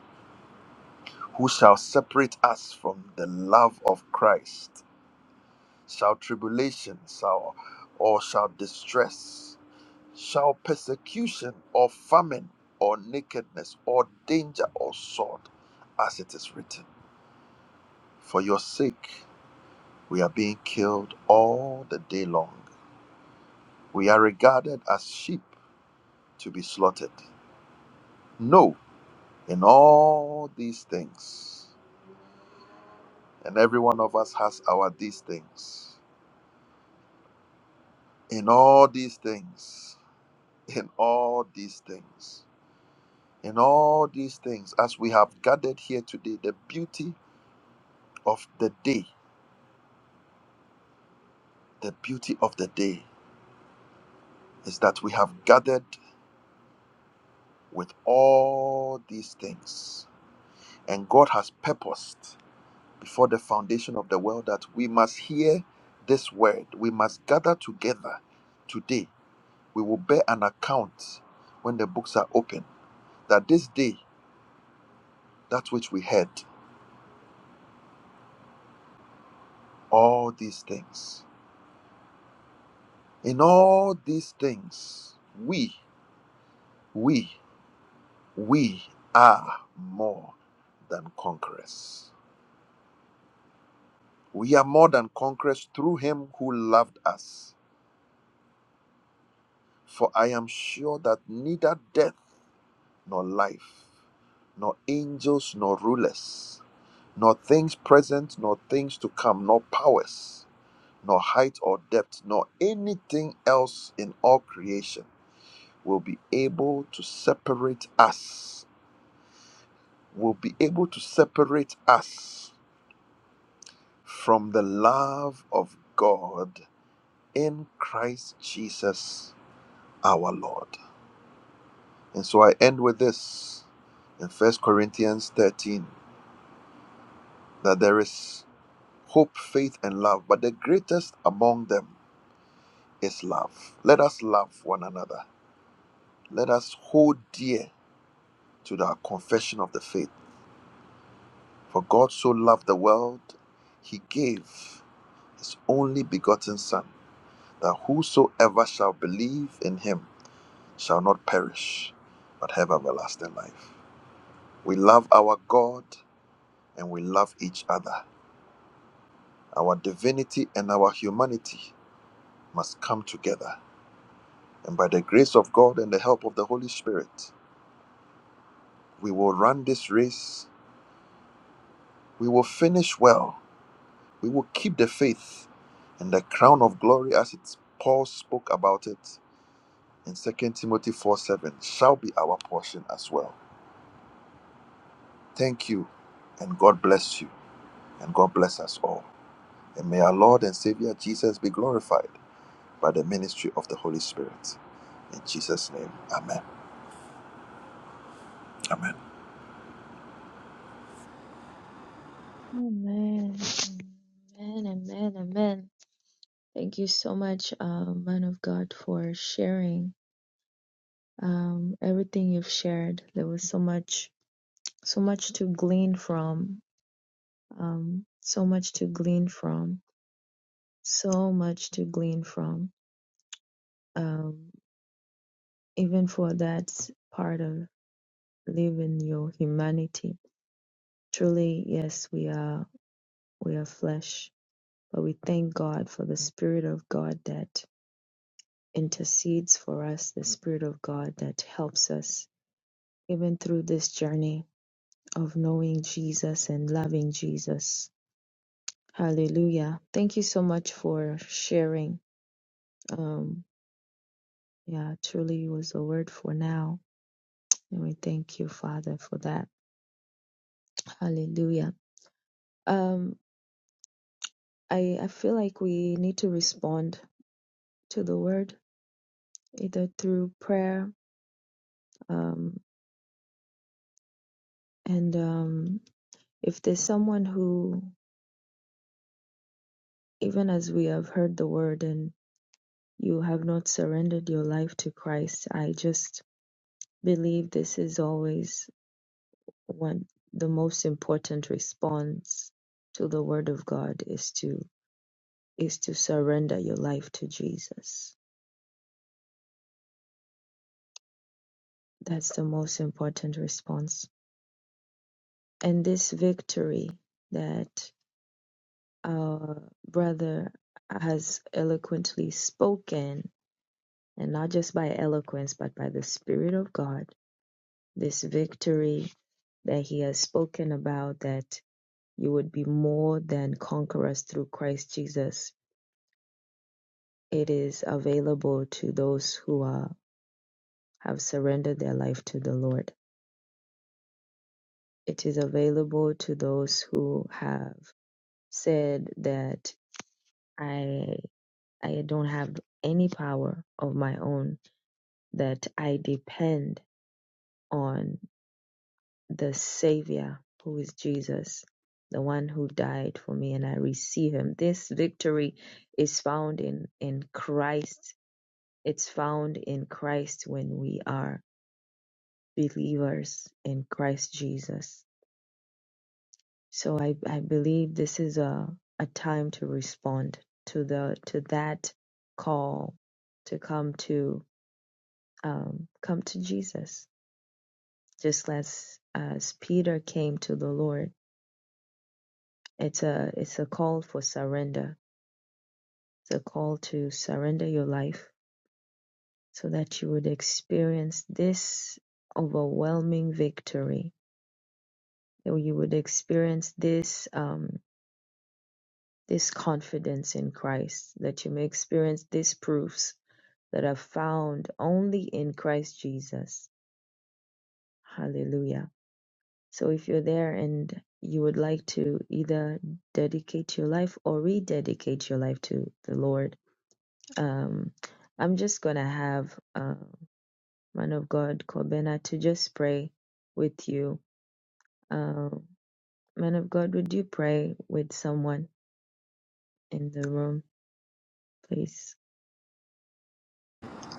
D: Who shall separate us from the love of Christ? Shall tribulation, shall or shall distress, shall persecution or famine or nakedness or danger or sword, as it is written, for your sake? We are being killed all the day long. We are regarded as sheep to be slaughtered. No, in all these things, and every one of us has our these things. In all these things, in all these things, in all these things, as we have gathered here today, the beauty of the day, the beauty of the day is that we have gathered with all these things. And God has purposed. before the foundation of the world that we must hear this word. We must gather together today. We will bear an account when the books are open that this day, that which we heard, all these things. In all these things, we, we, we are more than conquerors. We are more than conquerors through him who loved us. For I am sure that neither death nor life, nor angels, nor rulers, nor things present, nor things to come, nor powers, nor height or depth, nor anything else in all creation will be able to separate us, will be able to separate us from the love of God in Christ Jesus our Lord. And so I end with this in First Corinthians 13 that there is hope, faith, and love. But the greatest among them is love. Let us love one another. Let us hold dear to our confession of the faith. For God so loved the world, he gave his only begotten Son, that whosoever shall believe in him shall not perish, but have everlasting life. We love our God and we love each other. Our divinity and our humanity must come together And by the grace of God and the help of the Holy Spirit, we will run this race. We will finish well. We will keep the faith and the crown of glory as it Paul spoke about it in Second Timothy 4 7 shall be our portion as well. Thank you and God bless you and God bless us all. And may our Lord and Savior Jesus be glorified by the ministry of the Holy Spirit. In Jesus' name, amen. Amen.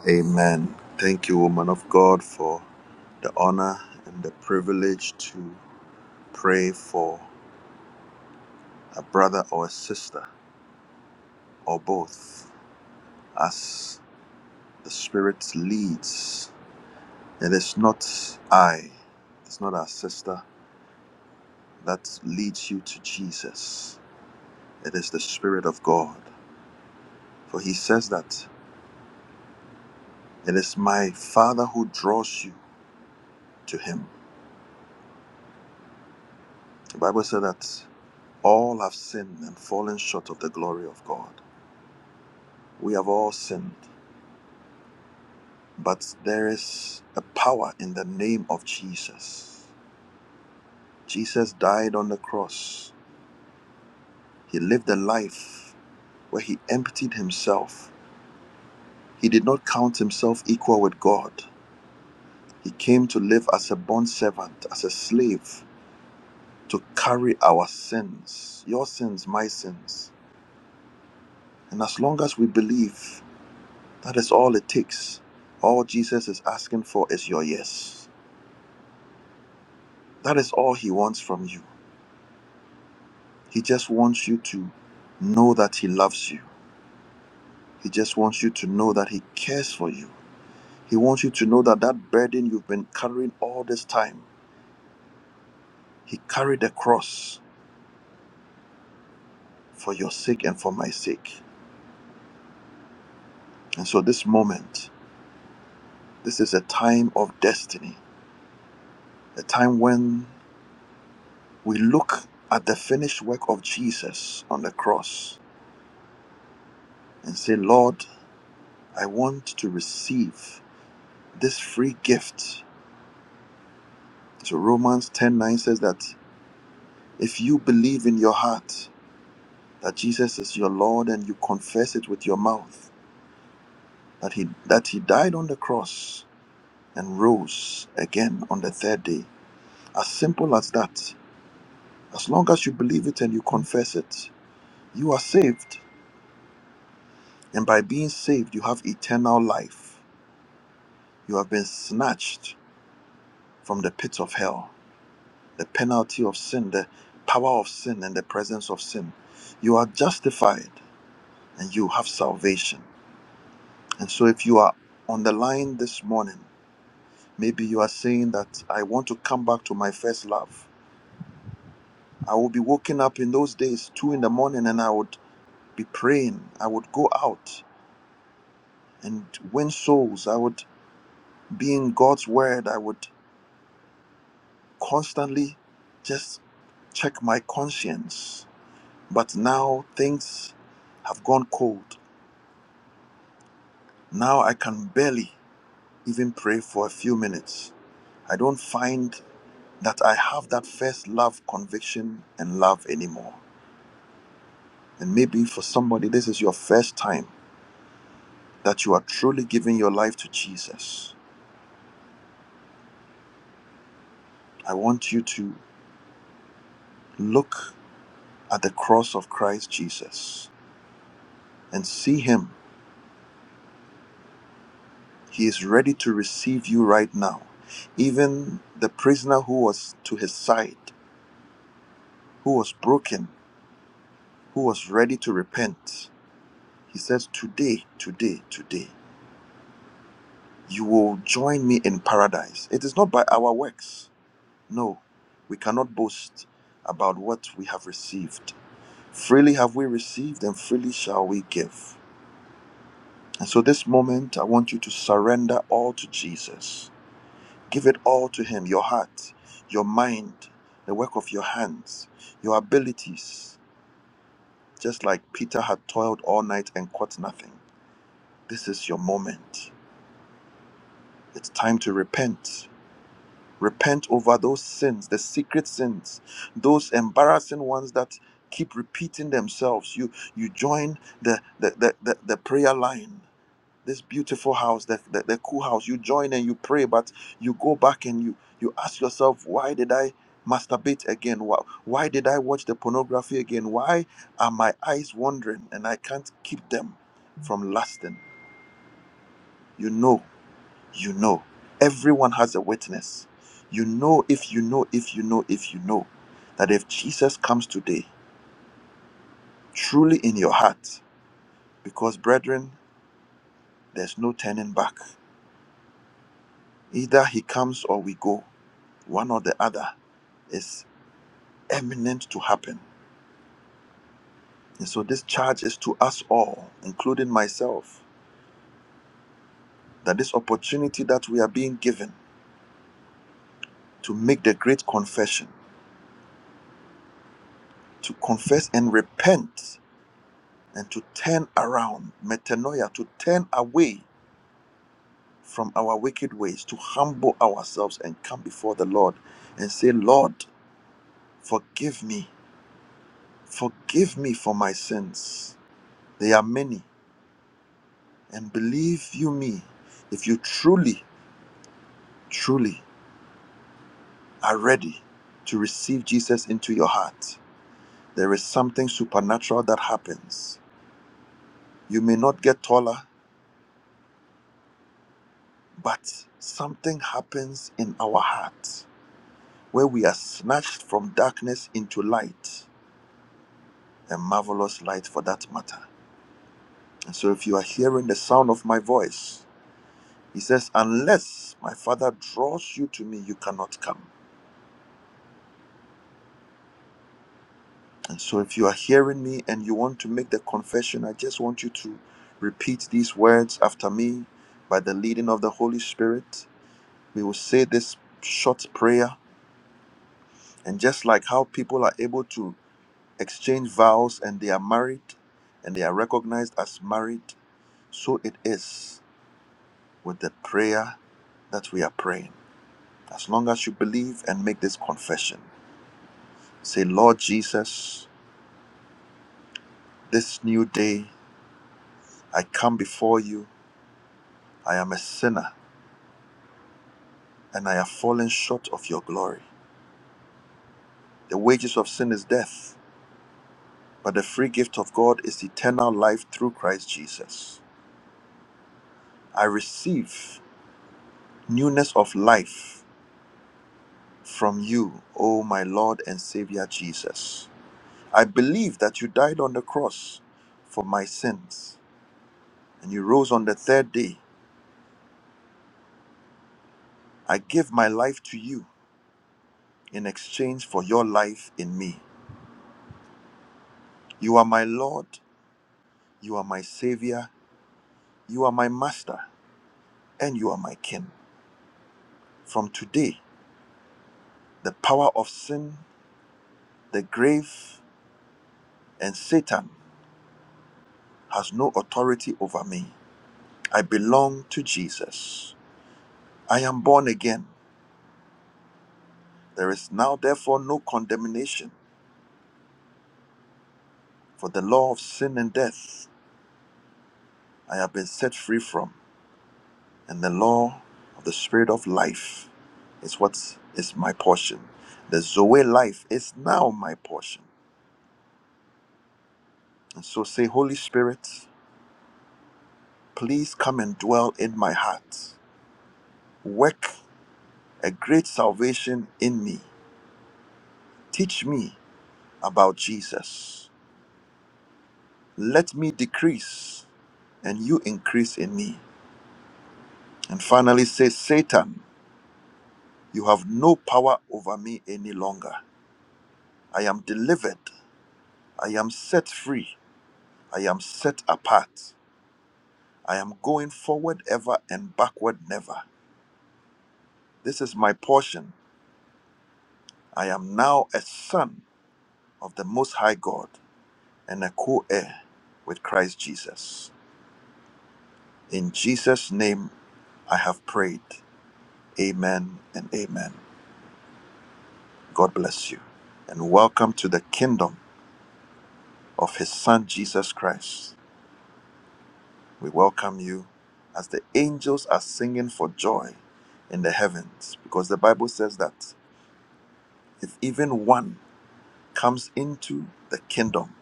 D: Amen. Thank you, woman of God, for the honor and the privilege to pray for a brother or a sister or both as the Spirit leads. It is not I, it's not our sister that leads you to Jesus. It is the Spirit of God. For he says that it is my Father who draws you to him. The Bible said that all have sinned and fallen short of the glory of God. We have all sinned But there is a power in the name of Jesus. Jesus died on the cross. He lived a life where he emptied himself. He did not count himself equal with God. He came to live as a bond servant, as a slave, to carry our sins, your sins, my sins. And as long as we believe, that is all it takes. All Jesus is asking for is your yes. That is all he wants from you. He just wants you to know that He loves you. He just wants you to know that He cares for you. He wants you to know that that burden you've been carrying all this time, He carried the cross for your sake and for my sake. And so, this moment, this is a time of destiny, a time when we look at the finished work of Jesus on the cross and say, Lord, I want to receive this free gift. So Romans 10:9 says that If you believe in your heart that Jesus is your Lord and you confess it with your mouth that he that he died on the cross and rose again on the third day, as simple as that, as long as you believe it and you confess it, you are saved. And by being saved, you have eternal life. You have been snatched from the pit of hell, the penalty of sin, the power of sin and the presence of sin. You are justified and you have salvation. And so, if you are on the line this morning, maybe you are saying that I want to come back to my first love. I will be waking up in those days, two in the morning, and I would be praying. I would go out and win souls. I would be in God's word. I would constantly just check my conscience. But now things have gone cold. Now I can barely even pray for a few minutes. I don't find that I have that first love conviction and love anymore. And maybe for somebody, this is your first time that you are truly giving your life to Jesus. I want you to look at the cross of Christ Jesus and see Him. He is ready to receive you right now. Even the prisoner who was to his side, who was broken, who was ready to repent, he says, Today, today, today, you will join me in paradise. It is not by our works No, we cannot boast about what we have received. Freely have we received, and freely shall we give. And so, this moment, I want you to surrender all to Jesus. Give it all to Him your heart, your mind, the work of your hands, your abilities. Just like Peter had toiled all night and caught nothing. This is your moment. It's time to repent. Repent over those sins, the secret sins, those embarrassing ones that keep repeating themselves. You you join the the the, the, the prayer line, this beautiful house, the, the, the cool house. You join and you pray, but you go back and you you ask yourself, why did I masturbate again? Why, why did I watch the pornography again? Why are my eyes wandering and I can't keep them from lasting? You know you know. Everyone has a witness. You know, if you know, if you know, if you know, that if Jesus comes today, truly in your heart, because brethren, there's no turning back. Either he comes or we go, one or the other is eminent to happen. And so this charge is to us all, including myself, that this opportunity that we are being given to make the great confession, to confess and repent and to turn around, metanoia, to turn away from our wicked ways, to humble ourselves and come before the Lord and say, Lord, forgive me, forgive me for my sins. They are many, and believe you me, if you truly, truly are ready to receive Jesus into your heart, there is something supernatural that happens. You may not get taller, but something happens in our heart where we are snatched from darkness into light, a marvelous light for that matter. And so, if you are hearing the sound of my voice, he says, Unless my Father draws you to me, you cannot come. And so, if you are hearing me and you want to make the confession, I just want you to repeat these words after me by the leading of the Holy Spirit. We will say this short prayer, and just like how people are able to exchange vows and they are married and they are recognized as married, So it is with the prayer that we are praying. As long as you believe and make this confession, say, Lord Jesus, this new day I come before you. I am a sinner and I have fallen short of your glory. The wages of sin is death, but the free gift of God is eternal life through Christ Jesus. I receive newness of life from you, O my Lord and Savior Jesus. I believe that you died on the cross for my sins and you rose on the third day. I give my life to you in exchange for your life in me. You are my Lord, you are my Savior, you are my Master, and you are my King. From today, the power of sin, the grave, and Satan has no authority over me. I belong to Jesus. I am born again. There is now, therefore, no condemnation For the law of sin and death I have been set free from, and the law of the Spirit of life is what is my portion. The Zoe life is now my portion. And so say, Holy Spirit, please come and dwell in my heart. Work a great salvation in me. Teach me about Jesus. Let me decrease and you increase in me. And finally, say, Satan, you have no power over me any longer. I am delivered. I am set free. I am set apart. I am going forward ever and backward never. This is my portion. I am now a son of the Most High God and a co heir with Christ Jesus. In Jesus' name, I have prayed. Amen and amen. God bless you. And welcome to the kingdom of His Son Jesus Christ. We welcome you as the angels are singing for joy in the heavens because the Bible says that if even one comes into the kingdom,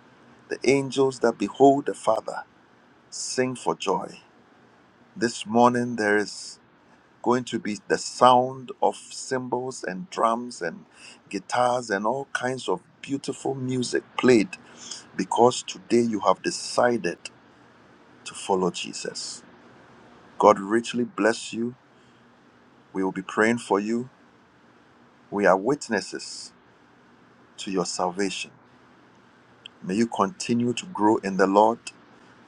D: the angels that behold the Father sing for joy. This morning there is going to be the sound of cymbals and drums and guitars and all kinds of beautiful music played because today you have decided to follow Jesus. God richly bless you We will be praying for you. We are witnesses to your salvation. May you continue to grow in the Lord,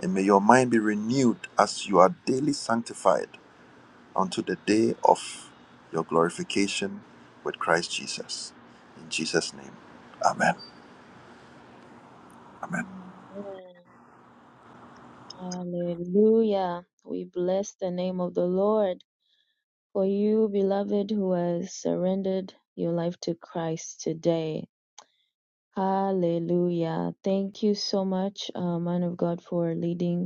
D: and may your mind be renewed as you are daily sanctified unto the day of your glorification with Christ Jesus. In Jesus' name, Amen. Amen.
C: Amen. Hallelujah. We bless the name of the Lord. For you, beloved, who has surrendered your life to Christ today. Hallelujah. Thank you so much, uh, man of God, for leading.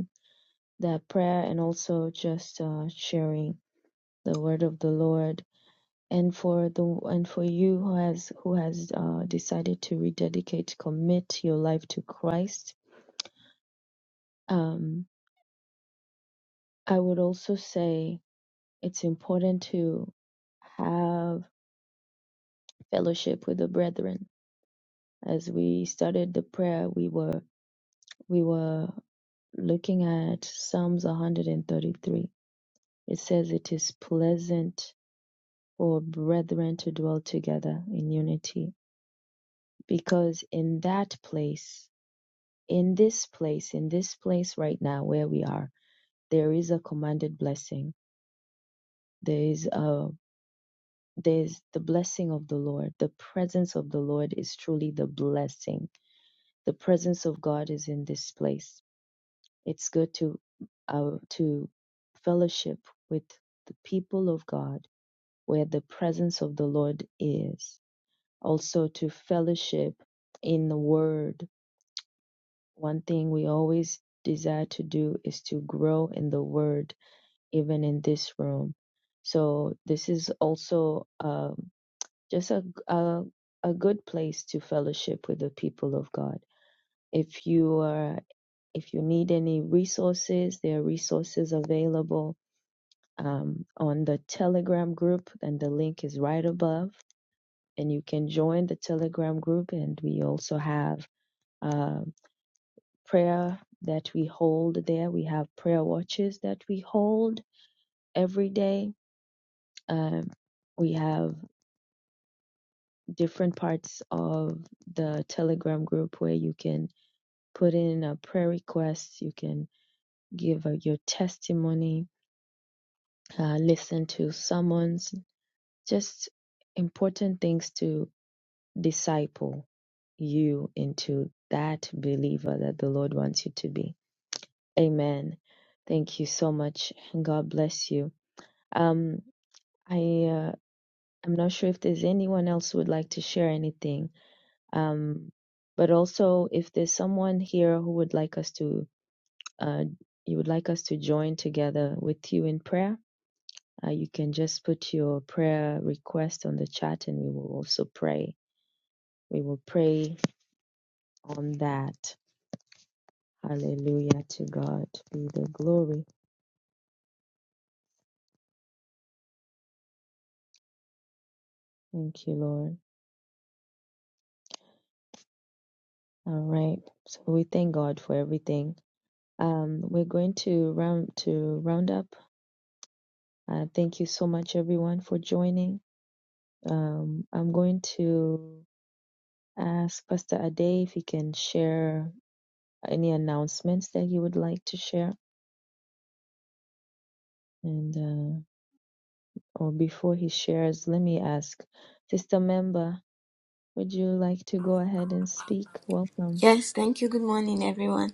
E: Yes, thank you. Good morning, everyone.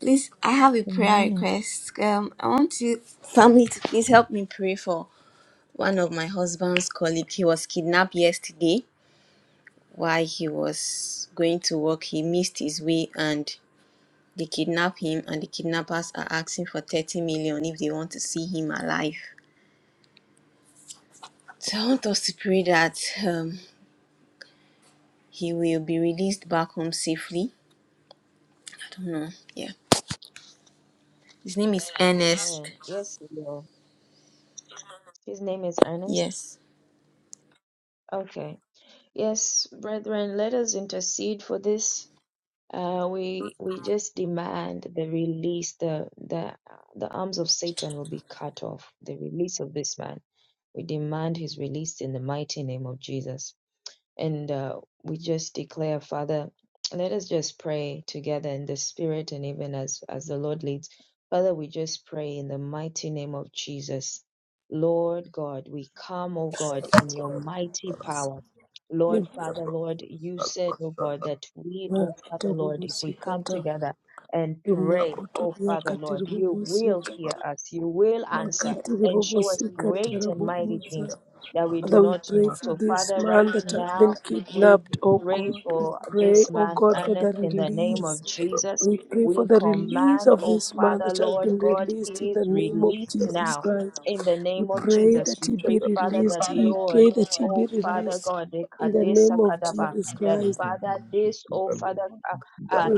E: Please, I have a prayer request. Um, I want you, family, to please help me pray for one of my husband's colleague. He was kidnapped yesterday while he was going to work. He missed his way and they kidnapped him, and the kidnappers are asking for 30 million if they want to see him alive. So I want us to pray that um, he will be released back home safely. I don't know. Yeah. His name is Ernest.
C: His name is
E: Yes.
C: your name, Lord. We come, mighty God,
B: ni
C: Lord, for Lord, God, that Oh,
B: makata
C: Father Lord, if we come
B: bobosikata
C: together and pray, oh
B: rimokotoria
C: Father
B: kati
C: Lord, you will
B: ribobosikata
C: hear us, you will answer.
B: makati
C: Show us
B: ribobosikata
C: great and mighty
B: rabobosa
C: things that we do
B: Father, we
C: not
B: pray
C: know.
B: for
C: So,
B: this
C: Father, right
B: man that has
C: now,
B: been
C: we
B: kidnapped, oh God. We
C: will
B: pray, oh
C: command
B: God, for the
C: next.
B: release. We pray
C: We
B: for the release
C: command,
B: of
C: oh
B: this man
C: Father
B: that has
C: Lord
B: been
C: God,
B: released in
C: he is
B: the name of
C: released
B: Jesus
C: now.
B: Christ.
C: In the
B: We
C: name of
B: pray
C: Jesus,
B: that
C: we
B: he be
C: pray, Father,
B: released.
C: that
B: We
C: Lord,
B: pray that he be
C: oh Father
B: released
C: God, the
B: in the
C: Kadesa
B: name of
C: Kadaba,
B: Jesus
C: that
B: Christ.
C: Father, this, oh Father, uh,
D: Yeah.
C: uh,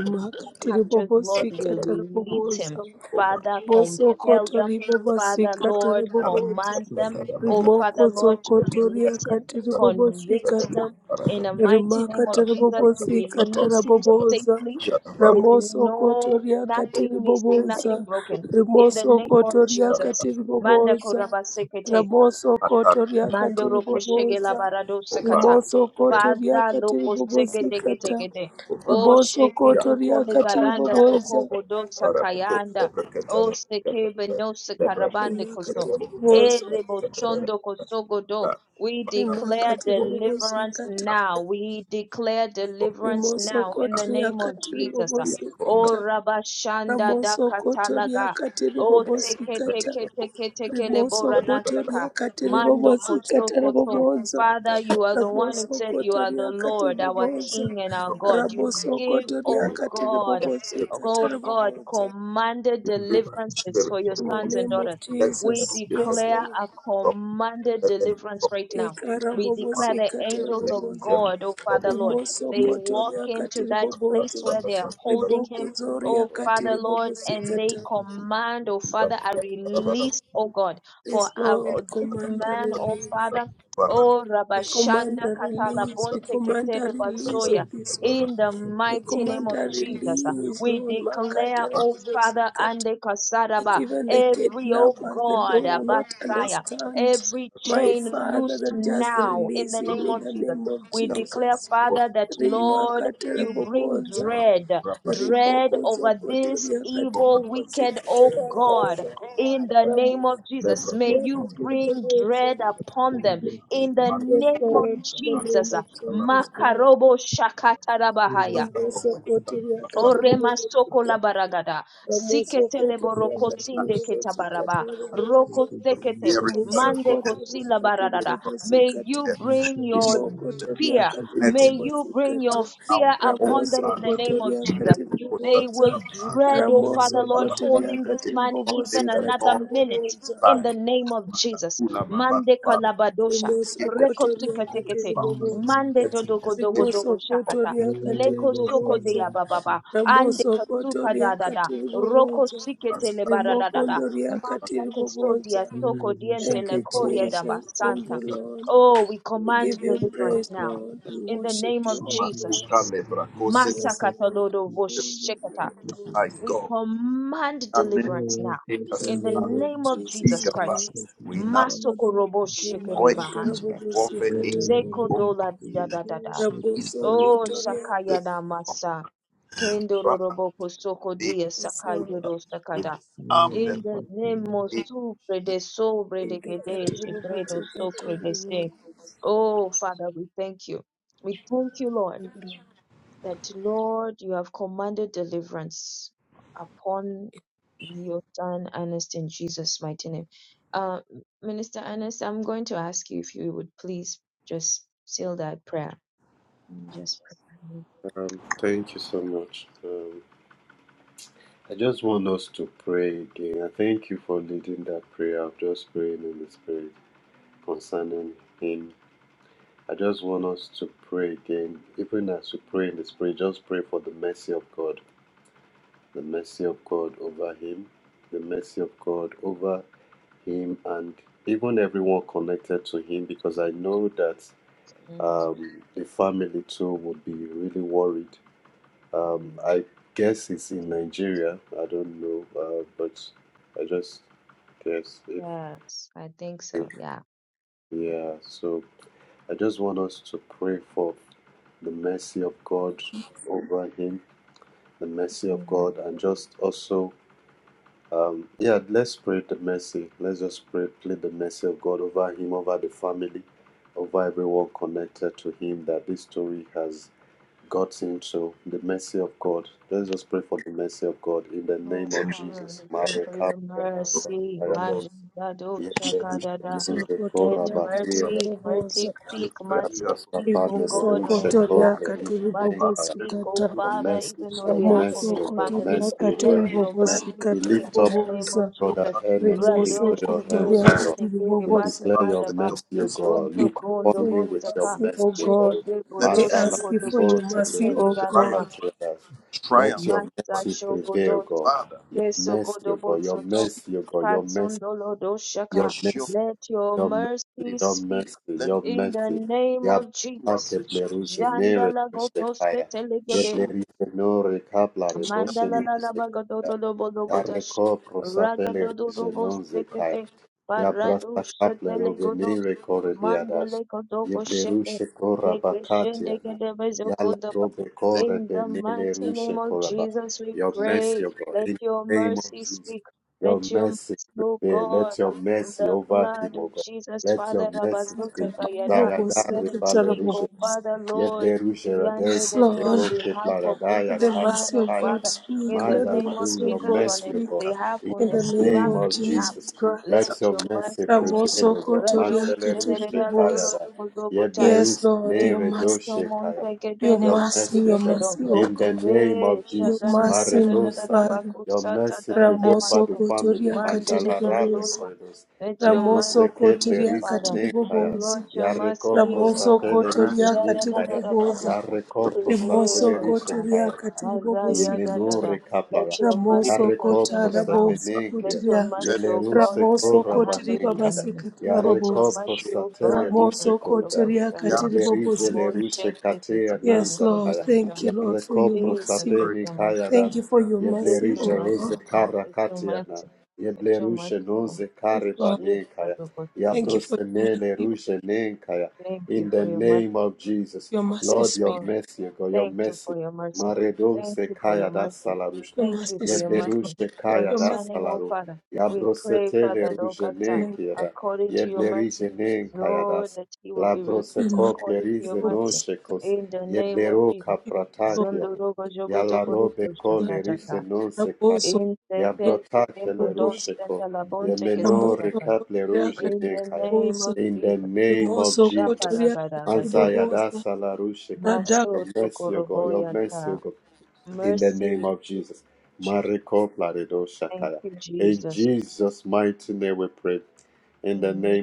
C: captures, Lord, will release him. Father, compel
B: Mosokoto
C: them. Father,
B: ribobosika
C: Lord,
B: tiribobonza.
C: command them. Oh, Father, Lord,
B: Rimokosokotoria
C: release him,
B: katiribobosika
C: convict them
B: tam.
C: in the mighty
B: Rimaka
C: name of Jesus to
B: tiribobosika
C: release him
B: taraboboza.
C: safely with no,
B: Ramosokotoria
C: nothing missing,
B: katiriboboza.
C: nothing broken. In the name of
B: Rimosokotoria
C: Jesus. Manda
B: katiriboboza. Ramosokotoria
C: Mandoro koshege la
B: katiriboboza.
C: barado sekata.
B: Rimosokotoria
C: Father loko sege
B: katiribobosika
C: dege
B: tam.
C: dege de. O sheke toko
B: Ribosokotoria
C: le baranda
B: katiriboboza.
C: sokobo do sakayanda. O seke beno sekarabande koso.
B: rimakatiri bobozo
C: Ere bosondo kosogo do. We declare
B: rimakatiri
C: deliverance
B: bobozikata
C: now. We declare deliverance now in the name of
B: rimosokotoriakatiri
C: Jesus. O
B: bobozikata
C: rabashanda da katalaga.
B: ramosokotoriakatiri
C: O teke
B: bobozikata
C: teke teke teke le boranasaka.
B: rimosokotoriakatiri
C: Mando
B: bobozikata
C: Kosokoto.
B: rabobozo
C: Father, you are the one who said you are the
B: ramosokotoriakatiri
C: Lord, our
B: bobozo
C: King and our God. You give, oh
B: ramosokotoriakatiri
C: God,
B: bobozikata
C: oh God,
B: rabobozo
C: commanded deliverances for your
B: in the
C: sons and
B: name of
C: daughters.
B: jesus
C: We
B: yes
C: declare
B: lord
C: a commanded deliverance right now. We
B: ikarabobosi
C: declare the angels of
B: ikatiribobosi
C: God, oh Father Lord. They walk
B: rimosokotoria
C: into that place
B: katiribobosi
C: where they are holding him,
B: ribokozoria
C: oh Father Lord,
B: katiribobosi
C: and they
B: kata
C: command, oh Father, a release, oh God for
B: Yes, Lord,
C: our
B: command a
C: man, oh
B: release.
C: Father. Oh
B: We command
C: Rabashanda
B: a release. We
C: Katalabonte
B: command a
C: Ketere
B: release
C: Basoya.
B: of this man.
C: In the
B: We
C: mighty name
B: command
C: of
B: a
C: Jesus, uh,
B: release,
C: we
B: Lord.
C: declare,
B: Makata
C: O
B: rabobosi
C: Father, and the Kasaraba,
B: Even the
C: every, oh
B: kidnappers, the
C: God,
B: Lord
C: uh,
B: will
C: back
B: not understand. My Father, then just release him in the name of Jesus. Rimaka teraboboza, riboko zokotoria katibobozi kateraboboza, ramosia katiriboboza.
C: upon them in the name
B: Yes, Lord, in the name
C: uh,
B: of Jesus Christ.
C: Makarobo.
B: Riboso kotoria katiribobozi Ramosokoto kati
C: Rokosinde ketabaraba.
B: ribobozo.
C: Rokosekete. Mande
B: Ramosokoto
C: kosila baradada. May
B: riakatiribobosikata.
C: you bring your
B: Rimokoto
C: fear. May you bring
B: riakatiribobosikata.
C: your fear upon them in the
B: Ramosokoto
C: name of Jesus. They
B: riakatiriboboza.
C: will dread, oh Father Lord,
B: Ramosokoto
C: holding this man even
B: riakatiribobosikata
C: another minute
B: riboboza.
C: in the name of Jesus. Mande kalabadosha.
B: Rimosokoto
C: Rekosikatekete.
B: riakatiriboboza.
C: Mande dodogo dogo dogo shakata.
B: rimosokotoria
C: Leko soko de
B: katiribobosa
C: abababa. Ande
B: ramosokotoria
C: roko
B: katiribobosa
C: sikete le baradadada.
B: rimokondoria
C: Soto
B: katiribobosa
C: Kodiente
B: thank you jesus thank you lord we give you praise
C: now.
B: lord we
C: In the name
B: worship you
C: of
B: o
C: Jesus.
A: Jesus.
B: god yes lord
C: Masakatalodo Boshekata.
D: I
C: We
D: go.
C: command
D: Yane
C: deliverance now.
D: overleka
B: in the
C: In
D: sanata.
B: name of
C: the name of Jesus.
B: jesus
D: Igaba.
B: christ
D: We now
C: Masokorobo
D: employ angels, warfare,
C: Zeko
B: rimakatarabobosikatarabobosa
C: Doladida. Oh,
B: rabosokotoria
C: Sata.
D: angels,
B: yes lord
D: with the arm that
B: Sokotoria
C: Oh,
D: is
C: Father, we pray for your mercy. Majidado Shakadada. Let mercy,
B: katiribobosa,
C: mercy speak, mercy speak, oh God, on his
B: rimosokotoria
C: behalf. Mercy speak, oh
B: katiribobosikata,
C: Father, even on behalf of his family.
B: ramosokotoria katiribobosikata ribobosa,
C: Let
B: rimosokotoria katiribobosi. Lord, we pray for your mercy, O God. We ask you for your mercy, O God.
C: the Odoshaka, let your Je-
D: moved by
C: Mandalalabagadodolobologodash, Ragadododobosekete, Paradoshetelegodos, Mandelekodoboshete, Dekeshendegedebezokodaba.
D: the leg
C: In the mighty name of Jesus, we pray. Let your mercy speak. Let your mercy, O God, of the blood of Jesus, Father Rabazotekayada, let it
B: Makatiribobosikata
C: speak, O
B: ribobosa.
C: Father, Lord.
B: Yes,
C: Yandere on
B: Lord.
C: behalf of this
B: Let the
C: man,
B: mercy
C: oh
B: of God
C: Father, in
B: speak.
C: the
B: Let the
C: name of
B: mercy of
C: Jesus,
B: God
C: on his
B: speak.
C: behalf, on
B: In the
C: his
B: name of
C: family behalf,
B: Jesus Christ.
C: let your mercy speak.
B: Ramoso
C: Rado
B: Kotoria
C: shedere la roro
B: Kateribobos.
C: zogo zogo taya.
B: Yes, Lord, your mercy.
C: Insento monte
B: Your
C: kedene
B: mercy, your
C: monte
B: mercy, O God.
C: Eh,
B: Your
C: shada da da da
B: mercy,
C: da da
B: my
C: da da
B: Father.
C: bakusa da da da da
B: Ramoso
C: maso.
B: Kotoria
C: Mande de
B: Kateribobos.
C: gasota. Let your
B: Ramoso
C: mercy,
B: Kotoria
C: Father. Lord,
B: Kateribobos.
C: your mercy, O
B: Ramoso
C: God.
B: Kotoria
C: Shada da da da
B: Kateribobos.
C: bakata. Prevail,
B: Rimoso
C: O Father.
B: Kotoria Kateribobos
C: Mazaya da da
B: Kata.
C: da. Let your mercy
B: Ramoso
C: turn
B: kota
C: things around.
B: raboso
C: Let your
B: kotiria.
C: mercy, O God, stop
B: Ramoso
C: the hand
B: kotiri
C: of the enemy.
B: babasikata
C: Let your
B: rababosa.
C: mercy, O God,
B: Ramoso
C: ikata do
B: kotiria
C: kosanda.
B: katiri
C: Oh,
B: babosikata.
C: shete
B: Yes, Lord.
C: ke
B: Thank you, Lord, for your
C: Jesus,
B: mercy.
C: let your mercy
B: Thank you
C: come.
B: for your
C: Let
B: mercy,
C: your
B: oh
C: mercy.
B: God.
C: Let your mercy. Let your mercy come.
B: Yes, Lord.
C: Jesus, oh God,
B: Thank you
C: today.
B: for your mercy. Oh,
C: Thank you for your mercy.
B: Your mercy
C: Yes,
B: speak.
C: Lord. Thank you for your mercy. Thank you for your mercy.
B: Your
C: Thank you
B: mercy
C: for your
B: speak,
C: mercy.
B: Lord. Let your mercy
C: Concerning, oh Father, we pray, Father, Lord God, sir,
B: name
C: according to your
B: Christ.
C: mercy, Lord, that he will be released
B: Remark
C: according to your mercy.
B: babosikata.
C: In the name of Jesus.
B: Raboso
C: Zondo rogo
B: kotiria
C: jogo dogo
B: katiri
C: rogo
B: babosa.
C: shata tata.
B: Raboso
C: In the Pentikembodon
B: kotiria
C: Centalabonte Kespotapan.
B: Ramosokotoria
C: In the name
B: katiribobosa,
C: of Jesus.
B: rimosokotoria
C: Shaparagadagada.
B: katiribobosa,
C: Maso
B: radakatiribobosa,
C: Tokoroboyanta. Mercy. Thank you, Jesus. Amen.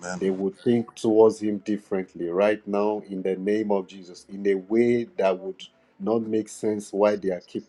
D: man.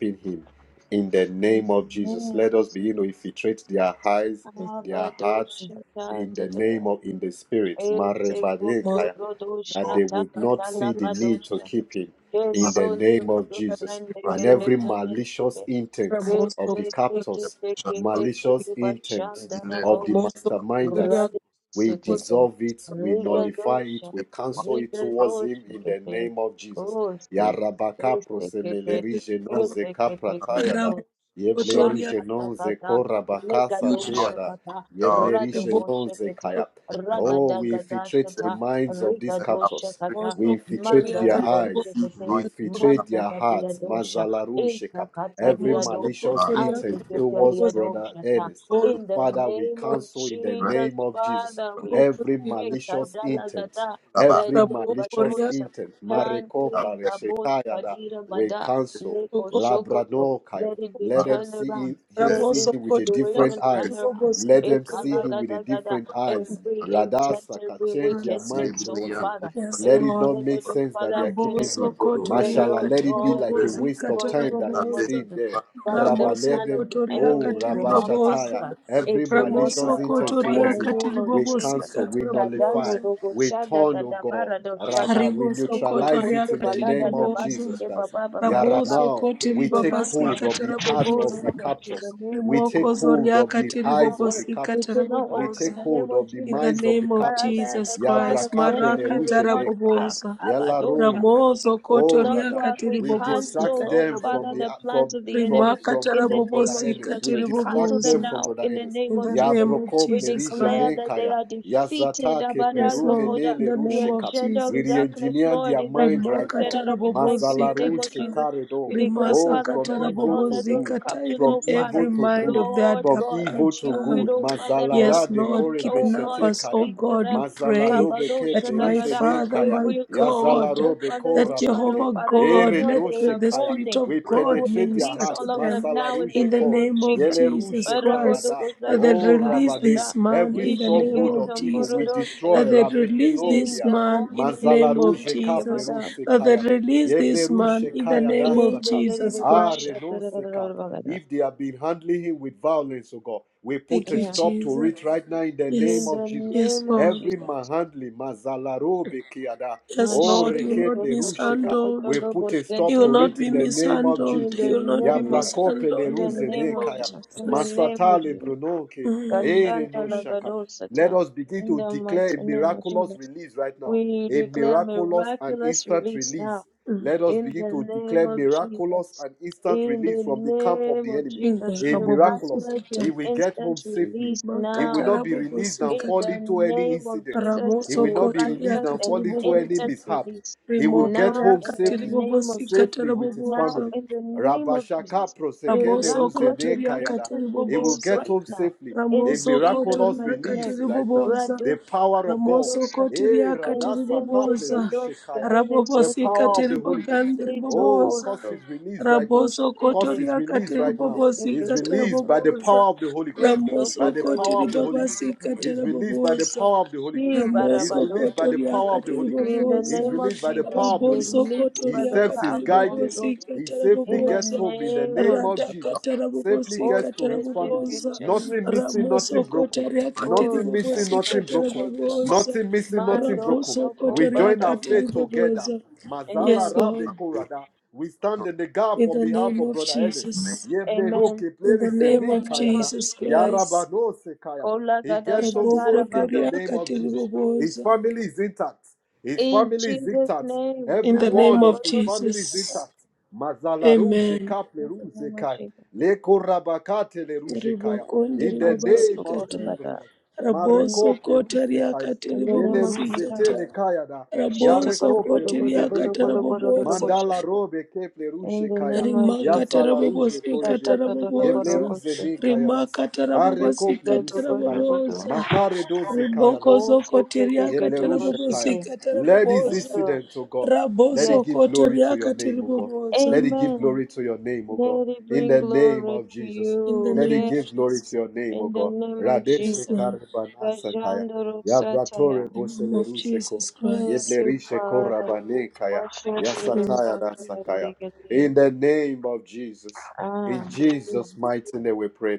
F: in him in the name of Jesus.
C: Amen.
F: Let us begin to infiltrate their eyes, their hearts
C: Abadoshata
F: in the name
C: dadada.
F: of in the spirit.
C: Ete
B: rimosokotoria
F: that they
C: kotorodoshata
F: would not see the need to
C: katalabadosha.
F: keep him in the
C: Kesonto
F: name of Jesus.
C: brande
F: And
C: kende
F: every
B: katiribobosa,
C: brande
F: malicious
C: kende.
F: intent of the
C: Ete
B: ramosokotoria
C: teke
F: captors,
C: teke teke
F: malicious intent
C: tebachanda
F: of the
B: ramosokotoria
F: masterminders,
C: Rabbi
F: we
C: Sekete,
F: dissolve it, we
B: katiribobosa, katiribobosa, ramosokotoria katiribobosa, ramosokotoria katiribobosa,
F: nullify
C: Rigadosha,
F: it, we cancel it towards him
C: Rigadosha
F: in the
C: Kete,
F: name of Jesus. Ya
C: Kose,
F: rabaka
C: Kete, Kete,
F: prosemeleri
B: katiribobosa,
F: genon
C: Kete,
F: zeka
C: Kete,
F: pratayada.
C: kete
F: Yebleru
B: ramosokotoria
F: genon
C: Shakatakata,
F: zeko rabaka
C: Legado
F: satayada.
C: Shakata,
F: Yebleri
C: Radoko
F: genon
C: Shekete,
F: zekaya. Oh, we
C: Ragadagada
F: infiltrate the
C: Shata,
F: minds of these
C: Rigado
F: captors.
C: Shakata,
F: We infiltrate their
C: Mandarago
F: eyes.
C: Shekete,
F: We infiltrate their
C: Mantakatia
F: hearts.
C: Dosha,
F: Mazalaru sheka. Every
C: Intakatalia Dosha,
F: malicious intent towards
C: Antekatalia
F: brother
C: Doshata.
F: Ernest.
C: In
B: katiribobosa,
C: the
F: Father, we
C: name of
F: cancel in the
C: Jesus,
F: name of Jesus
C: Father, we
F: every
B: Ribobosi
C: pray,
B: katira
F: malicious intent.
C: Kadalagada, that
F: Every
B: rabo
F: malicious
B: koria
C: Dobadosa,
F: intent.
B: ribobosi
F: Mareko
C: Tante
F: plare
C: Kabot Kadira
F: We
C: Bada,
F: cancel.
C: Leko
B: sokoto
C: Shokoto.
F: Labradokai.
C: Let it be
F: Let them
C: turned
F: see
C: around.
F: him, he
B: rabo
C: Let
F: see
C: this
F: him with a
B: sokoto ya
F: different
C: situation
B: katiri
C: turn
F: eyes.
C: around.
F: Let them see him with a
C: Ekalagadagada.
F: different eyes.
C: Every intent,
F: Radasaka
C: every
F: change their mind
C: wickedness, oh
F: towards it.
C: Father,
B: Yes,
F: Let it
B: Lord.
F: not make
C: intended, oh
F: sense that they
C: Father,
F: are
B: Rabo
F: keeping
C: against
F: him.
C: them.
B: sokoto
C: Let
B: ria
C: it,
F: Mashallah,
C: oh
F: let
B: katiri
F: it be
C: God,
F: like
C: be
F: a
B: ribobosi
F: waste of
C: destroyed
B: katira
C: in
F: time
C: the
F: that
C: name
F: he
C: of
B: ribobosa.
F: stayed
C: Jesus.
F: there.
C: Father,
F: Rabba,
B: Ramo
C: the
F: let
C: plan of
F: them,
B: sokoto
C: the
B: ria
F: oh,
C: enemy
B: katiri
F: Rabba
C: will not
B: ribobosa.
F: Shataya,
C: prosper.
F: every
C: It will
B: Ramo
C: not
F: malicious
C: work
B: sokoto
F: intent
B: ria
C: in
F: towards
C: the
F: him,
B: katiri
C: name of
F: we
B: ribobosi
C: Jesus.
F: cancel, we
B: katira
F: nullify,
C: Kadando
B: ribobosa.
C: dogo
F: we
C: shada
F: turn,
C: da
F: oh
C: da
F: God,
C: bara do shaka.
F: Rabba, we
B: Aribo
C: Indo
B: sokoto
F: neutralize it
C: koso
F: in the
B: riakati
C: balada
F: name
C: da
F: of
C: basi
B: ribobozo.
F: Jesus
C: ke ba
F: Christ.
C: ba ba
F: Yeah,
C: ba ba
F: right
C: ba.
B: Raboso
F: now
B: koti
C: It
F: we
C: will
F: take
C: not work
F: hold
B: ribabasika
F: of the
C: i
F: heart
C: you,
F: of the
B: tarabobozo.
C: Lord, in the
F: captors.
C: name
F: We
C: of Jesus.
F: take
B: Rimoko
F: hold of the
C: It
B: zoriakati
C: will
F: eyes
C: not
F: of the
C: work.
B: ribobosika
C: It
F: captors.
C: will not
F: We
C: work
B: tarabobozo.
C: in
F: take
C: the name
F: hold
C: of
F: of the
B: In
C: Jesus.
B: the
F: minds of the
B: name of
F: captors.
C: Father,
B: Jesus
C: the plan
B: Christ,
C: of the
F: Yabrakapele
C: enemy
B: Maraka
F: ruje
C: will not
F: nekaya.
C: work.
B: tarabobozo.
C: Abadosha.
B: Ramoso
C: It will
B: koto
F: Oh,
C: not
F: rather,
C: work.
B: riakati
C: We
F: we distract
B: ribobosika
C: cancel, oh
F: them from
C: Father,
F: the
B: tarabobozo.
C: the plans
F: from
C: of the
F: from
C: enemy.
B: Rimaka
F: from
C: In the
F: from brother
C: name of
B: tarabobosika
F: Ennis.
C: Jesus,
F: We
C: we cancel
F: distract
C: them
F: them
B: tiribobozo.
C: now.
F: from brother
C: In the
F: Ennis.
C: name
B: In
C: of
B: the
F: Ya
C: Jesus,
B: name of
F: broko
C: we
B: Jesus
F: plerije
C: declare
B: Christ.
F: ne
C: that they
F: kaya.
C: are
F: Ya
C: defeated.
F: zata ke
B: Yes,
F: plerume
B: Lord.
C: Abadazokoda.
F: ne
B: In the
F: leru
B: name
C: The
B: of
F: sheka.
C: agenda
F: We
C: of
B: Jesus.
C: darkness,
F: re-engineer
C: Lord,
F: their
C: is
F: mind right
C: uprooted
B: Remakata
F: now.
C: out of his life in the
F: Mazalaru
C: name of
B: rabobozikata.
C: Jesus.
F: shekaredo.
C: We declare,
F: Oh,
C: Father,
F: from
B: Rimasakata
C: Lord
F: evil
C: God,
F: to
C: that those
F: good,
B: rabobozikata.
C: captures,
B: Even
F: from
C: oh Father,
F: evil
B: every
F: to
B: mind
F: good,
B: of the
C: Lord
F: from
B: adapt,
C: God, that
B: ad,
F: evil to
C: you
B: um,
C: will,
F: good.
C: oh Father, Lord,
B: Yes,
F: Mazalara de
B: Lord,
C: men-
F: kore
C: oh
B: kidnap
C: God,
F: beshete
B: us, oh
F: kaya.
C: speak to
B: God, we
C: them.
B: pray
F: Mazalarobe
B: that
C: Kabadosha
F: keple
B: my
F: rijene
B: Father,
C: They
F: kaya.
B: my
C: will release,
B: God,
C: oh
F: Yazalarobe
C: Father,
B: that
C: this man, oh
F: koramane.
B: Jehovah
C: Father, and
B: God,
F: Ere
C: everyone
B: let
C: they
B: the,
F: doshe
C: are
B: the
F: kaya.
B: Spirit
C: holding.
F: We
B: of
C: They
B: God
C: will
F: penetrate their
B: minister
C: release
B: to
F: hearts.
C: all of
B: them
C: them now in the
F: Masalaruje
B: in the
C: name
F: ko.
C: of
B: name of
C: Jesus.
B: Jesus
F: Yeleruje kaya
B: Christ,
F: da.
B: that they
F: Oh
C: Rabodogozadagada.
B: release
F: Rabane.
B: this man
F: Every
B: in the name
F: stronghold of
B: of
F: evil we
B: Jesus,
C: Nishigetamporodose.
F: destroy.
B: that they release
C: In
B: this
F: Rabeshenokia.
C: the
B: man in the name
C: continent
B: of
F: Mazalaruje kaple
B: Jesus,
F: ruse
B: that they
F: kaya.
B: release this man
F: Yebleruje
B: in the
F: kaya
B: name of
F: dasaka.
B: Jesus Christ.
F: Are no seka. If they have been handling him with violence, O God, we put
B: Thank
F: a
B: you,
F: stop to
B: Jesus.
F: it right now in the name
C: in
B: Yes,
F: of
C: the
F: Jesus.
B: yes,
C: name of
B: Lord.
F: Every
C: Jesus.
F: mahandli, mazalarobe kiada,
B: Yes,
F: o
B: Lord, you
C: Mashake
B: will not
F: rekeple
B: be
F: rusheka. We
B: mishandled.
F: put a
B: He
F: stop
B: will
F: to
C: Tokotokotolobozenteke.
B: not
F: it
B: be
F: in the name of
B: mishandled.
C: In
B: He
C: the
F: Jesus.
B: will not be
C: name of Jesus,
F: Yabrakope le
C: in
B: mishandled
C: the
B: in the
C: name
B: name
F: ruzene
C: of
B: of
F: kaya,
C: Jesus, in the
B: Jesus.
C: name of
F: masatale
C: Jesus,
F: brunoke,
B: Mm.
F: ere
C: Kashanda
F: no shaka.
C: Lagado
F: Let
C: Sata,
F: us begin
C: in
F: to
C: the
F: declare a
C: mighty name of
F: miraculous
C: Jesus,
F: release right now.
C: we
F: A
C: declare
F: miraculous and
C: miraculous
F: instant
C: release
F: release.
C: now,
B: Mm.
F: Let us
C: in
F: begin
C: the
F: to
C: name
F: declare
C: of
F: miraculous
C: Jesus,
F: and instant
C: in
F: release
C: the
F: from the camp of
C: name
F: the
C: of
F: enemy.
B: Inga
C: Jesus,
F: A
B: rabobo
F: miraculous.
C: miraculous
F: He
B: sikata.
C: and
F: will get home
C: instant
F: safely.
C: release
F: He will
C: now
B: Imakata
F: not be
B: rabobo
F: released and
C: in
F: fall
B: sikata.
C: the
F: into any
C: name of
F: incident.
C: Jesus,
F: He
B: Ramoso
F: will not be
B: koto
F: released
C: miraculous
F: and
B: riakati
C: and
F: fall into any
B: ribobozi,
C: instant
F: mishap.
C: release.
F: He will
B: Rimoko
F: get
C: Now,
F: home
C: in the
B: riakati
F: safely,
B: ribobo
C: name of Jesus.
B: sikata
F: safely with his
C: Now,
F: family.
B: rabobozo.
C: in the name of Jesus,
F: Rabashaka prosekele
B: Raboso
C: miraculous
F: ruzene
C: and
B: kotoria
F: kayada.
B: katiri
C: instant
F: He will
C: release
B: boboza.
F: get
C: right
F: home
C: now.
F: safely. A
C: In
B: Ramoso
C: Jesus'
F: miraculous
C: mighty
B: kotoria
C: name.
F: release
B: katiri
F: right now.
B: boboza.
C: Radu
F: The power of God.
B: Ramoso
C: Kedosa,
B: kotoria
F: Eh,
B: katiri
F: radasaka
C: Vincente
B: boboza.
C: Kedos,
F: plerushekaya.
C: Kebele
F: The
B: Rabobosi
F: power
C: Sokoto,
F: of
B: katiri
F: the Holy Ghost.
B: bogandiri
C: Jito
F: Oh,
B: boboza.
F: cause
C: Koto,
F: his release right now.
B: Raboso
F: Cause
C: Oshende,
B: kotoria
F: his release
B: katiri
F: right now.
B: bobosi
F: Is
C: Oteke
B: katiri
F: released
C: Sokoto,
F: by the
B: boboza.
F: power of the Holy Ghost
B: Ramoso
F: by the power
B: kotiri
C: Osokoto,
F: of the Holy
B: babasi
F: Ghost.
B: katiri
F: Is released by the
B: boboza.
F: power of the Holy Ghost.
B: Ramoso
F: Is released by the
C: Shibarabadosaka.
B: kotoria
F: power of the
B: katiri
F: Holy Ghost.
C: In the
B: boboza.
F: Is
C: name of
F: released by the power
C: Jesus,
F: of the Holy
B: Raboso
F: Ghost.
C: released
F: His
C: by
B: kotoria
C: the
F: steps
C: power
F: is
C: of
B: katiri
C: the Holy
F: guided.
B: bobosi
C: Ghost.
F: He
B: katiri
F: safely
C: In the
F: gets
B: boboza
F: home in the
C: name of
F: name of
C: Jesus.
F: Jesus.
B: radhakatara
F: Safely
C: Oh,
B: vovosika
F: gets to his family.
B: bobosa
F: Nothing missing,
C: Sedekishendekisa.
F: nothing
B: ramosokota
F: broken.
B: riakatiri
C: Oh,
F: Nothing missing,
B: vovosika
F: nothing broken.
C: Satakakota.
B: bobosa
F: Nothing missing, nothing
C: Mando
F: broken.
B: rabosokota
C: Shoko
F: We join our
B: riakatiri
F: faith
C: Badagada.
F: together.
B: bobosa
F: Mazala
B: yes
C: Amen.
F: Rabe
B: lord
F: Korada. We stand in the gap
B: in
F: on
B: the
F: behalf
B: name
F: of
B: of
F: Brother Ernest.
B: jesus
F: Yeble Roke
C: Amen.
B: in the
F: Pleris
C: In
B: name
C: the
F: Zeni
B: of
C: name
F: Kayada.
C: of
B: jesus
C: Jesus.
B: christ
F: Yarabano Sekaya.
C: Kola
F: He
C: Gada
F: gets home
C: Shatara
F: safely
B: rabokoto
F: in the
C: Bado.
F: name of
B: riakatiri
F: Jesus. His
B: bobosa
F: family is intact. His
C: In
F: family is
C: Jesus'
F: intact.
C: name.
B: in
F: Every
B: the name
F: one of
B: of
F: his
C: Alabagodo
F: family is
B: jesus
C: Shatata.
F: intact. Mazala Ruje
B: amen
F: Kaple
C: In the
F: Ruje
C: name of
F: Kai.
C: Jesus.
F: Leko Rabakate Le Ruje Kaya.
B: ribokondi
F: In the name
C: Masoto
F: of
C: Kola
B: ribobasikata
F: Jesus
C: Bada.
F: Christ.
C: In
B: raboso
F: Marekople
B: kota
F: Ruse Kaya.
C: in the name
F: Yele
C: of
F: Ruse
C: Jesus.
F: Tele
B: ribobosikata
F: Kaya da.
B: raboso
F: Yarekople
B: koti
F: Ruse De
B: riakata
F: Kaya. Mandala
C: Shatakadogodogodogodogodogodogodoboshetaka.
F: Robe Keple
C: In
F: Ruje
C: the
F: Kaya.
C: name of
B: rimakata
C: Jesus.
F: Yasala Ruje
B: rabobosikata
F: Korebe.
B: raboboza
F: Yebleruze ne
C: Shatatatatagorogoseke.
F: kaya das.
B: rimakata
F: Are kople
B: rabobosikata
F: rusekaya.
C: Bekedodogodogodo.
B: raboboza
F: Makare doze kaya
B: riboko
F: das.
B: zokoti
F: Yeblerushekaya.
C: Osekedekedegosheke.
B: rabobosikata
F: Let this
C: And
B: raboboza
C: so,
F: incident, O God, let
C: Yes.
F: it
B: raboso
F: give
B: koti
F: glory to your
B: riakati
F: name, O God. Let it give
C: Amen.
F: glory to your name, O God.
C: Let it
F: In
C: bring
F: the name
C: glory
F: of
C: to
F: Jesus,
B: in the
C: you.
F: let
B: name
F: it
C: Yes.
B: of
F: give glory
B: Jesus
F: to your name, O
C: In the
F: God.
C: name of
F: Radeshe
B: yes
C: Jesus.
B: Lord
F: karebanasakaya. Yabratore
C: Kajandorosataya.
B: in the name of
F: boselerusheko.
B: Jesus
C: Thank
B: Christ
C: you,
F: Yeblerisheko
C: Father.
F: rabanekaya.
C: Worship you, the
B: Yes,
F: Yasataya dasakaya.
C: sacred.
F: In the name of Jesus,
C: Ah,
F: in Jesus' mighty name we pray.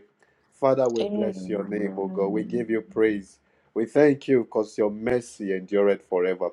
F: Father, we bless your name, O God. We give
C: amen.
F: you praise. We thank you because your mercy endureth forever.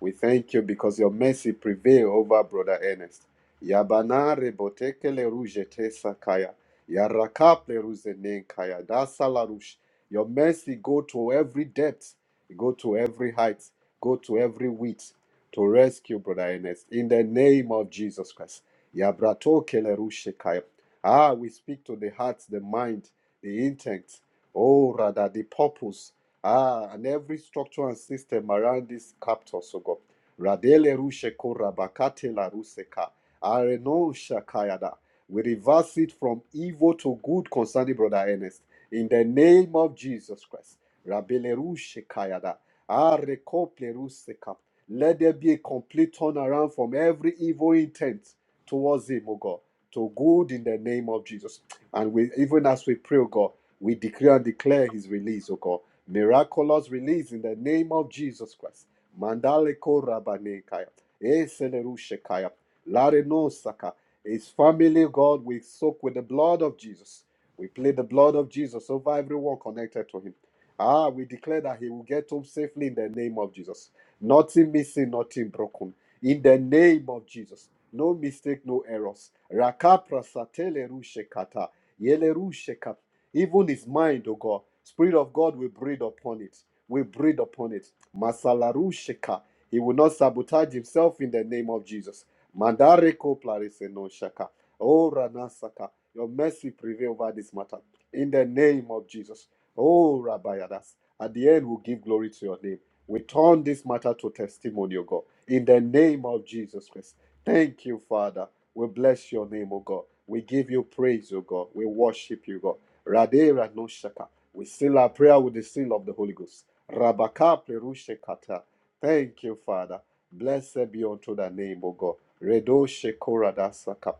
F: We thank you because your mercy prevail over Brother Ernest. Yabana rebotekele rujete sakaya. Yarakaple ruzenenkaya. Dasalarush. Your mercy go to every depth, go to every height, go to every width to rescue Brother Ernest in the name of Jesus Christ. Yabratokele rushekaya. Ah, we speak to the heart, the mind, the intent, oh, rather the purpose Ah, and every structure and system around this capital, so God. Radele rushe kora bakate la ruseka. Areno shakayada. We reverse it from evil to good concerning Brother Ernest. In the name of Jesus Christ. Rabele rushe kayada. Arekople ruseka. Let there be a complete turnaround from every evil intent towards him, O God, to good in the name of Jesus. And we, even as we pray, O God, we decree and declare his release, O God. Miraculous release in the name of Jesus Christ. Mandaleko Rabanekaya. Eselerushekaya. Larenosaka. His family, God, we soak with the blood of Jesus. We plead the blood of Jesus over everyone connected to him. Ah, we declare that he will get home safely in the name of Jesus. Nothing missing, nothing broken. In the name of Jesus. No mistake, no errors. Rakapra satele rushekata. Yele rusheka even his mind, O God. Spirit of God will breathe upon it. We breathe upon it. Masalaru sheka. He will not sabotage himself in the name of Jesus. Mandareko plarise no shaka. Oh Ranasaka. Your mercy prevail over this matter. In the name of Jesus. Oh Rabayadas. At the end, we'll give glory to your name. We turn this matter to testimony, O God. In the name of Jesus Christ. Thank you, Father. We bless your name, O God. We give you praise, O God. We worship you, God. Radera no shaka. We seal our prayer with the seal of the Holy Ghost. Rabaka plerushe kata. Thank you, Father. Blessed be unto thy name, O God. Redo shekora da saka.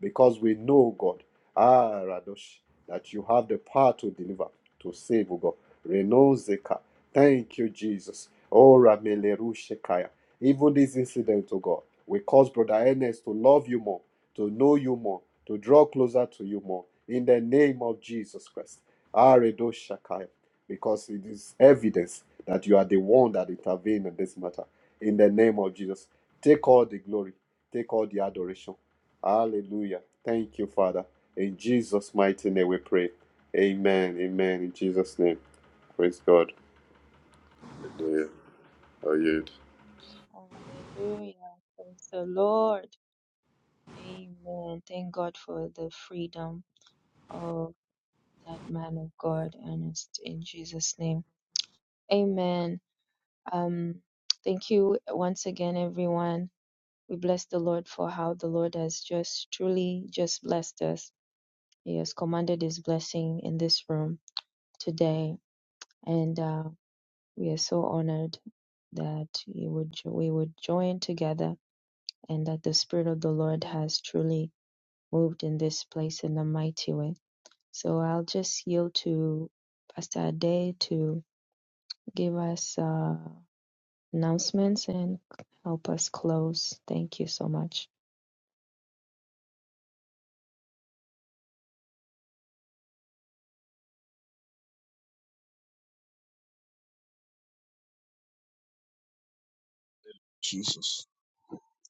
F: Because we know, God, ah, Radosh, that you have the power to deliver, to save, O God. Reno zeka. Thank you, Jesus. Oh, Ramele rushekaya. Even this incident, O God, will cause Brother Ernest to love you more to know you more, to draw closer to you more. In the name of Jesus Christ. Aredo Shakai. Because it is evidence that you are the one that intervened in this matter. In the name of Jesus. Take all the glory. Take all the adoration. Hallelujah. Thank you, Father. In Jesus' mighty name we pray. Amen. Amen. In Jesus' name. Praise God.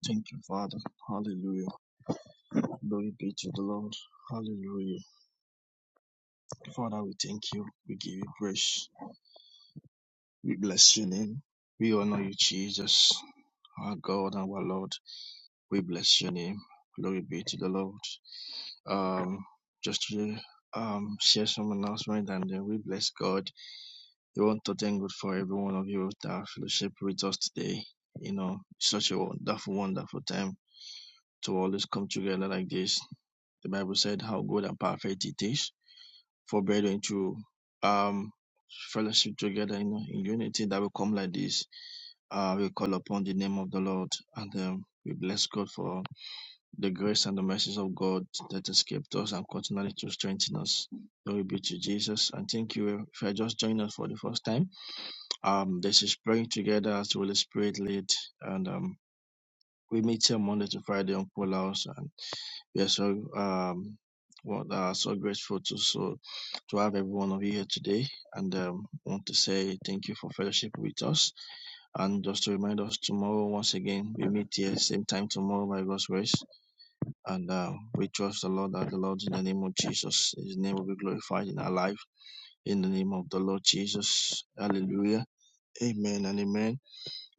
A: Thank you, Father. Hallelujah. Glory be to the Lord. Hallelujah. Father, we thank you. We give you praise. We bless your name. We honor you, Jesus, our God, our Lord. We bless your name. Glory be to the Lord. Um, just to um, share some announcement and then we bless God. We want to thank God for every one of you that have fellowship with us today. You know, such a wonderful, wonderful time to always come together like this. The Bible said how good and perfect it is for brethren to um, fellowship together you in unity that will come like this uh, we call upon the name of the Lord and um, we bless God for the grace and the mercies of God that escaped us and continually to strengthen us. Glory be to Jesus. And thank you eh, if you are just joining us for the first time. Um, this is praying together as the Holy Spirit lead, and um, we meet here Monday to Friday on Paul House, and we are so um, what are so grateful to so to have every one of you here today, and um, want to say thank you for fellowship with us. And just to remind us, tomorrow, once again, we meet here, same time tomorrow by God's grace. And uh, we trust the Lord that the Lord in the name of Jesus, His name will be glorified in our life in the name of the Lord Jesus. Hallelujah. Amen and amen.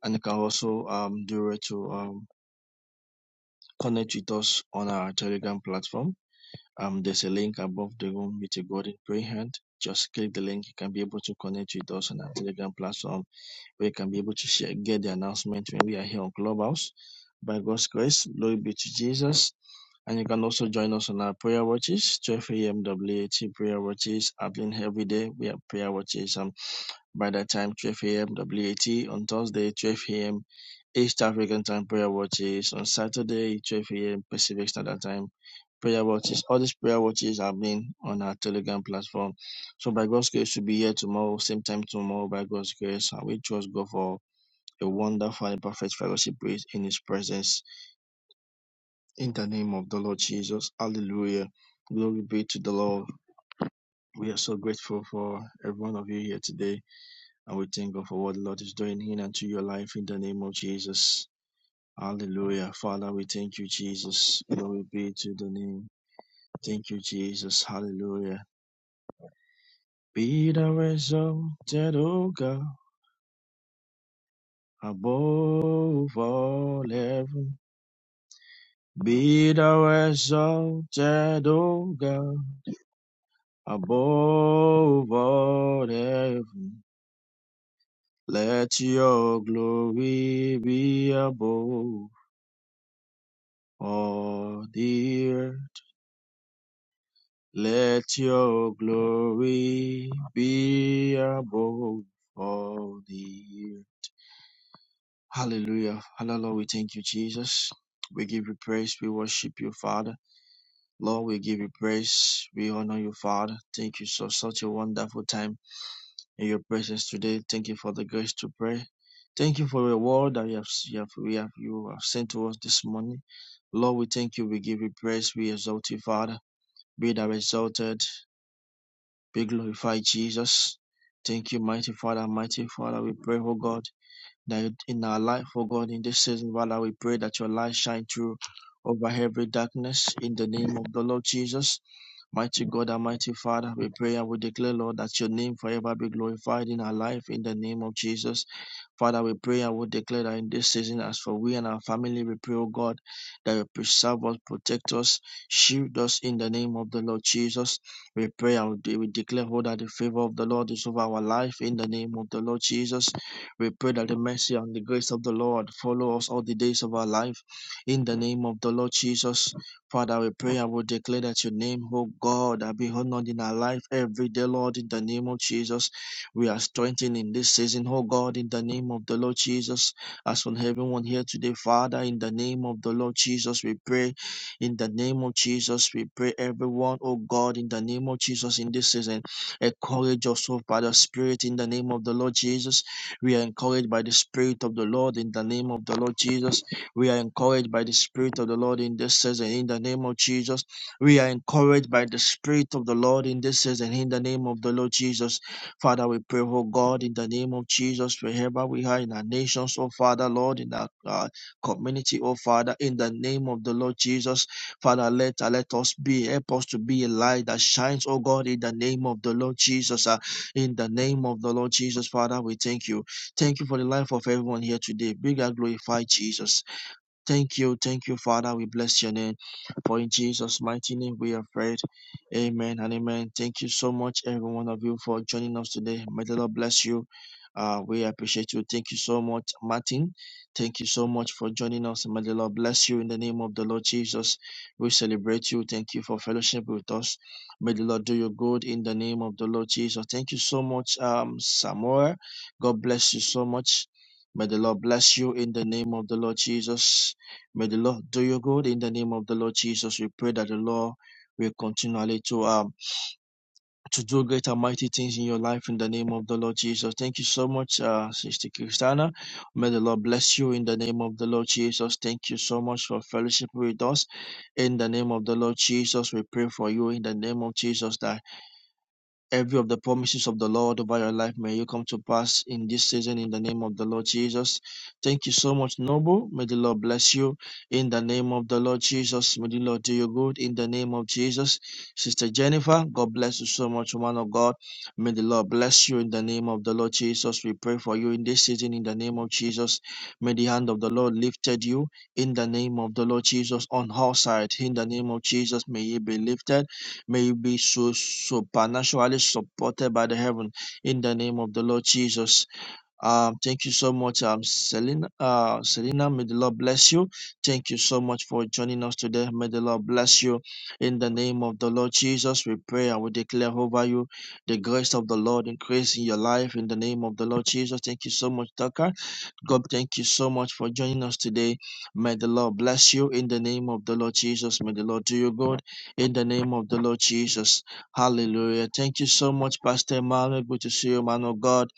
A: And you can also um, do it to um, connect with us on our Telegram platform. Um, there's a link above the room with a golden prayer hand. Just click the link. You can be able to connect with us on our Telegram platform where you can be able to share, get the announcement when we are here on Clubhouse. By God's grace, glory be to Jesus. And you can also join us on our prayer watches, 12 a.m. WAT prayer watches happening every day. We have prayer watches um, by that time, 12 a.m. WAT on Thursday, 12 a.m. East African time prayer watches on Saturday, 12 a.m. Pacific Standard Time prayer watches. All these prayer watches are being on our Telegram platform. So by God's grace, we'll be here tomorrow, same time tomorrow by God's grace. And we trust God for a wonderful and perfect fellowship with in His presence. In the name of the Lord Jesus, hallelujah. Glory be to the Lord. We are so grateful for every one of you here today, and we thank God for what the Lord is doing in and to your life in the name of Jesus. Hallelujah. Father, we thank you, Jesus. Glory be to the name. Thank you, Jesus. Hallelujah. Be thou exalted, O God, above all heaven. Be thou exalted, O God, above all heaven. Let your glory be above all the earth. Let your glory be above all the earth. Hallelujah. Hallelujah. Lord, we thank you, Jesus. We give you praise. We worship you, Father. Lord, we give you praise. We honor you, Father. Thank you for such a wonderful time in your presence today. Thank you for the grace to pray. Thank you for your word that you have, you have, we have, you have sent to us this morning. Lord, we thank you. We give you praise. Be exalted, Father. Be thou exalted. Be glorified, Jesus. Thank you, mighty Father, mighty Father. We pray, oh God, that in our life, oh God, in this season, Father, we pray that your light shine through over every darkness in the name of the Lord Jesus. Mighty God, Almighty Father, we pray and we declare, Lord, that your name forever be glorified in our life in the name of Jesus. Father, we pray and we declare that in this season, as for we and our family, we pray, oh God, that you preserve us, protect us, shield us in the name of the Lord Jesus. We pray and we we declare, oh, that the favor of the Lord is over our life in the name of the Lord Jesus. We pray that the mercy and the grace of the Lord follow us all the days of our life in the name of the Lord Jesus. Father, we pray and we declare that your name, oh God, that be honored in our life every day, Lord, in the name of Jesus. We are strengthened in this season, oh God, in the name of the Lord Jesus. As on everyone here today, Father, in the name of the Lord Jesus, we pray. In the name of Jesus, we pray everyone, oh God, in the name of Jesus, in this season, encourage us, oh, by the Spirit, in the name of the Lord Jesus. We are encouraged by the Spirit of the Lord, in the name of the Lord Jesus. We are encouraged by the Spirit of the Lord in this season, in the name of Jesus. We are encouraged by the Spirit of the Lord in this season, in the name of the Lord Jesus. Father, we pray, oh God, in the name of Jesus, wherever we are in our nations, oh Father, Lord, in our uh, community, oh Father, in the name of the Lord Jesus, Father, let, uh, let us be, help us to be a light that shines, oh God, in the name of the Lord Jesus, uh, in the name of the Lord Jesus, Father, we thank you. Thank you for the life of everyone here today. Big and glorify Jesus. Thank you, thank you, Father. We bless your name. For in Jesus' mighty name we are prayed. Amen and amen. Thank you so much, every one of you, for joining us today. May the Lord bless you. Uh, we appreciate you. Thank you so much, Martin. Thank you so much for joining us. May the Lord bless you in the name of the Lord Jesus. We celebrate you. Thank you for fellowship with us. May the Lord do you good in the name of the Lord Jesus. Thank you so much, um, Samuel. God bless you so much. May the Lord bless you in the name of the Lord Jesus. May the Lord do you good in the name of the Lord Jesus. We pray that the Lord will continually to um to do great and mighty things in your life in the name of the Lord Jesus. Thank you so much, uh, Sister Christiana. May the Lord bless you in the name of the Lord Jesus. Thank you so much for fellowship with us in the name of the Lord Jesus. We pray for you in the name of Jesus that Every of the promises of the Lord over your life may you come to pass in this season in the name of the Lord Jesus. Thank you so much, Noble. May the Lord bless you in the name of the Lord Jesus. May the Lord do you good in the name of Jesus. Sister Jennifer, God bless you so much, woman of God. May the Lord bless you in the name of the Lord Jesus. We pray for you in this season in the name of Jesus. May the hand of the Lord lifted you in the name of the Lord Jesus on all sides. In the name of Jesus, may ye be lifted may be so supernaturally supported by the heaven in the name of the Lord Jesus. Um, thank you so much, um, Selena. Uh, Selena, may the Lord bless you. Thank you so much for joining us today. May the Lord bless you in the name of the Lord Jesus. We pray and we declare over you the grace of the Lord increase in your life in the name of the Lord Jesus. Thank you so much, Tucker. God, thank you so much for joining us today. May the Lord bless you in the name of the Lord Jesus. May the Lord do you good in the name of the Lord Jesus. Hallelujah. Thank you so much, Pastor Emmanuel. Good to see you, man of God.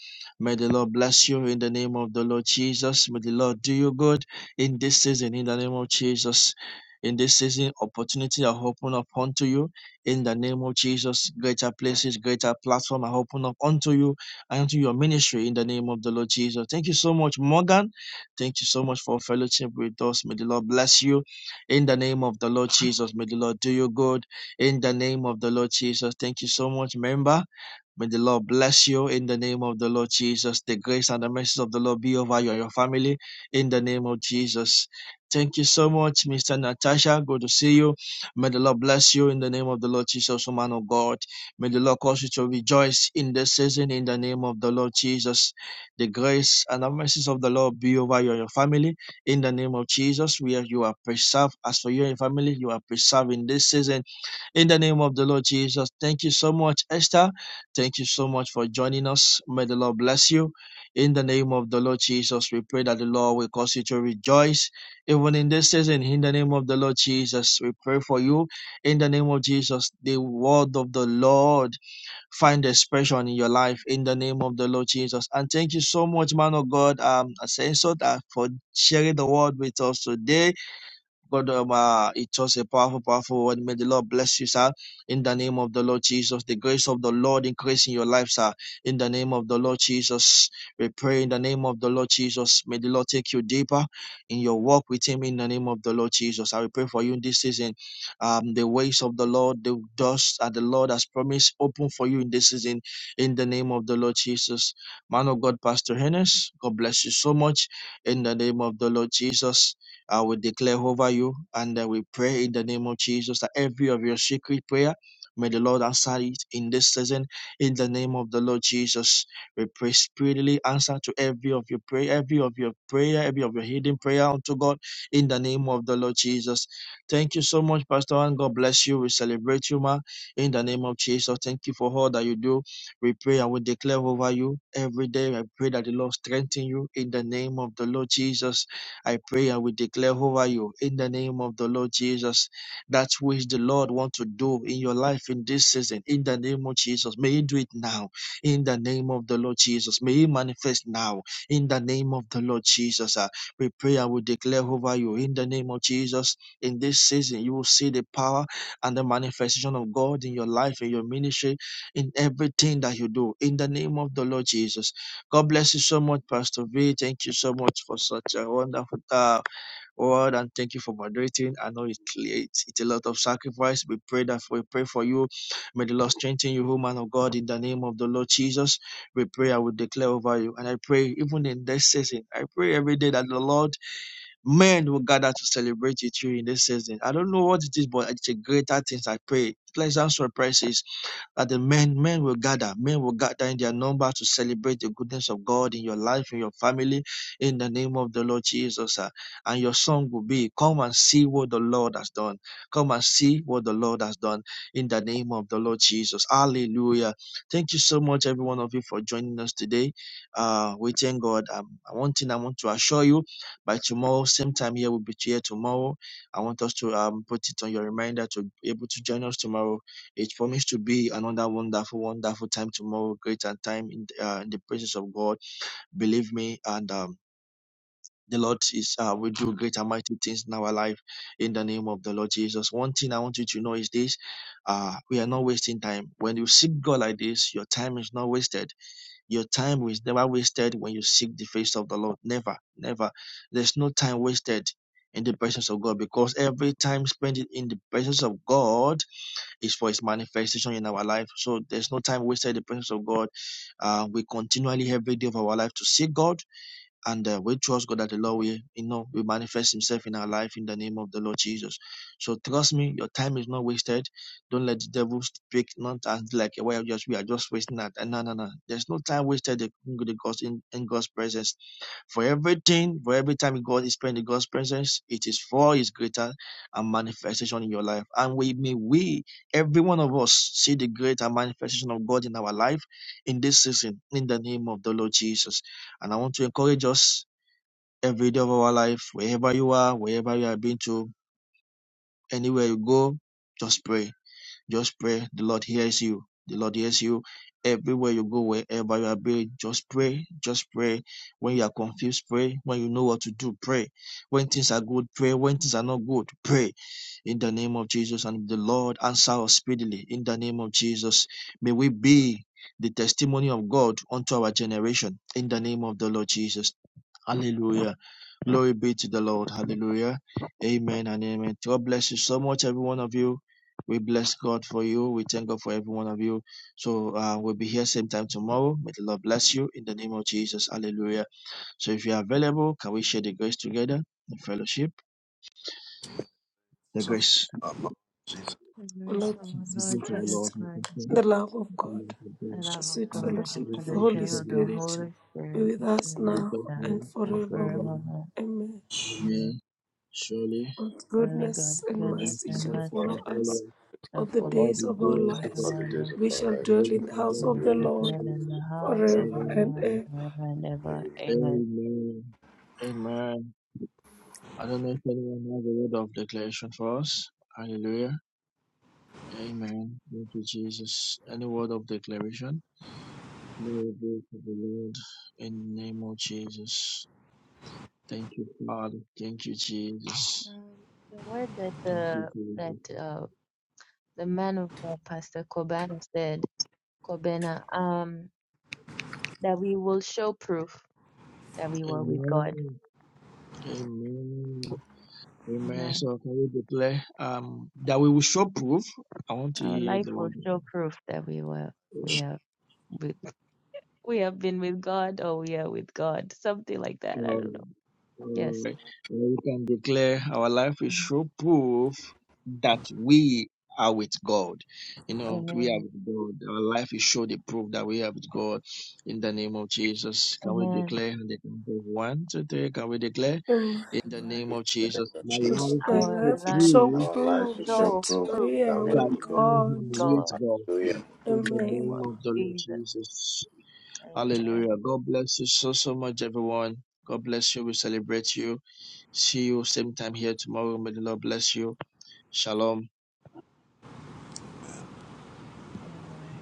A: May the Lord bless you in the name of the Lord Jesus. May the Lord do you good in this season in the name of Jesus. In this season, opportunity are open up unto you in the name of Jesus. Greater places, greater platform are open up unto you and to your ministry in the name of the Lord Jesus. Thank you so much, Morgan. Thank you so much for fellowship with us. May the Lord bless you in the name of the Lord Jesus. May the Lord do you good in the name of the Lord Jesus. Thank you so much, member. May the Lord bless you in the name of the Lord Jesus. The grace and the mercy of the Lord be over you and your family in the name of Jesus. Thank you so much, Mr. Natasha. Good to see you. May the Lord bless you in the name of the Lord Jesus, O man of God. May the Lord cause you to rejoice in this season in the name of the Lord Jesus. The grace and the mercies of the Lord be over you and your family in the name of Jesus. Where you are preserved, as for you and your family, you are preserved in this season in the name of the Lord Jesus, thank you so much, Esther. Thank you so much for joining us. May the Lord bless you. In the name of the Lord Jesus, we pray that the Lord will cause you to rejoice. Even in this season, in the name of the Lord Jesus, we pray for you. In the name of Jesus, the word of the Lord find expression in your life. In the name of the Lord Jesus. And thank you so much, man of God, um, Ascenso, uh, for sharing the word with us today God, um, uh, it was a powerful, powerful word. May the Lord bless you, sir. In the name of the Lord Jesus, the grace of the Lord increase in your life, sir. In the name of the Lord Jesus, we pray in the name of the Lord Jesus. May the Lord take you deeper in your walk with Him. In the name of the Lord Jesus, I will pray for you in this season. Um, the ways of the Lord, the doors that the Lord has promised, open for you in this season. In the name of the Lord Jesus, man of God, Pastor Hennes, God bless you so much. In the name of the Lord Jesus. I will declare over you and uh, we pray in the name of Jesus that every of your secret prayer, may the Lord answer it in this season in the name of the Lord Jesus. We pray speedily answer to every of your prayer, every of your prayer, every of your hidden prayer unto God in the name of the Lord Jesus. Thank you so much, Pastor and God bless you. We celebrate you, ma, in the name of Jesus. Thank you for all that you do. We pray and we declare over you every day. I pray that the Lord strengthen you in the name of the Lord Jesus. I pray and we declare over you in the name of the Lord Jesus that which the Lord wants to do in your life in this season in the name of Jesus. May He do it now in the name of the Lord Jesus. May He manifest now in the name of the Lord Jesus. Ah, we pray and we declare over you in the name of Jesus. In this season, you will see the power and the manifestation of God in your life, in your ministry, in everything that you do in the name of the Lord Jesus. God bless you so much, Pastor V. Thank you so much for such a wonderful uh, word, and thank you for moderating. I know it, it's it's a lot of sacrifice. We pray that we pray for you. May the Lord strengthen you, oh man of God, in the name of the Lord Jesus. We pray. I will declare over you, and I pray even in this season. I pray every day that the Lord men will gather to celebrate with you in this season. I don't know what it is, but it's a greater things. I pray pleasant surprises that the men, men will gather, men will gather in their number to celebrate the goodness of God in your life, in your family, in the name of the Lord Jesus. ah. And your song will be, Come and see what the Lord has done. Come and see what the Lord has done in the name of the Lord Jesus. Hallelujah. Thank you so much, every one of you, for joining us today. Uh, we thank God. Um, one thing I want to assure you by tomorrow, same time here, we'll be here tomorrow. I want us to um, put it on your reminder to be able to join us tomorrow it's promised to be another wonderful, wonderful time tomorrow, Greater time in, uh, in the presence of God. Believe me, and um, the Lord is uh, will do great and mighty things in our life in the name of the Lord Jesus. One thing I want you to know is this: uh, we are not wasting time. When you seek God like this, your time is not wasted. Your time is never wasted when you seek the face of the Lord. Never, never. There's no time wasted in the presence of God because every time spent in the presence of God is for his manifestation in our life. So there's no time wasted in the presence of God. Uh, we continually every day of our life to seek God and uh, we trust God that the Lord will, you know, will manifest himself in our life in the name of the Lord Jesus. So trust me, your time is not wasted. Don't let the devil speak not and like well just we are just wasting that. And no no no. There's no time wasted in God's in, in God's presence for everything, for every time God is present, in God's presence, it is for His greater and manifestation in your life. And we may we, every one of us, see the greater manifestation of God in our life in this season, in the name of the Lord Jesus. And I want to encourage us every day of our life, wherever you are, wherever you have been to, anywhere you go, just pray just pray. The Lord hears you. The Lord hears you everywhere you go, wherever you are being. Just pray. Just pray. When you are confused, pray. When you know what to do, pray. When things are good, pray. When things are not good, pray. In the name of Jesus, and the Lord answer us speedily. In the name of Jesus, may we be the testimony of God unto our generation. In the name of the Lord Jesus. Hallelujah. Glory be to the Lord. Hallelujah. Amen and amen. God bless you so much, every one of you. We bless God for you. We thank God for every one of you. So uh, we'll be here same time tomorrow. May the Lord bless you in the name of Jesus. Hallelujah. So if you are available, can we share the grace together, the fellowship, the
D: So,
A: grace,
D: our Lord Jesus.
C: The grace
B: Lord
C: of our
A: the
B: Jesus
C: Lord
A: grace of the
C: Jesus
B: Christ,
A: Lord, and
C: Christ,
A: the
B: the love of God,
C: the
B: the
C: love of
B: sweet
C: God, and the
B: fellowship
A: Spirit
B: of the Holy
C: fellowship
A: of the
C: of the
A: Holy Spirit,
B: Spirit
C: Holy
B: be
C: Spirit,
B: with
C: be
B: us
A: be
C: with
A: with
C: us
B: now
A: us
C: now
B: and
A: now
C: and
A: and forever.
B: forevermore.
C: forevermore.
B: Amen.
C: Amen.
A: Amen. Surely,
B: God's
C: Surely God,
B: goodness and
A: the
C: goodness
A: grace
B: mercy
A: and
C: and
B: shall
A: mercy
C: mercy
A: shall
B: follow
A: follow
B: us
A: us
B: all
C: shall
B: the
C: follow us
A: all
B: days
A: the
B: of
C: all
B: our
C: the
A: days
C: days
A: of
C: of
A: our
B: lives.
C: our life,
B: We shall dwell in the house
C: and
B: of
C: we
B: the
A: Amen.
C: shall
B: Lord
C: dwell in the house of
B: forever
C: the
B: and
C: Lord
B: ever.
C: forever and ever. Amen.
A: Amen. I don't know if anyone has a word of declaration for us. Hallelujah. Amen. Thank you, Jesus. Any word of declaration? Glory be to the Lord in the name of Jesus. Thank you, Father. Thank you, Jesus.
C: Um, the word that
A: Thank you,
C: the
A: Jesus.
C: that uh, the man of God, Pastor Kobana said, Kobana, um, that we will show proof that we were with God.
A: Amen. Amen.
C: Amen.
A: Amen. So can we declare um that we will show proof? I want to
C: Our
A: hear
C: life
A: the
C: will
A: word.
C: show proof that we were we have we, we have been with God or we are with God, something like that. I
A: Glory.
C: don't know. Yes.
A: Glory. We can declare our life is
C: Mhm.
A: sure proof that we are with God. You know, we are
C: Amen.
A: with God. Our life is sure the proof that we are with God. In the name of Jesus, can we
C: Amen.
A: declare in the count of one two, three? Can we declare
B: Amen.
A: in the
C: Amen.
A: name of Jesus? My life
B: My
A: is sure
C: Our
B: life will
C: life
B: show
A: proof
F: Our
C: will
F: life
B: prove
F: is show
C: show
B: that
F: proof
C: proof
B: we
F: that
B: are
F: we
C: that
F: are
B: with
A: that
C: we
F: with
A: I
C: are
A: am
C: with
B: God.
C: God
A: with God.
F: God.
C: in
A: In the
C: the name
B: Amen.
A: name
C: of
A: of the Lord
C: Jesus.
A: Jesus.
C: Amen.
A: Hallelujah. God bless you so, so much, everyone. God bless you. We celebrate you. See you same time here tomorrow. May the Lord bless you. Shalom.
C: All right.